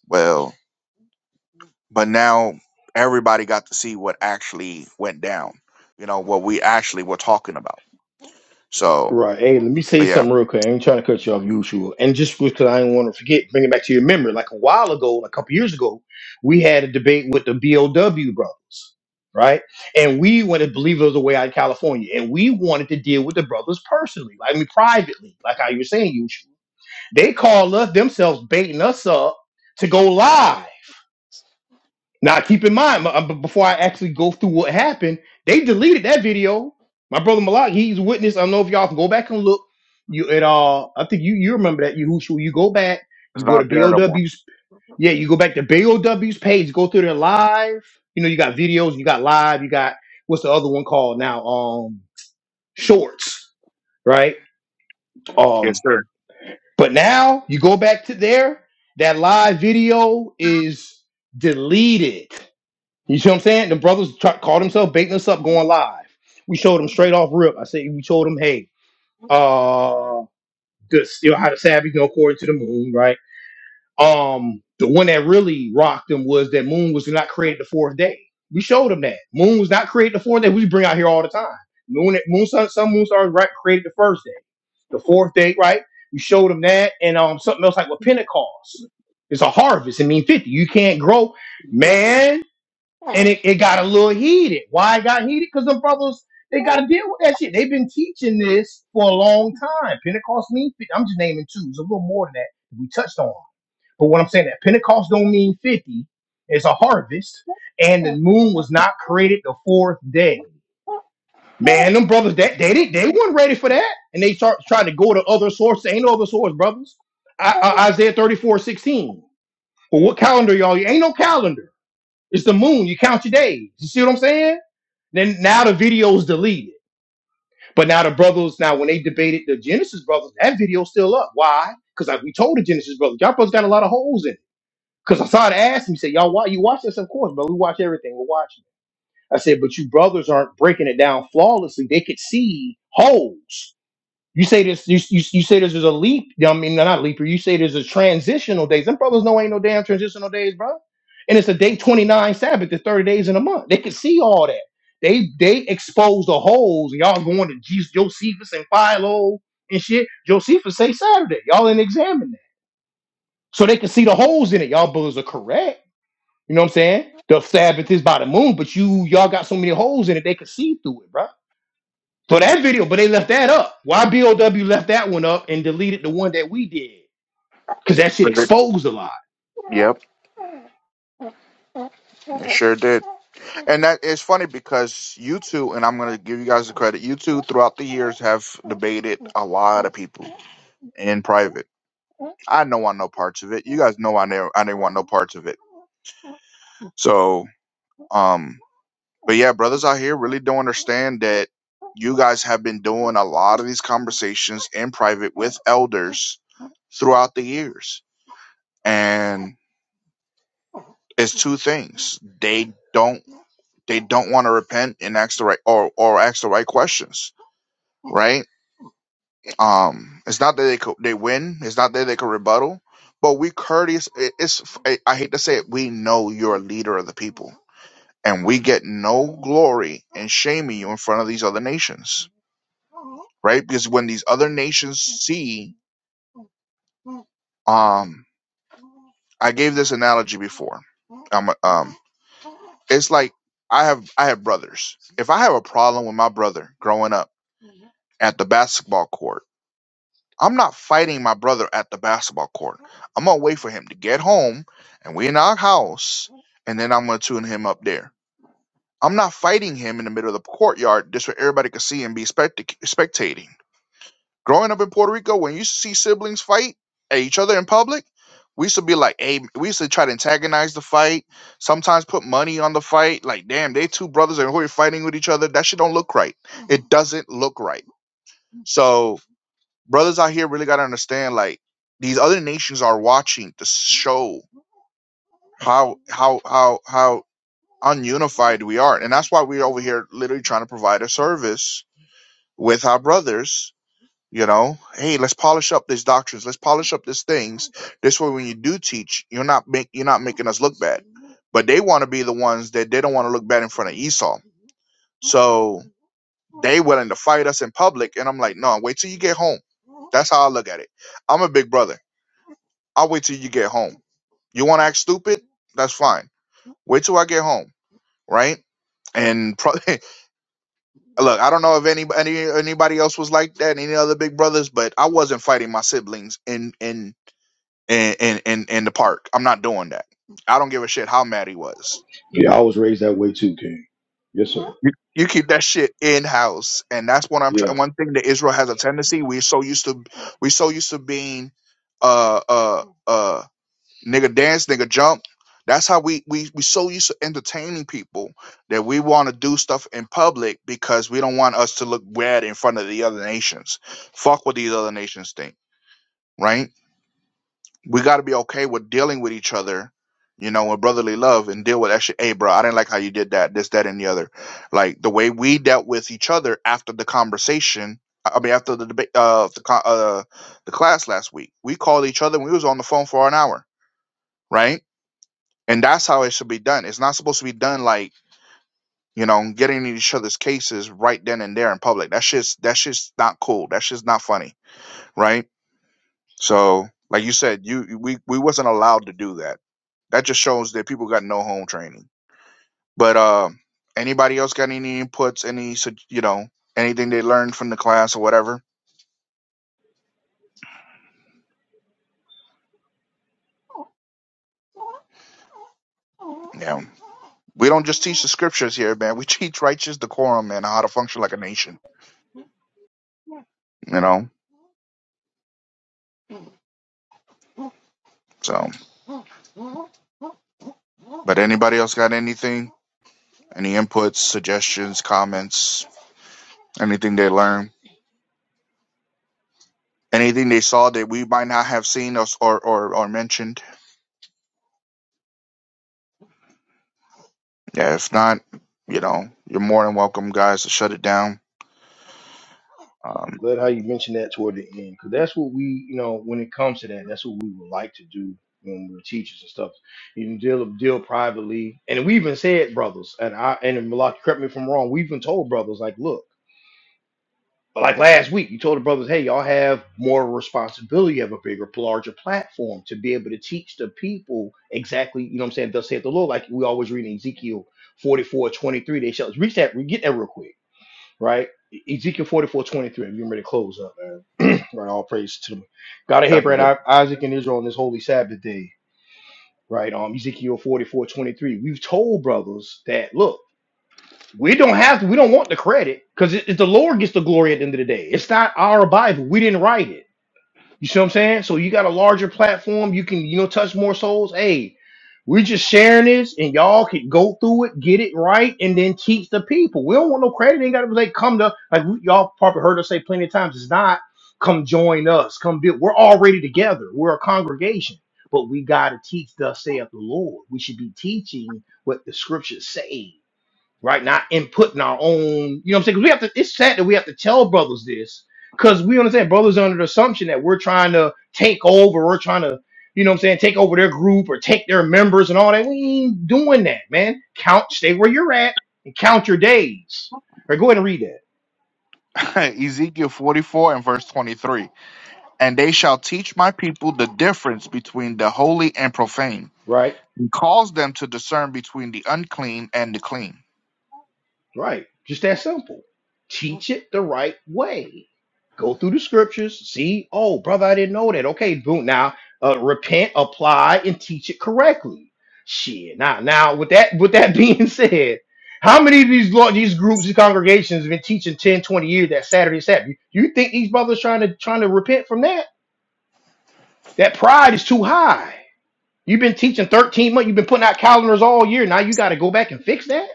Speaker 2: Well. but now everybody got to see what actually went down. You know what we actually were talking about. So,
Speaker 1: Right. Hey, let me say
Speaker 2: but yeah,
Speaker 1: something real quick. I ain't trying to cut you off, usual. And just because I didn't want to forget, bring it back to your memory. Like a while ago, like a couple years ago, we had a debate with the BOW brothers, right? And we wanted, believers away out in California, and we wanted to deal with the brothers personally, like I mean, privately, like how you were saying, usual. They called us themselves, baiting us up to go live. Now, keep in mind, uh, b- before I actually go through what happened, they deleted that video. My brother Malak, he's witness. I don't know if y'all can go back and look. You at all? I think you you remember that Yahushua. You go back.
Speaker 2: it's
Speaker 1: You go to
Speaker 2: not there no more.
Speaker 1: BOW's. Yeah, you go back to BOW's page. Go through their live. You know, you got videos. You got live. You got what's the other one called now? Um, shorts, right? Um,
Speaker 2: Yes, sir.
Speaker 1: but now you go back to there. That live video is deleted you see what I'm saying? The brothers try, called themselves baiting us up going live. We showed them straight off rip. I said we showed them, hey, uh, this you know how the Sabbath go according to the moon, right? Um, the one that really rocked them was that moon was not created the fourth day. We showed them that moon was not created the fourth day. We bring out here all the time. Moon, moon, sun, some moon stars right created the first day, the fourth day, right? We showed them that, and um, something else like with Pentecost, it's a harvest. It means fifty. You can't grow, man and it, it got a little heated. Why it got heated? Because the brothers they got to deal with that shit. They've been teaching this for a long time. Pentecost means 50. I'm just naming two. It's a little more than that. We touched on, but what I'm saying that Pentecost don't mean fifty. It's a harvest, and the moon was not created the fourth day. Man, them brothers that they did they weren't ready for that, and they start trying to go to other sources. Ain't no other source, brothers. I, I, Isaiah 34 16. Well, what calendar y'all? Ain't no calendar. It's the moon. You count your days. You see what I'm saying? Then now the video's deleted. But now the brothers, now when they debated the Genesis brothers, that video's still up. Why? Because like we told the Genesis brothers, y'all brothers got a lot of holes in it. Because I saw it asked me, said, Y'all why you watch this? Of course, but we watch everything. We're watching it. I said, but you brothers aren't breaking it down flawlessly. They could see holes. You say this. You, you, you say this is a leap. I mean, No, not leap year. You say this is transitional days. Them brothers know ain't no damn transitional days, bro. And it's a day twenty nine Sabbath. There's thirty days in a month. They could see all that. They they expose the holes. Y'all going to Jesus, Josephus and Philo and shit. Josephus say Saturday. Y'all didn't examine that, so they could see the holes in it. Y'all brothers are correct. You know what I'm saying? The Sabbath is by the moon, but you y'all got so many holes in it. They could see through it, bro. So that video, but they left that up. Why BOW left that one up and deleted the one that we did? Because that shit
Speaker 2: Was it-
Speaker 1: exposed a lot.
Speaker 2: Yep, it sure did. And that is funny because you two, and I'm gonna give you guys the credit. You two, throughout the years, have debated a lot of people in private. I know I know parts of it. You guys know I never I didn't want no parts of it. So, um, But yeah, brothers out here really don't understand that you guys have been doing a lot of these conversations in private with elders throughout the years. And it's two things. They don't they don't want to repent and ask the right or or ask the right questions, right? Um it's not that they could they win, it's not that they could rebuttal, but we courteous it- it's I I hate to say it, we know you're a leader of the people. And we get no glory in shaming you in front of these other nations right? Because when these other nations see, um, I gave this analogy before. Um, um, it's like I have I have brothers. If I have a problem with my brother growing up at the basketball court, I'm not fighting my brother at the basketball court. I'm gonna wait for him to get home, and we in our house, and then I'm gonna tune him up there. I'm not fighting him in the middle of the courtyard just where everybody can see and be spectac- spectating growing up in Puerto Rico, when you see siblings fight at each other in public, we used to be like, hey, we used to try to antagonize the fight, sometimes put money on the fight. Like, damn, they two brothers and who are fighting with each other. That shit don't look right. It does doesn't look right. So brothers out here really gotta understand, like, these other nations are watching to show how how how how ununified we are. And that's why we're over here literally trying to provide a service with our brothers You know, hey, let's polish up these doctrines. Let's polish up these things. This way, when you do teach, you're not make, you're not making us look bad. But they want to be the ones that they don't want to look bad in front of Esau. So they willing to fight us in public, and I'm like, no, wait till you get home. That's how I look at it. I'm a big brother. I'll wait till you get home. You want to act stupid? That's fine. Wait till I get home, right? And probably (laughs) Look, I don't know if any, any anybody else was like that, any other big brothers, but I wasn't fighting my siblings in in in in in, in the park. I'm not doing that. I don't give a shit how mad he was.
Speaker 1: Yeah, I was raised that way too, King. Yes, sir.
Speaker 2: You, you keep that shit in house, and that's what I'm
Speaker 1: Yeah.
Speaker 2: trying. One thing that Israel has a tendency we so used to we so used to being uh uh uh nigga dance, nigga jump. That's how we we we so used to entertaining people that we want to do stuff in public because we don't want us to look bad in front of the other nations. Fuck what these other nations think, right? We got to be okay with dealing with each other, you know, with brotherly love and deal with that shit. Hey, bro, I didn't like how you did that, this, that, and the other. Like the way we dealt with each other after the conversation. I I mean, after the debate, uh, the co- uh, the class last week, we called each other. and We was on the phone for an hour, right? And that's how it should be done. It's not supposed to be done like, you know, getting in each other's cases right then and there in public. That's just that's just not cool. That's just not funny, right? So, like you said, you you- we we wasn't allowed to do that. That just shows that people got no home training. But um anybody else got any inputs, any sug- you know, anything they learned from the class or whatever? Yeah. We don't just teach the scriptures here, man. We (laughs) teach righteous decorum and how to function like a nation, you know? So, but anybody else got anything? Any inputs, suggestions, comments, anything they learned, anything they saw that we might not have seen or, or, or mentioned. Yeah, if not, you know, you're more than welcome, guys, to shut it down. Um,
Speaker 1: Glad how you mentioned that toward the end, because that's what we, you know, when it comes to that, that's what we would like to do when we're teachers and stuff. You can deal deal privately, and we even said brothers, and I and Malak, correct me if I'm wrong. We even told brothers like, look. But like last week, you told the brothers, hey, y'all have more responsibility, you have a bigger, larger platform to be able to teach the people exactly, you know what I'm saying, thus saith the Lord. Like we always read in Ezekiel 44:23." they shall reach that, we get that real quick, right? E- Ezekiel 44:23. 23, and we're ready to close up, man. (clears throat) right, all praise to them. God of
Speaker 2: that's a good
Speaker 1: Abraham, I- Isaac, and Israel on this holy Sabbath day, right? Um, Ezekiel 44:23. We've told brothers that, look, we don't have to. We don't want the credit because it, it- the Lord gets the glory at the end of the day. It's not our Bible. We didn't write it. You see what I'm saying? So you got a larger platform. You can you know touch more souls. Hey, we're just sharing this, and y'all can go through it, get it right, and then teach the people. We don't want no credit. Ain't got to be like come to like we- y'all probably heard us say plenty of times. It's not come join us. Come build. We're already together. We're a congregation. But we got to teach, thus saith the Lord. We should be teaching what the scriptures say right? Not inputting our own, you know what I'm saying? Because we have to, it's sad that we have to tell brothers this because we understand brothers are under the assumption that we're trying to take over, we're trying to, you know what I'm saying, take over their group or take their members and all that. We ain't doing that, man. Count, stay where you're at and count your days. All right, go ahead and read that,
Speaker 2: (laughs) Ezekiel 44 and verse 23. And they shall teach my people the difference between the holy and profane,
Speaker 1: right?
Speaker 2: and cause them to discern between the unclean and the clean.
Speaker 1: Right. Just that simple. Teach it the right way. Go through the scriptures. See, oh, brother, I didn't know that. Okay, boom. Now, uh, repent, apply, and teach it correctly. Shit. Now, now, with that, with that (laughs) being said, how many of these law, these groups, these congregations have been teaching 10, 20 years that Saturday Sabbath? You think these brothers trying to trying to repent from that? That pride is too high. You've been teaching 13 months. You've been putting out calendars all year. Now you got to go back and fix that.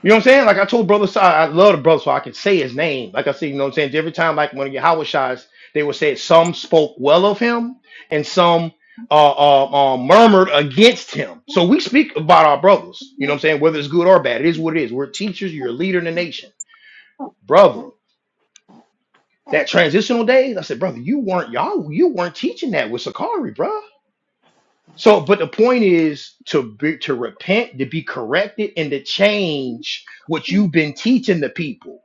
Speaker 1: You know what I'm saying? Like I told Brother Sai, I love the brother, so I can say his name. Like I said, you know what I'm saying? Every time, like when I get Howard shots, they would say some spoke well of him and some uh, uh, uh, murmured against him. So we speak about our brothers. You know what I'm saying? Whether it's good or bad, it is what it is. We're teachers. You're a leader in the nation, brother. That transitional days, I said, brother, you weren't y'all, you weren't teaching that with Sakari, bruh. So, but the point is to be, to repent, to be corrected, and to change what you've been teaching the people.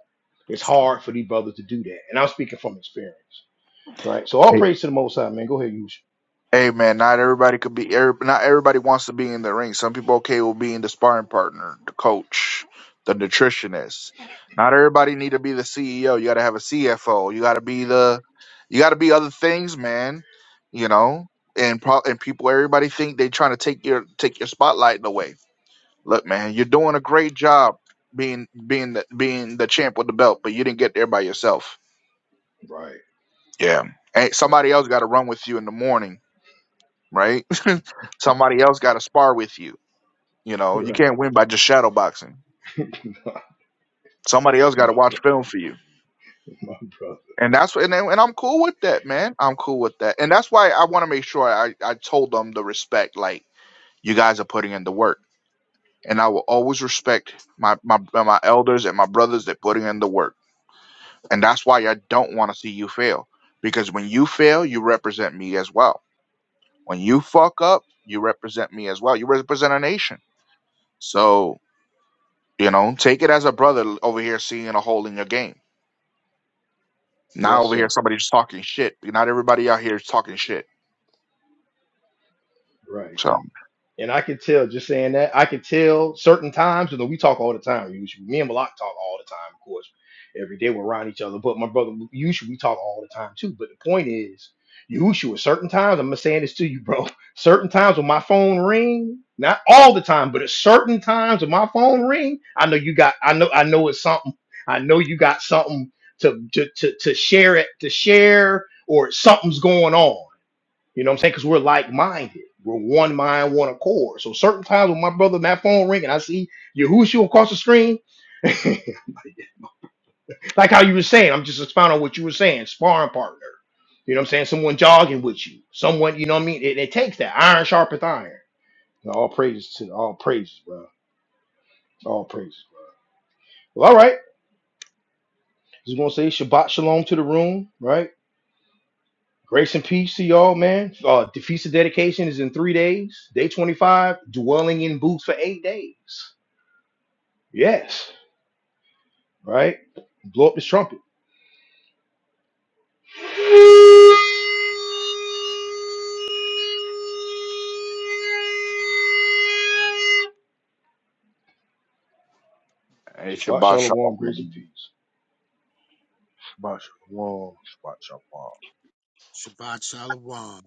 Speaker 1: It's hard for these brothers to do that, and I'm speaking from experience, right? So, all
Speaker 2: A-
Speaker 1: praise to the Most High, man. Go ahead, use.
Speaker 2: Amen. Not everybody could be. every- Not everybody wants to be in the ring. Some people okay with being the sparring partner, the coach, the nutritionist. Not everybody need to be the CEO. You got to have a CFO. You got to be the. You got to be other things, man. You know, and pro- and people, everybody think they trying to take your take your spotlight away Look, man, you're doing a great job being being the, being the champ with the belt, but you didn't get there by yourself.
Speaker 1: Right,
Speaker 2: Yeah, and
Speaker 1: right,
Speaker 2: somebody else got to run with you in the morning, right? (laughs) somebody else got to spar with you. You
Speaker 1: (laughs)
Speaker 2: know, you
Speaker 1: right,
Speaker 2: can't win by just shadow boxing. Somebody else got to
Speaker 1: bro-
Speaker 2: watch film for you,
Speaker 1: my brother.
Speaker 2: and that's and and I'm cool with that, man. I'm cool with that, and that's why I want to make sure I I told them the respect, like you guys are putting in the work, and I will always respect my my my elders and my brothers that putting in the work And that's why I don't want to see you fail. Because when you fail, you represent me as well. When you fuck up, you represent me as well. You represent a nation. So, you know, take it as a brother over here seeing a hole in your game. Not
Speaker 1: Yes,
Speaker 2: over
Speaker 1: sir.
Speaker 2: here somebody's talking shit. Not everybody out here is talking shit.
Speaker 1: Right,
Speaker 2: So,
Speaker 1: King. And I could tell just saying that, I could tell certain times, although we talk all the time, usually. Me and Malak talk all the time, of course. Every day we're around each other. But my brother, usually we talk all the time too. But the point is, Yahushua, certain times, I'm saying this to you, bro. (laughs) Certain times when my phone ring, not all the time, but at certain times when my phone ring, I know you got, I know, I know it's something. I know you got something to to to, to share it, to share, or something's going on. You know what I'm saying? Because we're like minded. We're one mind, one accord. So certain times when my brother, that phone ring and I see Yahushua across the screen, (laughs) like how you were saying, I'm just expounding on what you were saying, sparring partner. You know what I'm saying? Someone jogging with you. Someone, you know what I mean? It, it takes that. Iron sharpeth iron. All praises to all praises, bro. All praises. Well, all right. Just gonna say Shabbat Shalom to the room, right? Grace and peace to y'all, man. Uh, the feast of dedication is in three days. Day 25, dwelling in booths for eight days. Yes, right? Blow up the trumpet.
Speaker 2: hey,
Speaker 1: Shabbat
Speaker 2: Shabbat
Speaker 1: shalom, grace and
Speaker 2: Shalom.
Speaker 1: peace.
Speaker 3: Shabbat shalom, Shabbat shalom.
Speaker 4: Shabbat Shalom.